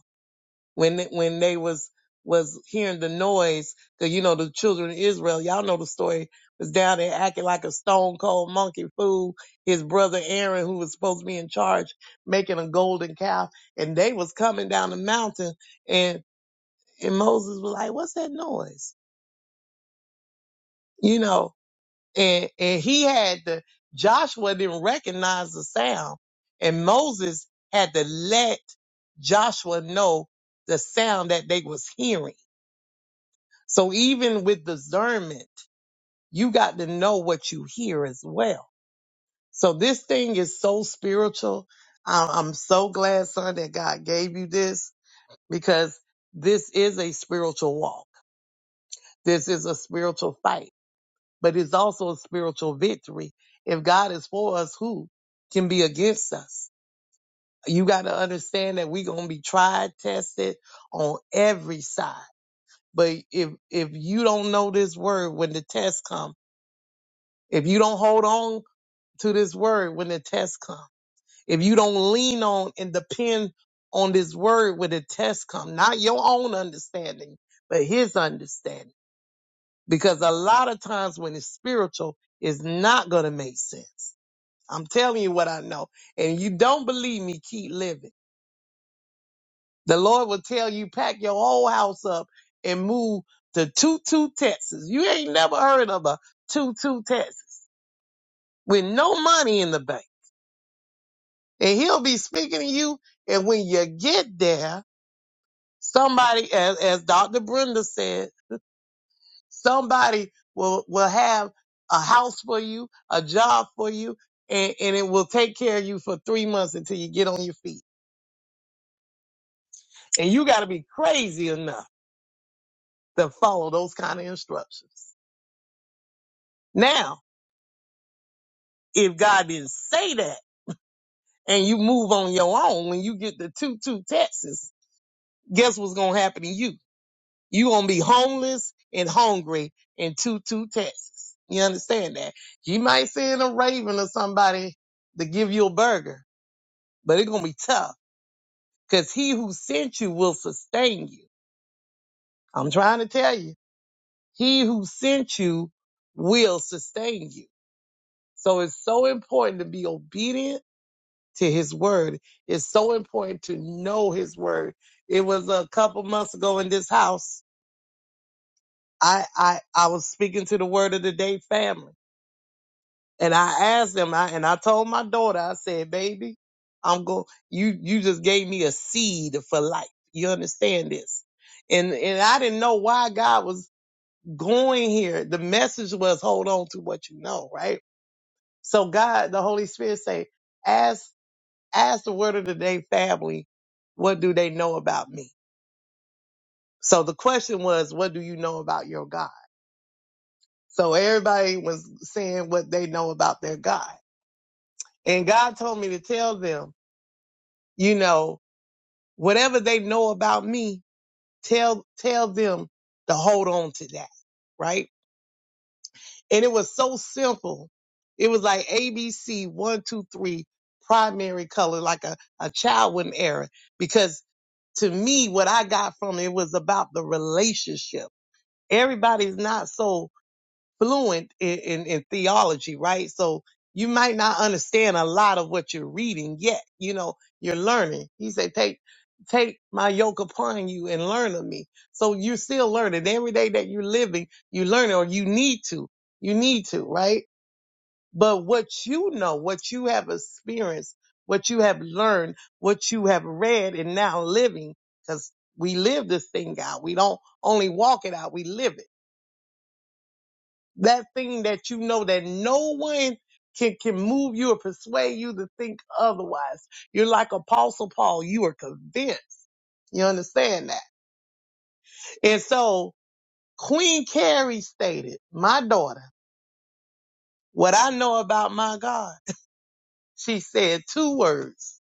B: when it- when they was was hearing the noise, cause you know the children of Israel, y'all know the story, was down there acting like a stone cold monkey fool. His brother Aaron, who was supposed to be in charge, making a golden calf, and they was coming down the mountain, and and Moses was like, "What's that noise?" You know, and and he had the Joshua didn't recognize the sound, and Moses had to let Joshua know the sound that they was hearing So even with discernment, you got to know what you hear as well. So this thing is so spiritual. I- I'm so glad, son, that God gave you this because this is a spiritual walk. This is a spiritual fight, but it's also a spiritual victory. If God is for us, who can be against us? You got to understand that we're going to be tried, tested on every side. But if, if you don't know this word, when the test comes, If you don't hold on to this word when the test come, if you don't lean on and depend on this word when the test come, not your own understanding, but his understanding. Because a lot of times when it's spiritual, it's not going to make sense. I'm telling you what I know. And you don't believe me, keep living. The Lord will tell you, pack your whole house up and move to Tutu, Texas. You ain't never heard of a Tutu, Texas with no money in the bank and he'll be speaking to you. And when you get there, somebody, as, as Dr. Brenda said, somebody will, will have a house for you, a job for you, and, and it will take care of you for three months until you get on your feet. And you got to be crazy enough to follow those kind of instructions. Now, if God didn't say that and you move on your own, when you get the two, two Texas, guess what's going to happen to you? You gonna be homeless and hungry in Tutu, Texas. You understand that? You might send a raven or somebody to give you a burger, but it's gonna be tough because he who sent you will sustain you. I'm trying to tell you, he who sent you will sustain you. So it's so important to be obedient to his word. It's so important to know his word. It was a couple months ago in this house. I, I, I was speaking to the word of the day family And I asked them. I, and I told my daughter, I said, baby, I'm going, you, you just gave me a seed for life. You understand this? And, and I didn't know why God was going here. The message was hold on to what you know, right? So God, the Holy Spirit say, ask, ask the word of the day family, what do they know about me? So the question was, what do you know about your God? So everybody was saying what they know about their God. And God told me to tell them you know, whatever they know about me, tell tell them to hold on to that, right? And it was so simple. It was like ABC one, two, three, primary color, like a, a child with an error. Because to me, what I got from it was about the relationship. Everybody's not so fluent in, in, in theology, right? So you might not understand a lot of what you're reading yet. You know, you're learning. He said, take, take my yoke upon you and learn of me. So you're still learning every day that you're living. You learn or you need to, you need to, right? But what you know, what you have experienced, what you have learned, what you have read and now living, because we live this thing out. We don't only walk it out. We live it that thing that you know that no one can, can move you or persuade you to think otherwise. You're like Apostle Paul. You are convinced. You understand that? And so Queen Carrie stated, my daughter, what I know about my God, she said two words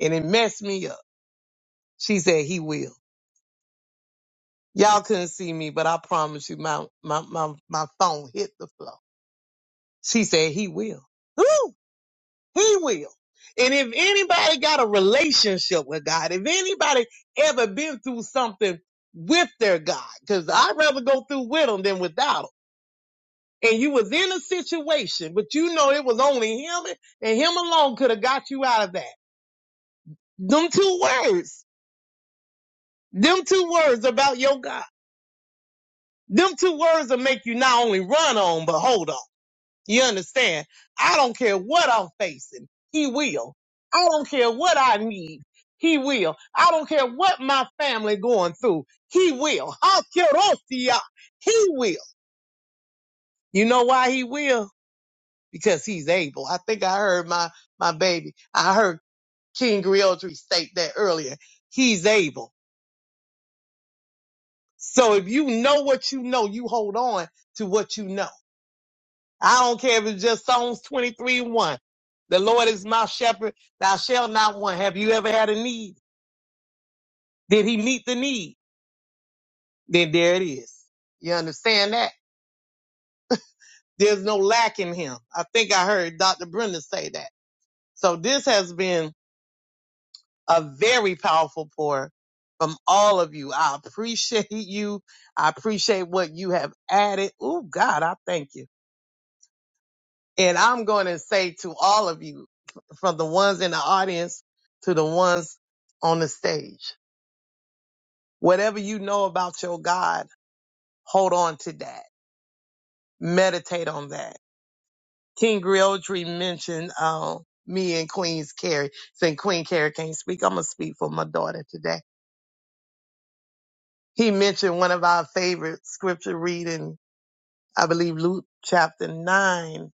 B: and it messed me up. She said, he will. Y'all couldn't see me, but I promise you my, my, my, my phone hit the floor. She said, he will. Woo! He will. And if anybody got a relationship with God, if anybody ever been through something with their God, because I'd rather go through with them than without them. And you was in a situation, but you know it was only him and him alone could have got you out of that. Them two words, them two words about your God, them two words will make you not only run on, but hold on. You understand? I don't care what I'm facing. He will. I don't care what I need. He will. I don't care what my family going through. He will. Hakerosia. He will. You know why he will? Because he's able. I think I heard my, my baby. I heard King Griotry state that earlier. He's able. So if you know what you know, you hold on to what you know I don't care if it's just Psalms 23 1. The Lord is my shepherd, thou shalt not want. Have you ever had a need? Did he meet the need? Then there it is. You understand that? There's no lack in him. I think I heard Dr. Brenda say that. So this has been a very powerful pour from all of you. I appreciate you. I appreciate what you have added. Oh God, I thank you. And I'm going to say to all of you, from the ones in the audience to the ones on the stage. Whatever you know about your God, hold on to that. Meditate on that. King Griotry mentioned um, me and Queen's Carrie. Saying Queen Carrie can't speak, I'm going to speak for my daughter today. He mentioned one of our favorite scripture reading, I believe Luke chapter 9,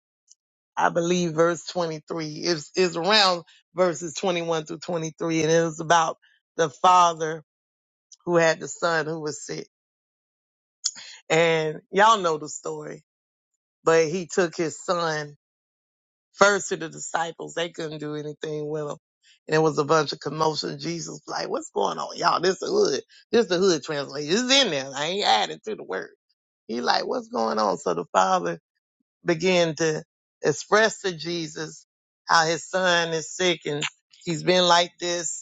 B: I believe verse 23. It's, it's around verses 21 through 23, and it was about the Father who had the son who was sick. And y'all know the story, but he took his son first to the disciples. They couldn't do anything with him. And it was a bunch of commotion. Jesus was like, what's going on? Y'all, this the hood. This the hood translation. It's in there. I ain't adding to the word. He like, what's going on? So the father began to express to Jesus how his son is sick and he's been like this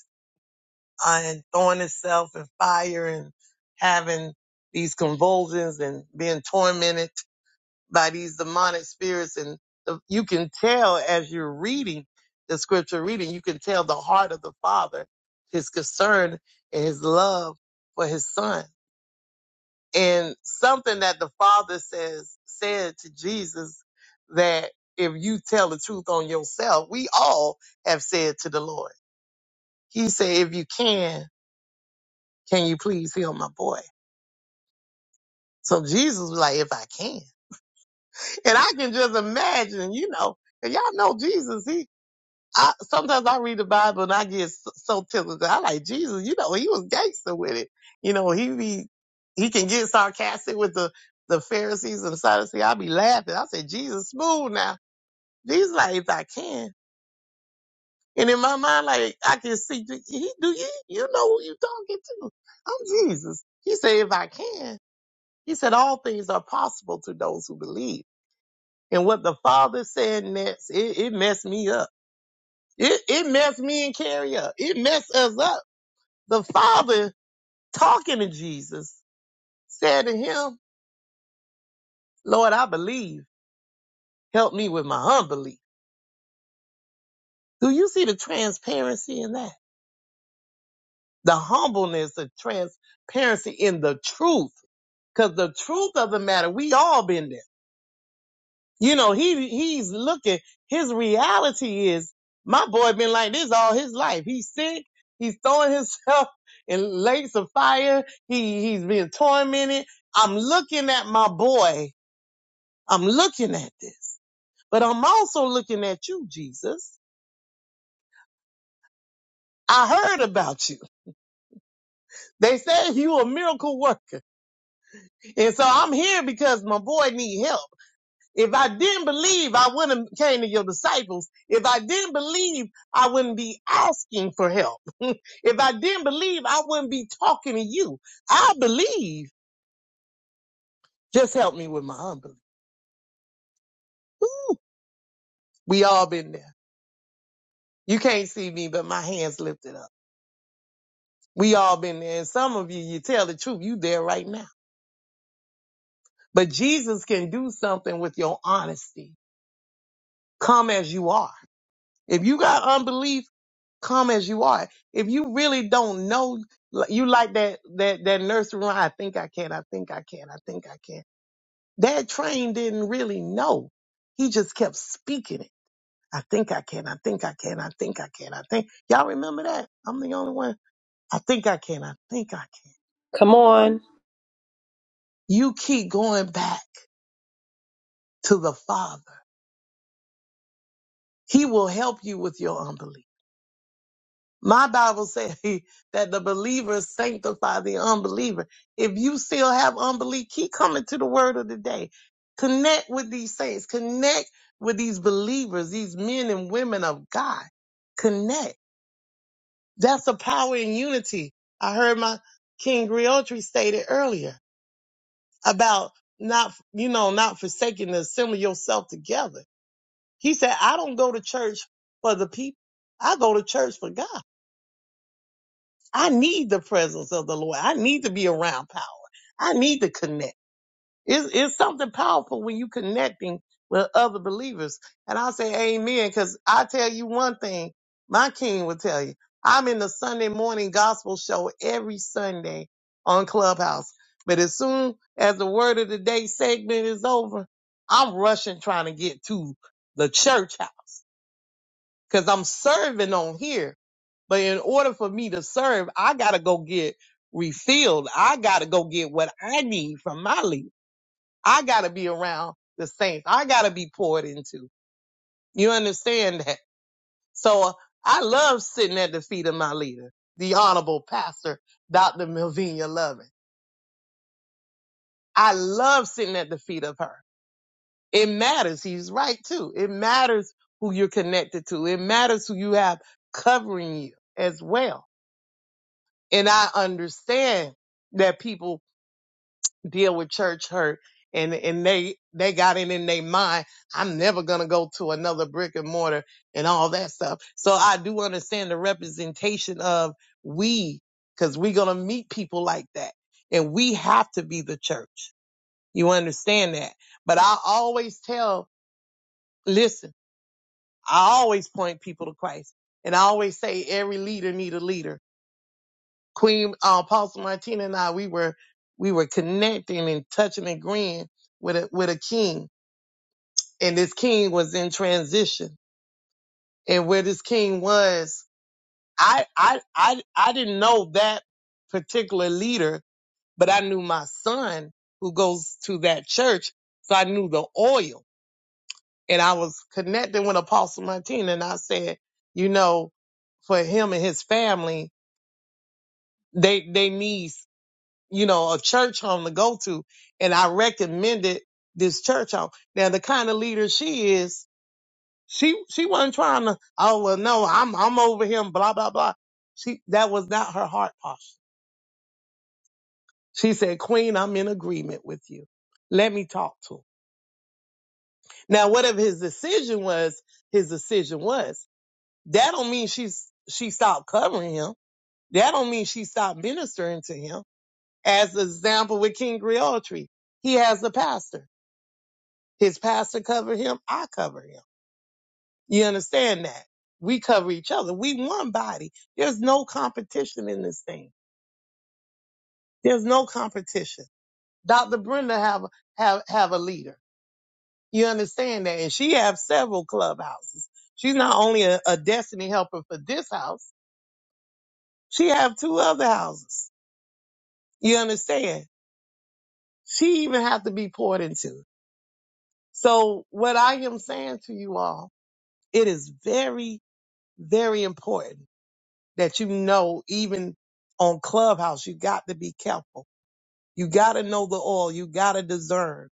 B: uh, and throwing itself in fire and having these convulsions and being tormented by these demonic spirits. And the, you can tell as you're reading the scripture reading, you can tell the heart of the father, his concern and his love for his son. And something that the father says, said to Jesus that if you tell the truth on yourself, we all have said to the Lord. He said, if you can, can you please heal my boy? So Jesus was like, if I can. And I can just imagine, you know, and y'all know Jesus, he, I, sometimes I read the Bible and I get s- so tickled. I like Jesus, you know, he was gangster with it. You know, he be, he can get sarcastic with the, the Pharisees and the Sadducees. I be laughing. I said, Jesus, smooth now. Jesus like, if I can. And in my mind, like, I can see, do- he, do you, you know who you talking to? I'm Jesus. He said, if I can. He said, all things are possible to those who believe. And what the father said next, it, it messed me up. It, it messed me and Carrie up. It messed us up. The father talking to Jesus said to him, Lord, I believe. Help me with my unbelief. Do you see the transparency in that? The humbleness, the transparency in the truth. Cause the truth of the matter, we all been there. You know, he he's looking. His reality is my boy been like this all his life. He's sick. He's throwing himself in lakes of fire. He hes being tormented. I'm looking at my boy. I'm looking at this. But I'm also looking at you, Jesus. I heard about you. They said you a miracle worker. And so I'm here because my boy need help. If I didn't believe, I wouldn't have came to your disciples. If I didn't believe, I wouldn't be asking for help. if I didn't believe, I wouldn't be talking to you. I believe. Just help me with my unbelief. We all been there. You can't see me, but my hands lifted up. We all been there. And some of you, you tell the truth. You there right now. But Jesus can do something with your honesty. Come as you are. If you got unbelief, come as you are. If you really don't know, like, you like that that that nursery rhyme. I think I can. I think I can. I think I can. That train didn't really know. He just kept speaking it. I think I can. I think I can. I think I can. I think y'all remember that. I'm the only one. I think I can. I think I can.
J: Come on.
B: You keep going back to the Father. He will help you with your unbelief. My Bible says that the believer sanctify the unbeliever. If you still have unbelief, keep coming to the word of the day. Connect with these saints. Connect with these believers, these men and women of God. Connect. That's the power in unity. I heard my King Griotri stated earlier about not, you know, not forsaking to assemble yourself together. He said, I don't go to church for the people. I go to church for God. I need the presence of the Lord. I need to be around power. I need to connect. It's, it's something powerful when you connecting with other believers. And I say amen because I tell you one thing, my king will tell you. I'm in the Sunday morning gospel show every Sunday on Clubhouse. But as soon as the word of the day segment is over, I'm rushing trying to get to the church house because I'm serving on here. But in order for me to serve, I gotta go get refilled. I gotta go get what I need from my leader. I gotta be around the saints. I gotta be poured into. You understand that? So uh, I love sitting at the feet of my leader, the honorable pastor, Dr. Melvina Lovin. I love sitting at the feet of her. It matters. He's right too. It matters who you're connected to. It matters who you have covering you as well And I understand that people deal with church hurt and, and they, they got it in their mind. I'm never going to go to another brick and mortar and all that stuff. So I do understand the representation of we, cause we're going to meet people like that and we have to be the church. You understand that? But I always tell, listen, I always point people to Christ and I always say every leader need a leader Queen uh, Apostle Martina and I, we were we were connecting and touching and agreeing with a with a king, and this king was in transition. And where this king was, I I I I didn't know that particular leader, but I knew my son who goes to that church, so I knew the oil. And I was connecting with Apostle Martina, and I said, you know, for him and his family, they they need. you know, a church home to go to. And I recommended this church home. Now, the kind of leader she is, she, she wasn't trying to, oh, well, no, I'm, I'm over him, blah, blah, blah. She, that was not her heart posture. She said, Queen, I'm in agreement with you. Let me talk to him. Now, whatever his decision was, his decision was. That don't mean she's, she stopped covering him. That don't mean she stopped ministering to him. As the example with King Griotry, he has a pastor. His pastor covered him. I cover him. You understand that? We cover each other. We one body. There's no competition in this thing. There's no competition. Dr. Brenda have have have a leader. You understand that? And she have several clubhouses. She's not only a, a destiny helper for this house, she have two other houses. You understand? She even have to be poured into. So what I am saying to you all, it is very, very important that you know, even on Clubhouse, you got to be careful. You got to know the oil. You got to discern.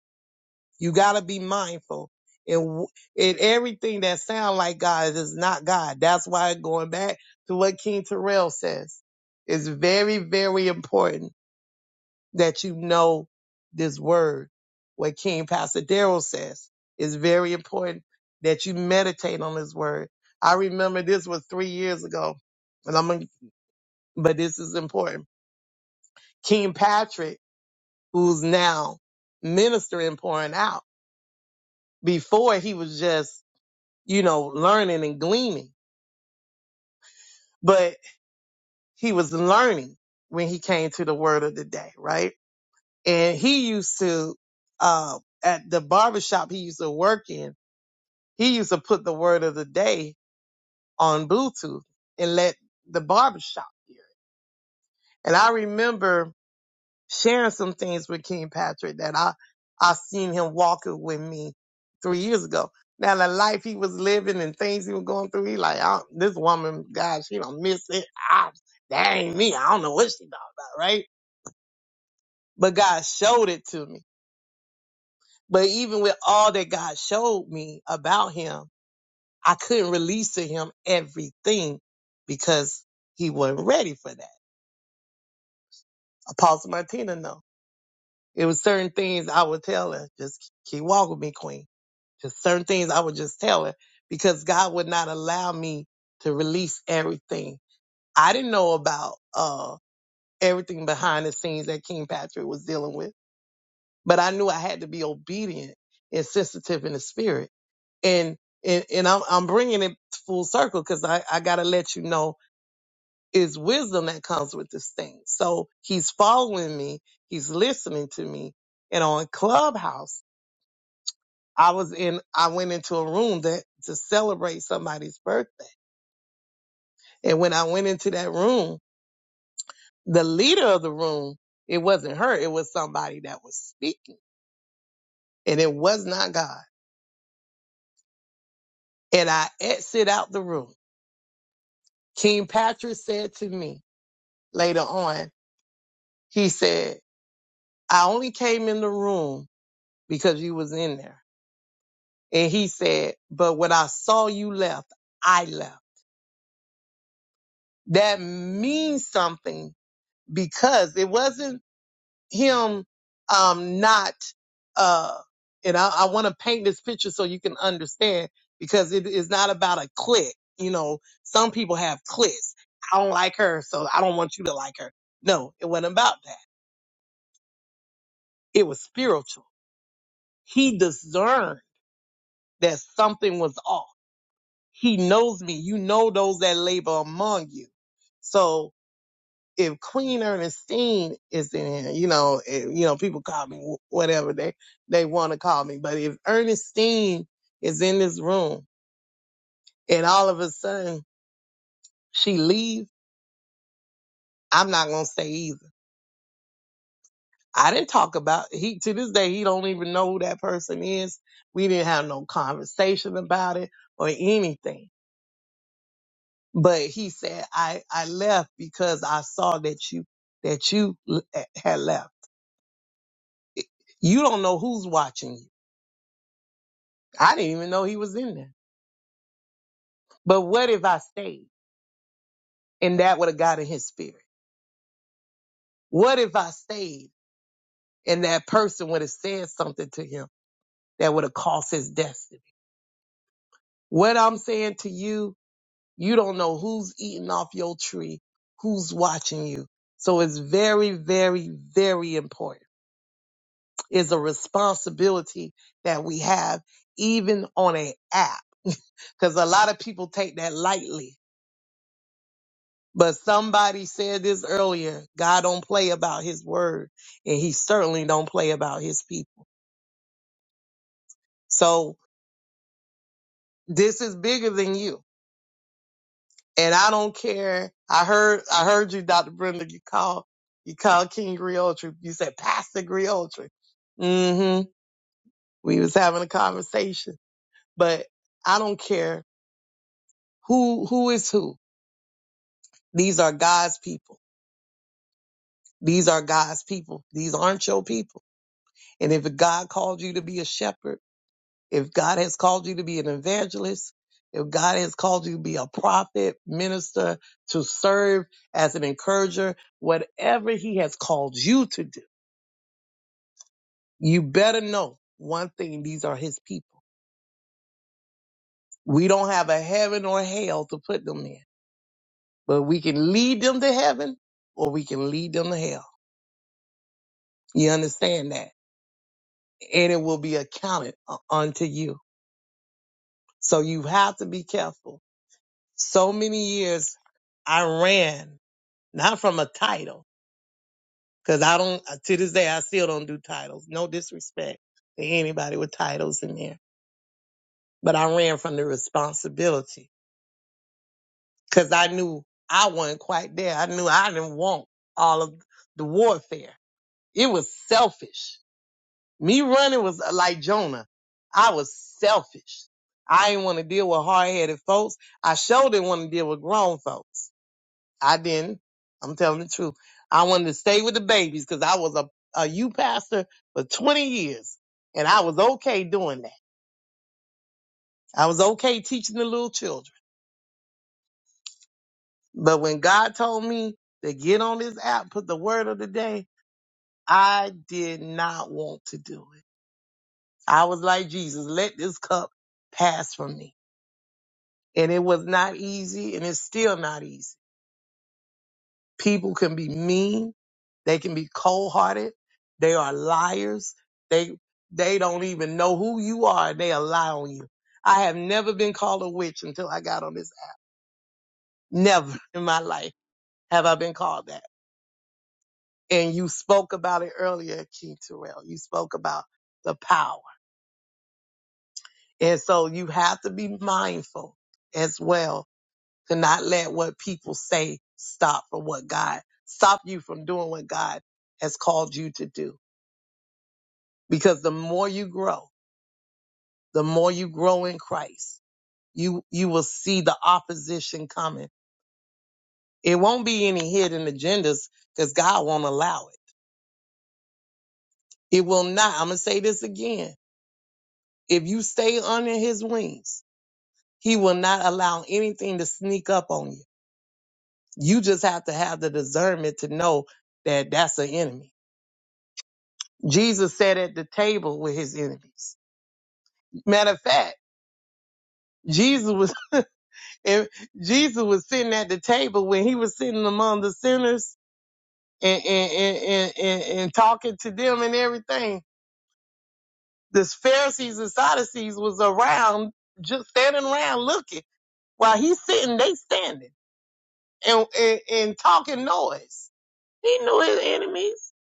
B: You got to be mindful. And, w- and everything that sound like God is not God. That's why going back to what King Terrell says, it's very, very important that you know this word. What King Pastor Pasadero says is very important that you meditate on this word. I remember this was three years ago, and I'm. gonna but this is important. King Patrick, who's now ministering, pouring out. Before he was just, you know, learning and gleaning, but he was learning when he came to the word of the day, right? And he used to, uh, at the barbershop he used to work in, he used to put the word of the day on Bluetooth and let the barbershop hear it. And I remember sharing some things with King Patrick that I I seen him walking with me three years ago. Now the life he was living and things he was going through, he like I, this woman, God, she don't miss it. I, that ain't me. I don't know what she talking about, right? But God showed it to me. But even with all that God showed me about him, I couldn't release to him everything because he wasn't ready for that. Apostle Martina, no. It was certain things I would tell her, just keep walking with me, Queen Because certain things I would just tell her because God would not allow me to release everything. I didn't know about uh, everything behind the scenes that King Patrick was dealing with, but I knew I had to be obedient and sensitive in the spirit. And and, and I'm, I'm bringing it full circle because I, I got to let you know it's wisdom that comes with this thing. So he's following me, he's listening to me. And on Clubhouse, I was in, I went into a room that to celebrate somebody's birthday. And when I went into that room, the leader of the room, it wasn't her, it was somebody that was speaking and it was not God. And I exit out the room. King Patrick said to me later on, he said, I only came in the room because you was in there. And he said, but when I saw you left, I left. That means something because it wasn't him um not uh and I, I want to paint this picture so you can understand because it is not about a click. You know, some people have clicks. I don't like her, so I don't want you to like her. No, it wasn't about that. It was spiritual. He discerned that something was off. He knows me. You know those that labor among you. So if Queen Ernestine is in here, you know, eh, you know, people call me wh- whatever they they want to call me, but if Ernestine is in this room and all of a sudden she leaves, I'm not gonna say either. I didn't talk about he to this day he don't even know who that person is. We didn't have no conversation about it or anything. But he said I I left because I saw that you that you l- had left. You don't know who's watching you. I didn't even know he was in there. But what if I stayed and that would have gotten his spirit? What if I stayed and that person would have said something to him that would have cost his destiny? What I'm saying to you, you don't know who's eating off your tree, who's watching you. So it's very, very, very important. It's a responsibility that we have even on an app because a lot of people take that lightly But somebody said this earlier. God don't play about his word and he certainly don't play about his people. So this is bigger than you. And I don't care. I heard, I heard you, Dr. Brenda, you called, you called King Griotri. You said Pastor Griotri. Mm-hmm. We was having a conversation, but I don't care who, who is who. These are God's people. These are God's people. These aren't your people. And if God called you to be a shepherd, If God has called you to be an evangelist, if God has called you to be a prophet, minister, to serve as an encourager, whatever he has called you to do, you better know one thing. These are his people. We don't have a heaven or hell to put them in, but we can lead them to heaven or we can lead them to hell. You understand that? And it will be accounted uh, unto you. So you have to be careful. So many years I ran not from a title. Cause I don't, uh, to this day, I still don't do titles. No disrespect to anybody with titles in there. But I ran from the responsibility cause I knew I wasn't quite there. I knew I didn't want all of the warfare. It was selfish. Me running was uh, like Jonah. I was selfish. I didn't want to deal with hard headed folks. I sure didn't want to deal with grown folks. I didn't. I'm telling the truth. I wanted to stay with the babies because I was a, a youth pastor for 20 years and I was okay doing that. I was okay teaching the little children. But when God told me to get on this app, put the word of the day, I did not want to do it. I was like, Jesus, let this cup pass from me. And it was not easy and it's still not easy. People can be mean. They can be cold hearted. They are liars. They they don't even know who you are and they will lie on you. I have never been called a witch until I got on this app. Never in my life have I been called that. And you spoke about it earlier, King Terrell. You spoke about the power. And so you have to be mindful as well to not let what people say stop from what God stop you from doing what God has called you to do. because the more you grow, the more you grow in Christ, you you will see the opposition coming. It won't be any hidden agendas because God won't allow it. It will not. I'm gonna say this again. If you stay under His wings, He will not allow anything to sneak up on you. You just have to have the discernment to know that that's an enemy. Jesus sat at the table with His enemies. Matter of fact, Jesus was. And Jesus was sitting at the table when he was sitting among the sinners and, and, and, and, and, and talking to them and everything. The Pharisees and Sadducees was around, just standing around looking. While he's sitting, they standing and, and, and talking noise. He knew his enemies.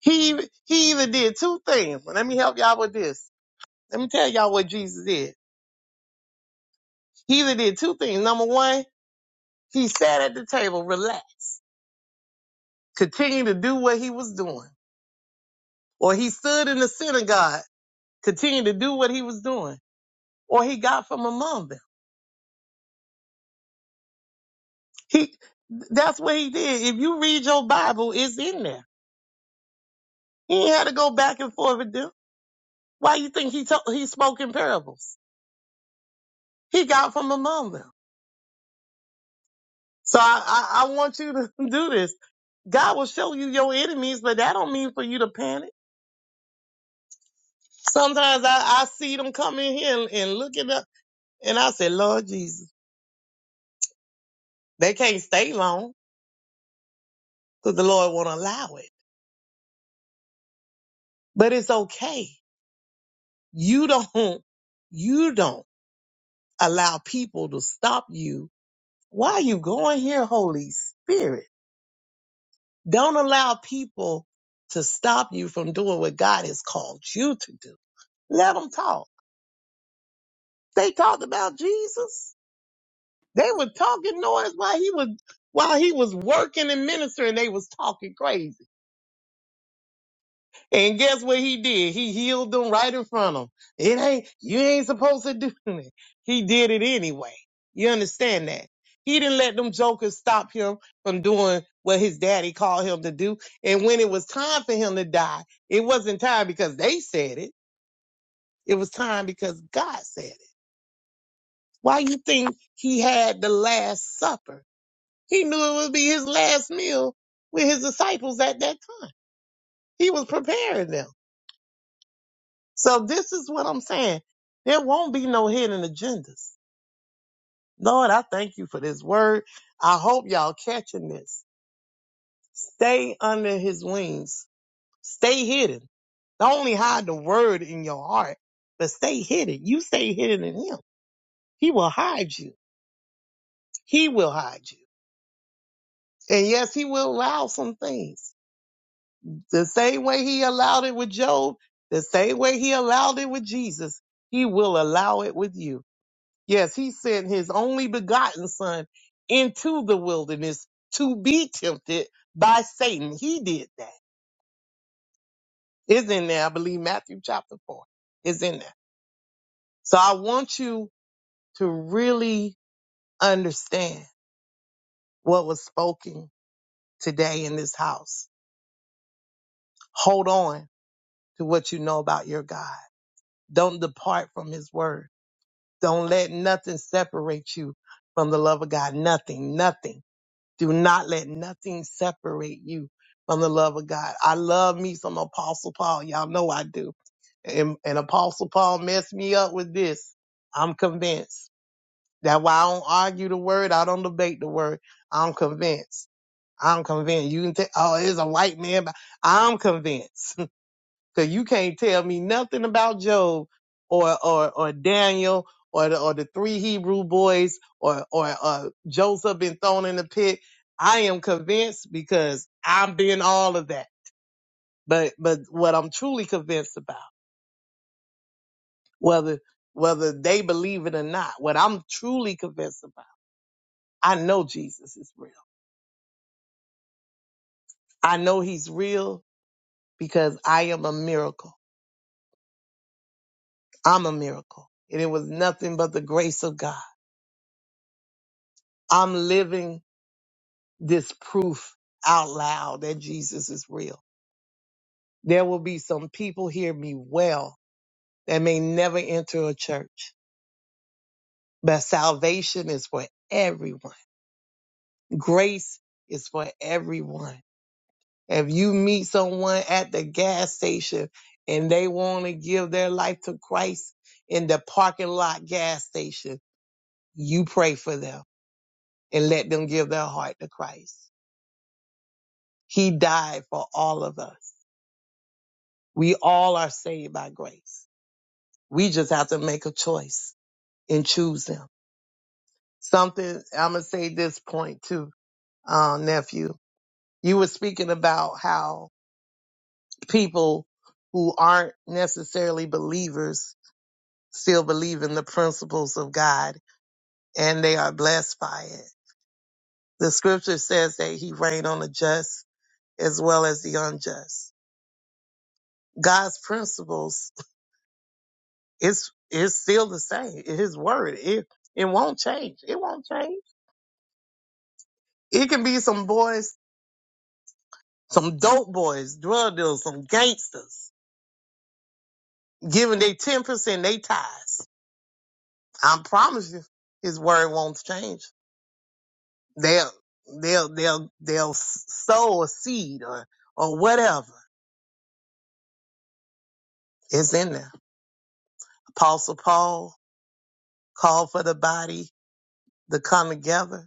B: He, he either did two things. Let me help y'all with this. Let me tell y'all what Jesus did. He either did two things. Number one, he sat at the table, relaxed, continued to do what he was doing. or he stood in the synagogue, continued to do what he was doing, or he got from among them. He, that's what he did. If you read your Bible, it's in there. He ain't had to go back and forth with them. Why you think he told, he spoke in parables? He got from among them. So I, I, I want you to do this. God will show you your enemies, but that don't mean for you to panic. Sometimes I, I see them come in here and, and looking up, and I say, Lord Jesus, they can't stay long because the Lord won't allow it. But it's okay. You don't, you don't allow people to stop you. Why are you going here, Holy Spirit? Don't allow people to stop you from doing what God has called you to do. Let them talk. They talked about Jesus. They were talking noise while he was, while he was working and ministering. They was talking crazy. And guess what he did? He healed them right in front of them. It ain't, you ain't supposed to do it. He did it anyway. You understand that? He didn't let them jokers stop him from doing what his daddy called him to do. And when it was time for him to die, it wasn't time because they said it. It was time because God said it. Why you think he had the last supper? He knew it would be his last meal with his disciples at that time. He was preparing them. So this is what I'm saying. There won't be no hidden agendas. Lord, I thank you for this word. I hope y'all catching this. Stay under his wings. Stay hidden. Not only hide the word in your heart, but stay hidden. You stay hidden in him. He will hide you. He will hide you. And yes, he will allow some things. The same way he allowed it with Job, the same way he allowed it with Jesus, he will allow it with you Yes, he sent his only begotten son into the wilderness to be tempted by Satan. He did that. It's in there, I believe, Matthew chapter 4. is in there. So I want you to really understand what was spoken today in this house. Hold on to what you know about your God. Don't depart from his word. Don't let nothing separate you from the love of God. Nothing, nothing. Do not let nothing separate you from the love of God. I love me some Apostle Paul. Y'all know I do. And, and Apostle Paul messed me up with this. I'm convinced. That's why I don't argue the word. I don't debate the word. I'm convinced. I'm convinced. You can think, oh, it's a white man, but I'm convinced. Cause you can't tell me nothing about Job or or or Daniel or the, or the three Hebrew boys or or uh, Joseph been thrown in the pit. I am convinced because I've been all of that. But but what I'm truly convinced about, whether whether they believe it or not, what I'm truly convinced about, I know Jesus is real. I know He's real because I am a miracle. I'm a miracle, and it was nothing but the grace of God. I'm living this proof out loud that Jesus is real. There will be some people hear me well that may never enter a church, but salvation is for everyone. Grace is for everyone. If you meet someone at the gas station and they want to give their life to Christ in the parking lot gas station, you pray for them and let them give their heart to Christ. He died for all of us. We all are saved by grace We just have to make a choice and choose them. Something I'm gonna say this point too, uh, nephew. You were speaking about how people who aren't necessarily believers still believe in the principles of God and they are blessed by it. The scripture says that he reigned on the just as well as the unjust. God's principles is is still the same. His word. It it won't change. It won't change. It can be some boys Some dope boys, drug dealers, some gangsters, giving they 10% they tithes. I promise you, his word won't change. They'll, they'll, they'll, they'll sow a seed or, or whatever. It's in there. Apostle Paul called for the body to come together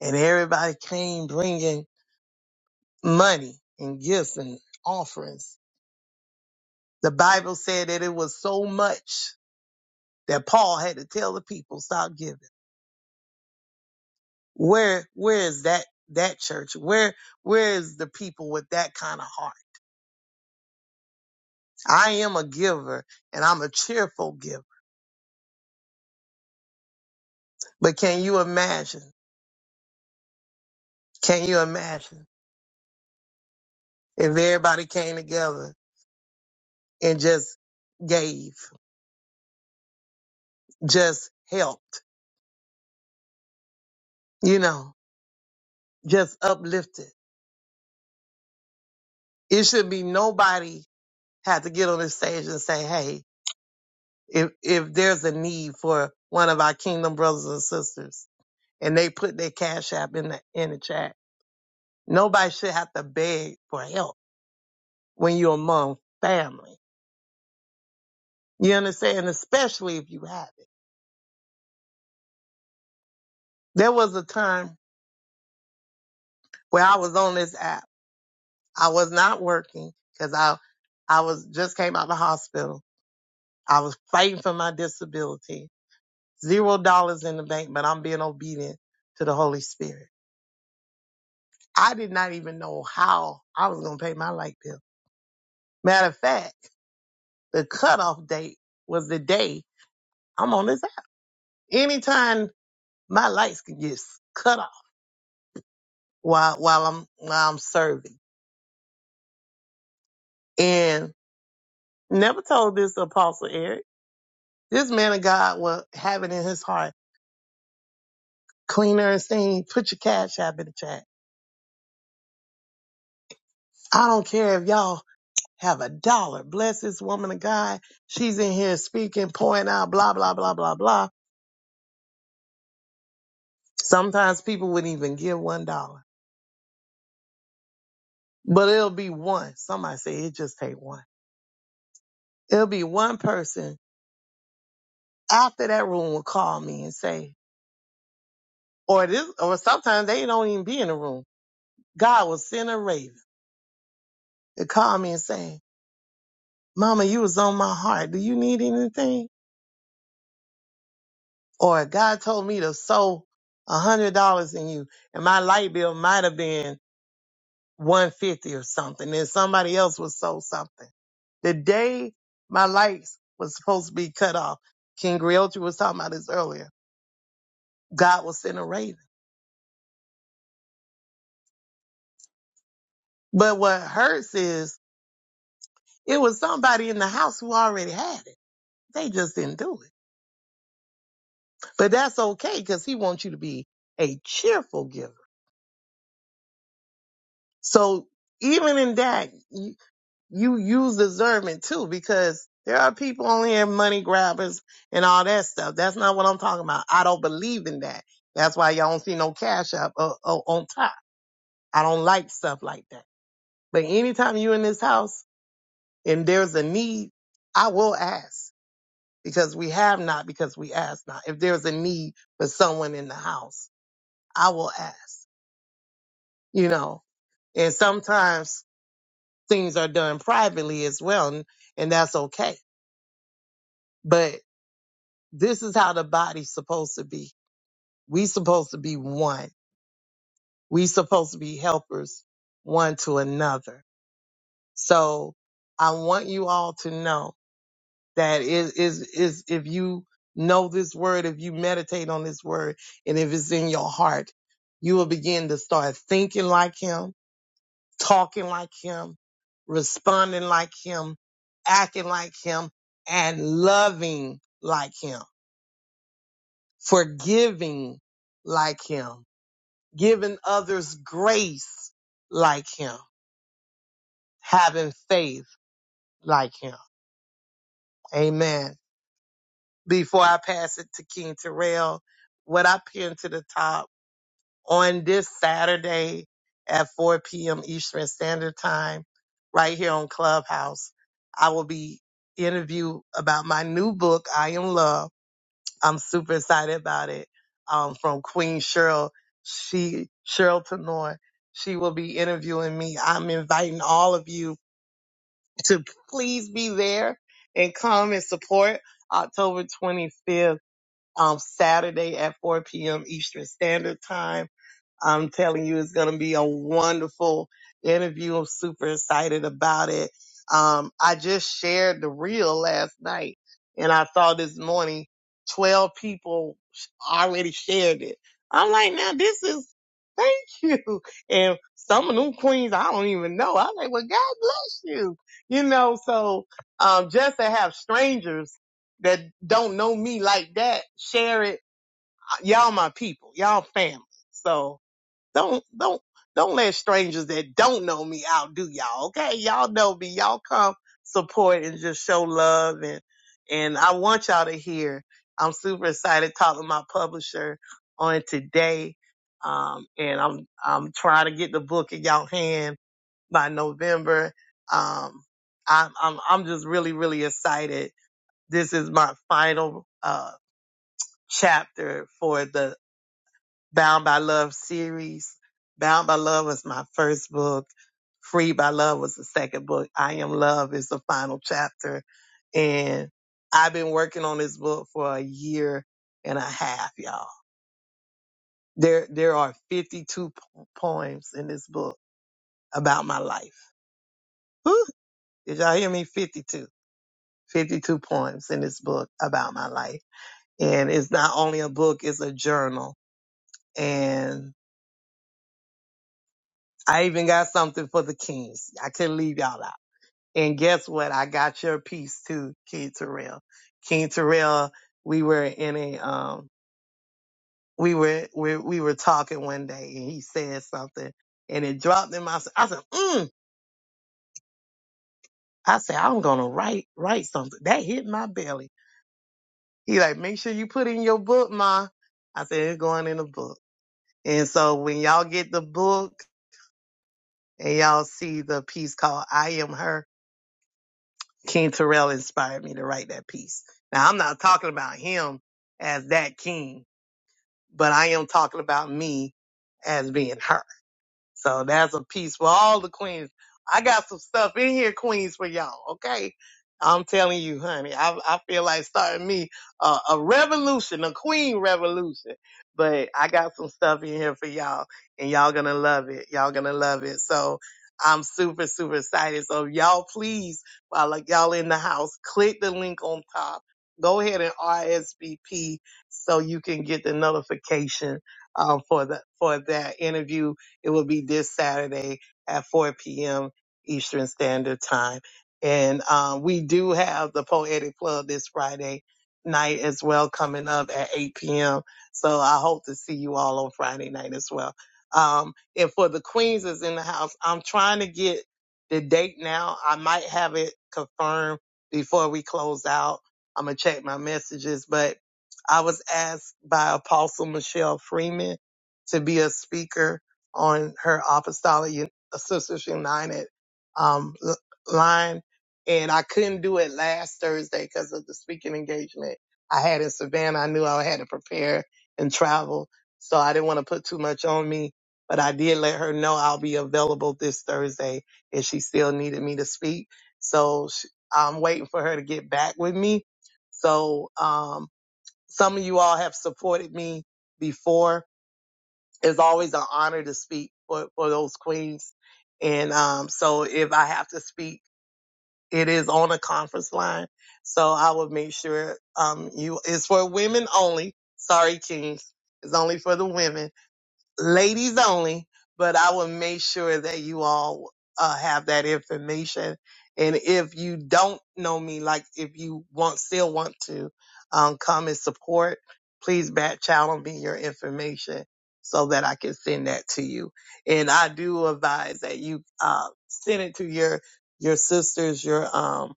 B: and everybody came bringing money and gifts and offerings. The Bible said that it was so much that Paul had to tell the people, stop giving. Where where is that that church? Where where is the people with that kind of heart? I am a giver and I'm a cheerful giver. But can you imagine? Can you imagine if everybody came together and just gave, just helped, you know, just uplifted? It should be nobody had to get on the stage and say, "Hey, if if there's a need for one of our kingdom brothers and sisters," and they put their cash app in the in the chat Nobody should have to beg for help when you're among family. You understand? Especially if you have it. There was a time where I was on this app. I was not working because I, I was just came out of the hospital. I was fighting for my disability. Zero dollars in the bank, but I'm being obedient to the Holy Spirit. I did not even know how I was going to pay my light bill. Matter of fact, the cutoff date was the day I'm on this app. Anytime my lights could get cut off while while I'm while I'm serving. And never told this to Apostle Eric. This man of God will have it in his heart. Cleaner and seen, put your cash app in the chat. I don't care if y'all have a dollar. Bless this woman of God. She's in here speaking, pouring out, blah, blah, blah, blah, blah. Sometimes people wouldn't even give one dollar. But it'll be one. Somebody say it just take one. It'll be one person after that room will call me and say, Or this, or sometimes they don't even be in the room. God will send a raven to call me and say, Mama, you was on my heart. Do you need anything? Or God told me to sow a hundred dollars in you and my light bill might have been 150 or something. And somebody else was sow something. The day my lights was supposed to be cut off, King Griotri was talking about this earlier. God was send a raven. But what hurts is it was somebody in the house who already had it. They just didn't do it. But that's okay because he wants you to be a cheerful giver. So even in that, you, you use discernment too because there are people on here, money grabbers and all that stuff. That's not what I'm talking about. I don't believe in that. That's why y'all don't see no cash up uh, uh, on top. I don't like stuff like that. But anytime you are in this house and there's a need, I will ask because we have not because we ask not. If there's a need for someone in the house, I will ask, you know And sometimes things are done privately as well, and, and that's okay. But this is how the body's supposed to be. We supposed to be one. We supposed to be helpers one to another. So I want you all to know that is is is if you know this word, if you meditate on this word, and if it's in your heart, you will begin to start thinking like him talking like him, responding like him, acting like him, and loving like him, forgiving like him, giving others grace like him, having faith like him. Amen. Before I pass it to King Terrell, what I pinned to the top on this Saturday at 4 p.m. Eastern Standard Time, right here on Clubhouse. I will be interviewed about my new book, I Am Love. I'm super excited about it. Um, from Queen Cheryl, she Cheryl Tenor. She will be interviewing me. I'm inviting all of you to please be there and come and support October 25th, um, Saturday at 4 p.m. Eastern Standard Time I'm telling you, it's going to be a wonderful interview. I'm super excited about it. Um, I just shared the reel last night and I saw this morning 12 people already shared it. I'm like, now this is, thank you. And some of them queens I don't even know. I'm like, well, God bless you. You know, so, um, just to have strangers that don't know me like that share it. uh, Y'all my people, y'all family. So, don't don't don't let strangers that don't know me outdo y'all. Okay, y'all know me. Y'all come support and just show love and and I want y'all to hear. I'm super excited talking to my publisher on today. Um, and I'm I'm trying to get the book in y'all hand by November. Um, I'm I'm I'm just really really excited. This is my final uh chapter for the Bound by Love series. Bound by Love was my first book. Free by Love was the second book. I Am Love is the final chapter. And I've been working on this book for a year and a half, y'all. There, there are 52 po- poems in this book about my life. Whew, did y'all hear me? 52. 52 poems in this book about my life. And it's not only a book, it's a journal. And I even got something for the kings. I couldn't leave y'all out. And guess what? I got your piece too, King Terrell. King Terrell, we were in a um we were we, we were talking one day and he said something and it dropped in my s- I said, mm. I said, I'm gonna write write something. That hit my belly. He like, make sure you put in your book, Ma. I said, it's going in the book. And so when y'all get the book and y'all see the piece called I Am Her, King Terrell inspired me to write that piece. Now I'm not talking about him as that king, but I am talking about me as being her. So that's a piece for all the queens. I got some stuff in here, queens, for y'all. Okay, I'm telling you, honey. I I feel like starting me a, a revolution, a queen revolution. But I got some stuff in here for y'all, and y'all gonna love it. Y'all gonna love it. So I'm super super excited. So y'all, please, while like y'all in the house, click the link on top. Go ahead and RSVP so you can get the notification um, for the for that interview it will be this Saturday at 4 p.m. Eastern Standard Time. And um, we do have the Poetic Club this Friday night as well coming up at 8 p.m. So I hope to see you all on Friday night as well. Um, and for the Queens is in the house, I'm trying to get the date now. I might have it confirmed before we close out. I'm going to check my messages, but I was asked by Apostle Michelle Freeman to be a speaker on her Apostolic Un- Sisters United um, l- line. And I couldn't do it last Thursday because of the speaking engagement I had in Savannah. I knew I had to prepare and travel. So I didn't want to put too much on me, but I did let her know I'll be available this Thursday if she still needed me to speak. So sh I'm waiting for her to get back with me. So, um, some of you all have supported me before it's always an honor to speak for, for those queens. And um, so if I have to speak, it is on a conference line. So I will make sure um, you, it's for women only. Sorry, kings. It's only for the women ladies only, but I will make sure that you all uh, have that information. And if you don't know me, like if you want still want to um, come and support, please back channel me your information so that I can send that to you. And I do advise that you uh, send it to your your sisters, your um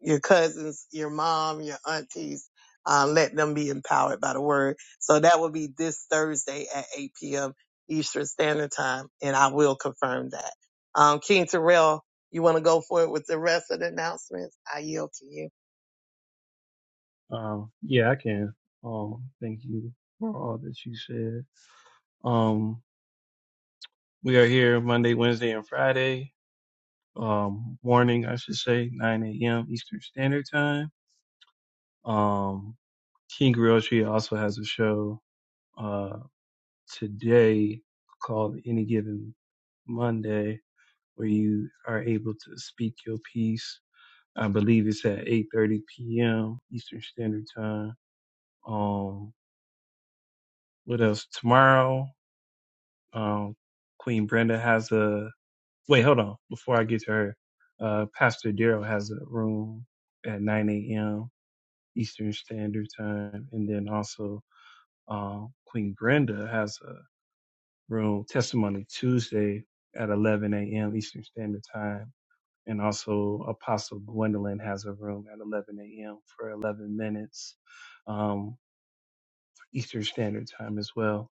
B: your cousins, your mom, your aunties. Um, let them be empowered by the word. So that will be this Thursday at 8 p.m. Eastern Standard Time, and I will confirm that. Um, King Terrell, you want to go for it with the rest of the announcements? I yield to you.
A: Um, yeah, I can. Um, thank you for all that you said. Um, we are here Monday, Wednesday, and Friday. Um, morning, I should say, 9 a.m. Eastern Standard Time. Um, King Realtree also has a show, uh, today called Any Given Monday, where you are able to speak your piece. I believe it's at 8.30 p.m. Eastern Standard Time. Um, what else? Tomorrow, um, Queen Brenda has a wait. Hold on, before I get to her, uh, Pastor Darrell has a room at 9 a.m. Eastern Standard Time, and then also um, Queen Brenda has a room Testimony Tuesday at 11 a.m. Eastern Standard Time, and also Apostle Gwendolyn has a room at 11 a.m. for 11 minutes um, Eastern Standard Time as well.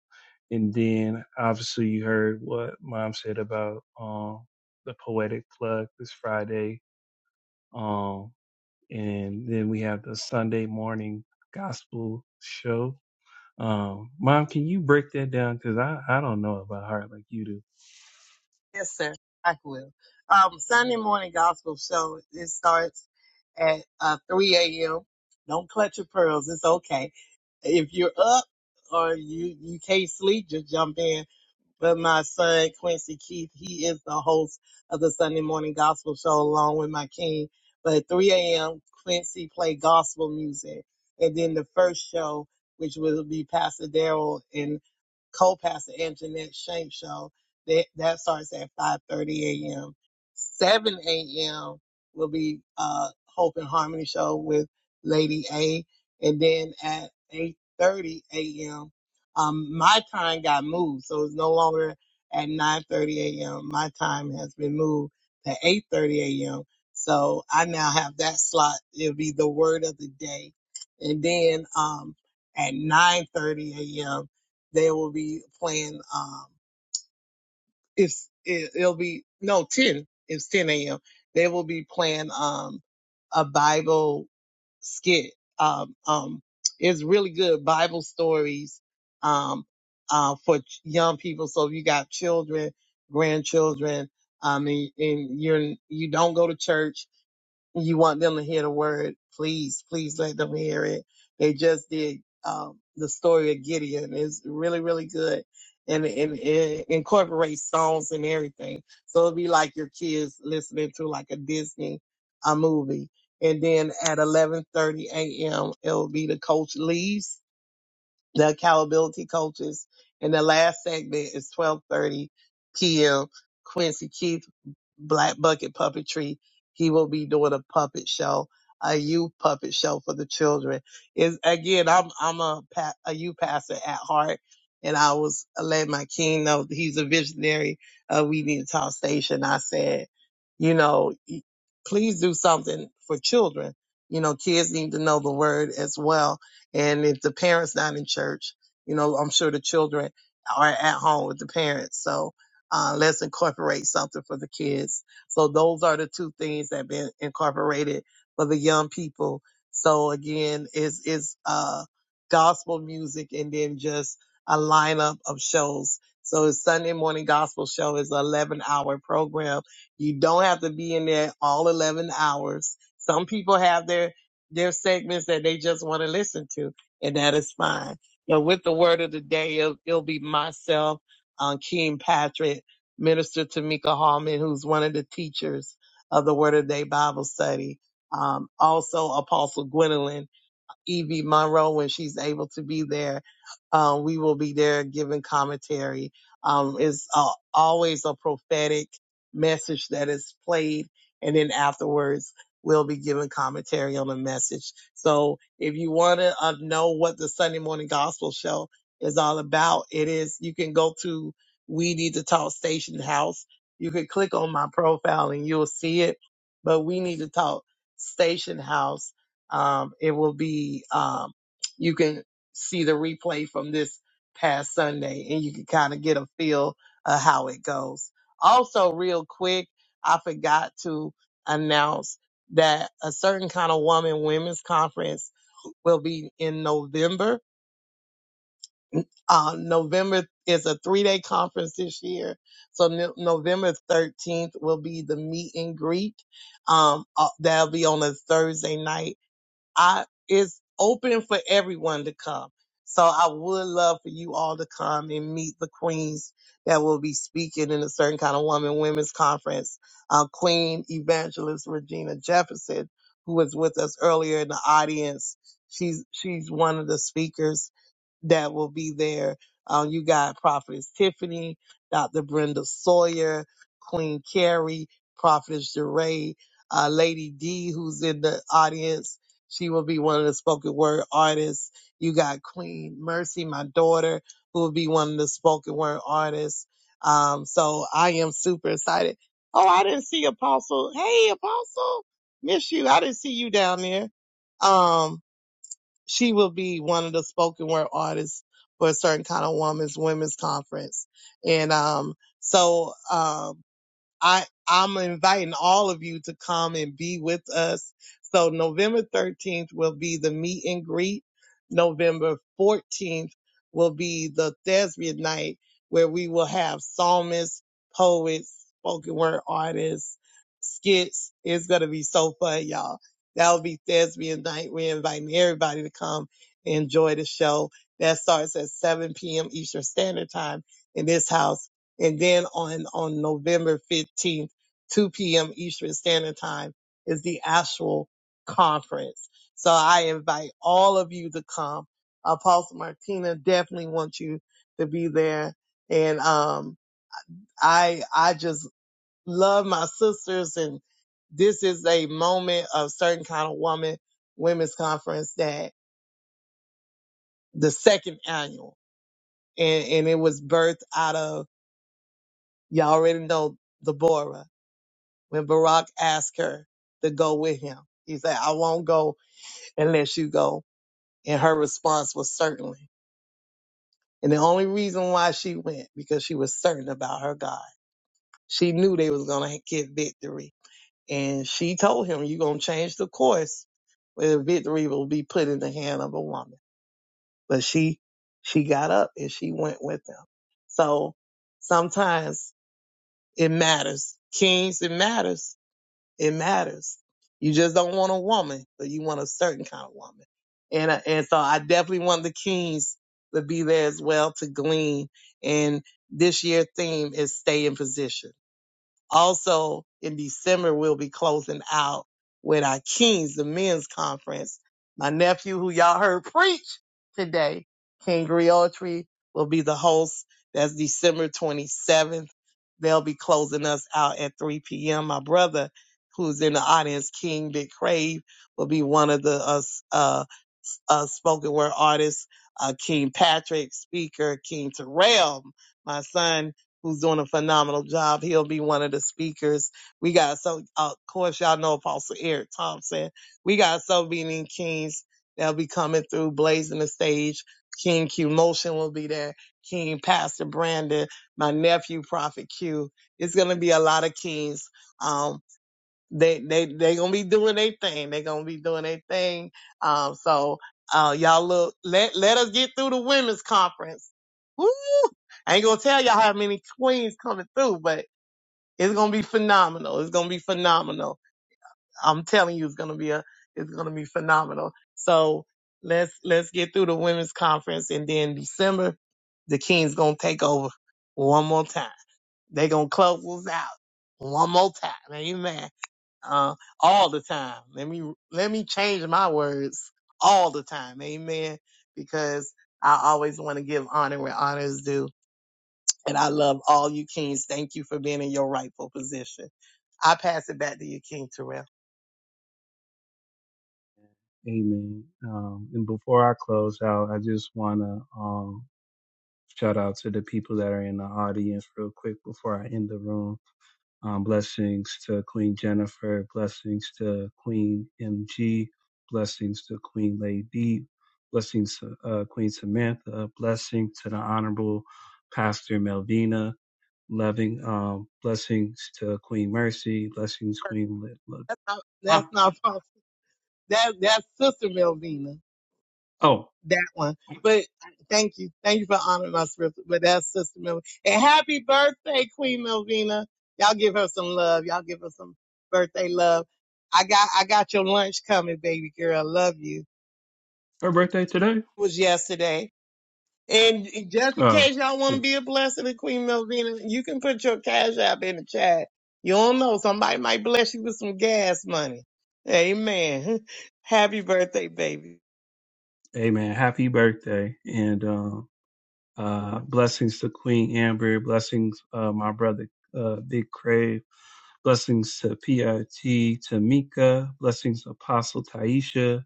A: And then obviously you heard what mom said about um the poetic plug this Friday. Um and then we have the Sunday morning gospel show. Um mom, can you break that down? Cause I, I don't know it by heart like you do.
B: Yes, sir. I will. Um, Sunday morning gospel show. It starts at uh, 3 a.m. Don't clutch your pearls. It's okay if you're up or you you can't sleep, just jump in. But my son, Quincy Keith, he is the host of the Sunday Morning Gospel Show along with my king. But at 3 a.m., Quincy play gospel music. And then the first show, which will be Pastor Daryl and co-pastor Anjanette Shank show. That that starts at 5:30 a.m. 7 a.m. will be uh, Hope and Harmony show with Lady A, and then at 8:30 a.m. Um, my time got moved, so it's no longer at 9:30 a.m. My time has been moved to 8:30 a.m. So I now have that slot. It'll be the word of the day, and then um, at 9:30 a.m. they will be playing. Um, it's it, it'll be no 10 it's 10 a.m they will be playing um a bible skit um um it's really good bible stories um uh for ch- young people so if you got children grandchildren i mean and you're you don't go to church you want them to hear the word, please, please let them hear it. They just did um, the story of Gideon. It's really, really good. And, and it incorporates songs and everything. So it'll be like your kids listening to like a Disney uh, movie. And then at 11.30 a.m., it'll be the coach leaves, the accountability coaches. And the last segment is 12.30 p.m. Quincy Keith Black Bucket Puppetry. He will be doing a puppet show, a youth puppet show for the children. Is again, I'm I'm a pa- a youth pastor at heart, and I was letting my king know that he's a visionary. Uh, we need to talk station. I said, you know, y- please do something for children. You know, kids need to know the word as well. And if the parents not in church, you know, I'm sure the children are at home with the parents. So, uh, let's incorporate something for the kids. So those are the two things that been incorporated for the young people. So again, is is uh gospel music and then just a lineup of shows. So it's Sunday morning gospel show is an 11 hour program. You don't have to be in there all 11 hours. Some people have their, their segments that they just want to listen to and that is fine. But with the word of the day, it'll, it'll be myself, um, King Patrick. Minister Tamika Hallman, who's one of the teachers of the Word of Day Bible study. Um, also Apostle Gwendolyn, Evie Monroe when she's able to be there. Um, we will be there giving commentary. Um, it's uh, always a prophetic message that is played, and then afterwards we'll be giving commentary on the message. So if you want to uh, know what the Sunday morning gospel show is all about, it is you can go to We Need to Talk Station House. You can click on my profile and you'll see it. But we need to talk Station House um, it will be, um, you can see the replay from this past Sunday and you can kind of get a feel of how it goes. Also, real quick, I forgot to announce that a certain kind of woman women's conference will be in November. Uh, November is a three day conference this year. So no- November 13th will be the meet and greet. Um, uh, that'll be on a Thursday night I it's open for everyone to come. So I would love for you all to come and meet the queens that will be speaking in a certain kind of woman women's conference. Uh, Queen Evangelist Regina Jefferson, who was with us earlier in the audience, she's she's one of the speakers that will be there. Um, you got Prophetess Tiffany, Dr. Brenda Sawyer, Queen Carrie, Prophetess Jeray, uh, Lady D, who's in the audience. She will be one of the spoken word artists. You got Queen Mercy, my daughter, who will be one of the spoken word artists. Um, so I am super excited. Oh, I didn't see Apostle. Hey, Apostle, miss you. I didn't see you down there. Um, she will be one of the spoken word artists for a certain kind of woman's women's conference. And um, so um, I I'm inviting all of you to come and be with us. So November 13th will be the meet and greet. November 14th will be the thespian night where we will have psalmists, poets, spoken word artists, skits. It's gonna be so fun, y'all. That'll be thespian night. We're inviting everybody to come and enjoy the show. That starts at 7 p.m. Eastern Standard Time in this house. And then on, on November 15th, 2 p.m. Eastern Standard Time is the actual conference. So I invite all of you to come. Apostle Martina definitely wants you to be there. And, um, I, I just love my sisters and this is a moment of certain kind of woman women's conference that the second annual and, and it was birthed out of y'all already know Deborah When Barack asked her to go with him, he said, I won't go unless you go. And her response was certainly. And the only reason why she went, because she was certain about her God. She knew they was going to get victory. And she told him, you're going to change the course where the victory will be put in the hand of a woman. But she, she got up and she went with them. So sometimes it matters. Kings, it matters It matters. You just don't want a woman, but you want a certain kind of woman. And I- and so I definitely want the Kings to be there as well to glean. And this year theme is stay in position also in December, we'll be closing out with our Kings, the men's conference. My nephew, who y'all heard preach today, King Griotri, will be the host. That's December 27th. They'll be closing us out at 3 p.m. My brother, who's in the audience, King Big Crave, will be one of the us. uh, uh, spoken word artist, uh, King Patrick, speaker, King Terrell, my son, who's doing a phenomenal job. He'll be one of the speakers. We got so, uh, of course, y'all know Apostle Eric Thompson. We got so many kings that'll be coming through, blazing the stage. King Q Motion will be there. King Pastor Brandon, my nephew, Prophet Q. It's going to be a lot of kings. Um, they they they gonna be doing their thing. They gonna be doing their thing. Um, so uh, y'all look. Let let us get through the women's conference. Woo! I ain't gonna tell y'all how many queens coming through, but it's gonna be phenomenal. It's gonna be phenomenal. I'm telling you, it's gonna be a it's gonna be phenomenal. So let's let's get through the women's conference, and then December, the Kings gonna take over one more time. They gonna close us out one more time. Amen uh, all the time. Let me let me change my words all the time, amen. Because I always want to give honor where honor is due, and I love all you kings. Thank you for being in your rightful position. I pass it back to you, King Terrell.
A: Amen. Um and before I close out, I just wanna um shout out to the people that are in the audience real quick before I end the room Um, blessings to Queen Jennifer. Blessings to Queen MG. Blessings to Queen Lady. Blessings to uh, Queen Samantha. Blessing to the Honorable Pastor Melvina. Loving um, blessings to Queen Mercy. Blessings, Queen. Lit- Lit-
B: That's not that's
A: ah,
B: not possible. That that's Sister Melvina.
A: oh,
B: that one. But uh, thank you. Thank you for honoring my spirit. But that's Sister Melvina. And happy birthday, Queen Melvina. Y'all give her some love. Y'all give her some birthday love. I got I got your lunch coming, baby girl. I love you.
A: her birthday today.
B: It was yesterday. And just in
A: Oh,
B: case y'all want to
A: shoot.
B: be a blessing to Queen Melvina, you can put your cash app in the chat. You don't know. Somebody might bless you with some gas money. Amen. Happy birthday, baby.
A: Amen. Happy birthday and um, uh, blessings to Queen Amber. Blessings, uh, my brother, uh, Big Crave Blessings to PRT Tamika. Blessings Apostle Taisha.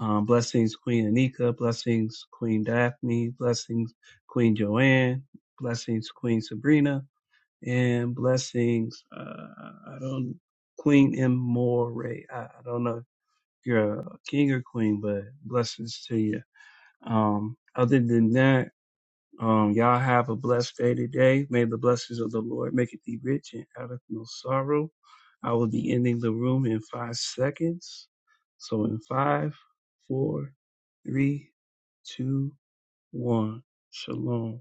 A: Um, blessings Queen Anika. Blessings Queen Daphne. Blessings Queen Joanne. Blessings Queen Sabrina. And blessings, uh, I don't, Queen M. More I, I don't know if you're a king or queen, but blessings to you. Um, other than that, um, y'all have a blessed day today. May the blessings of the Lord make it thee rich and out of no sorrow. I will be ending the room in five seconds. So in five, four, three, two, one. Shalom.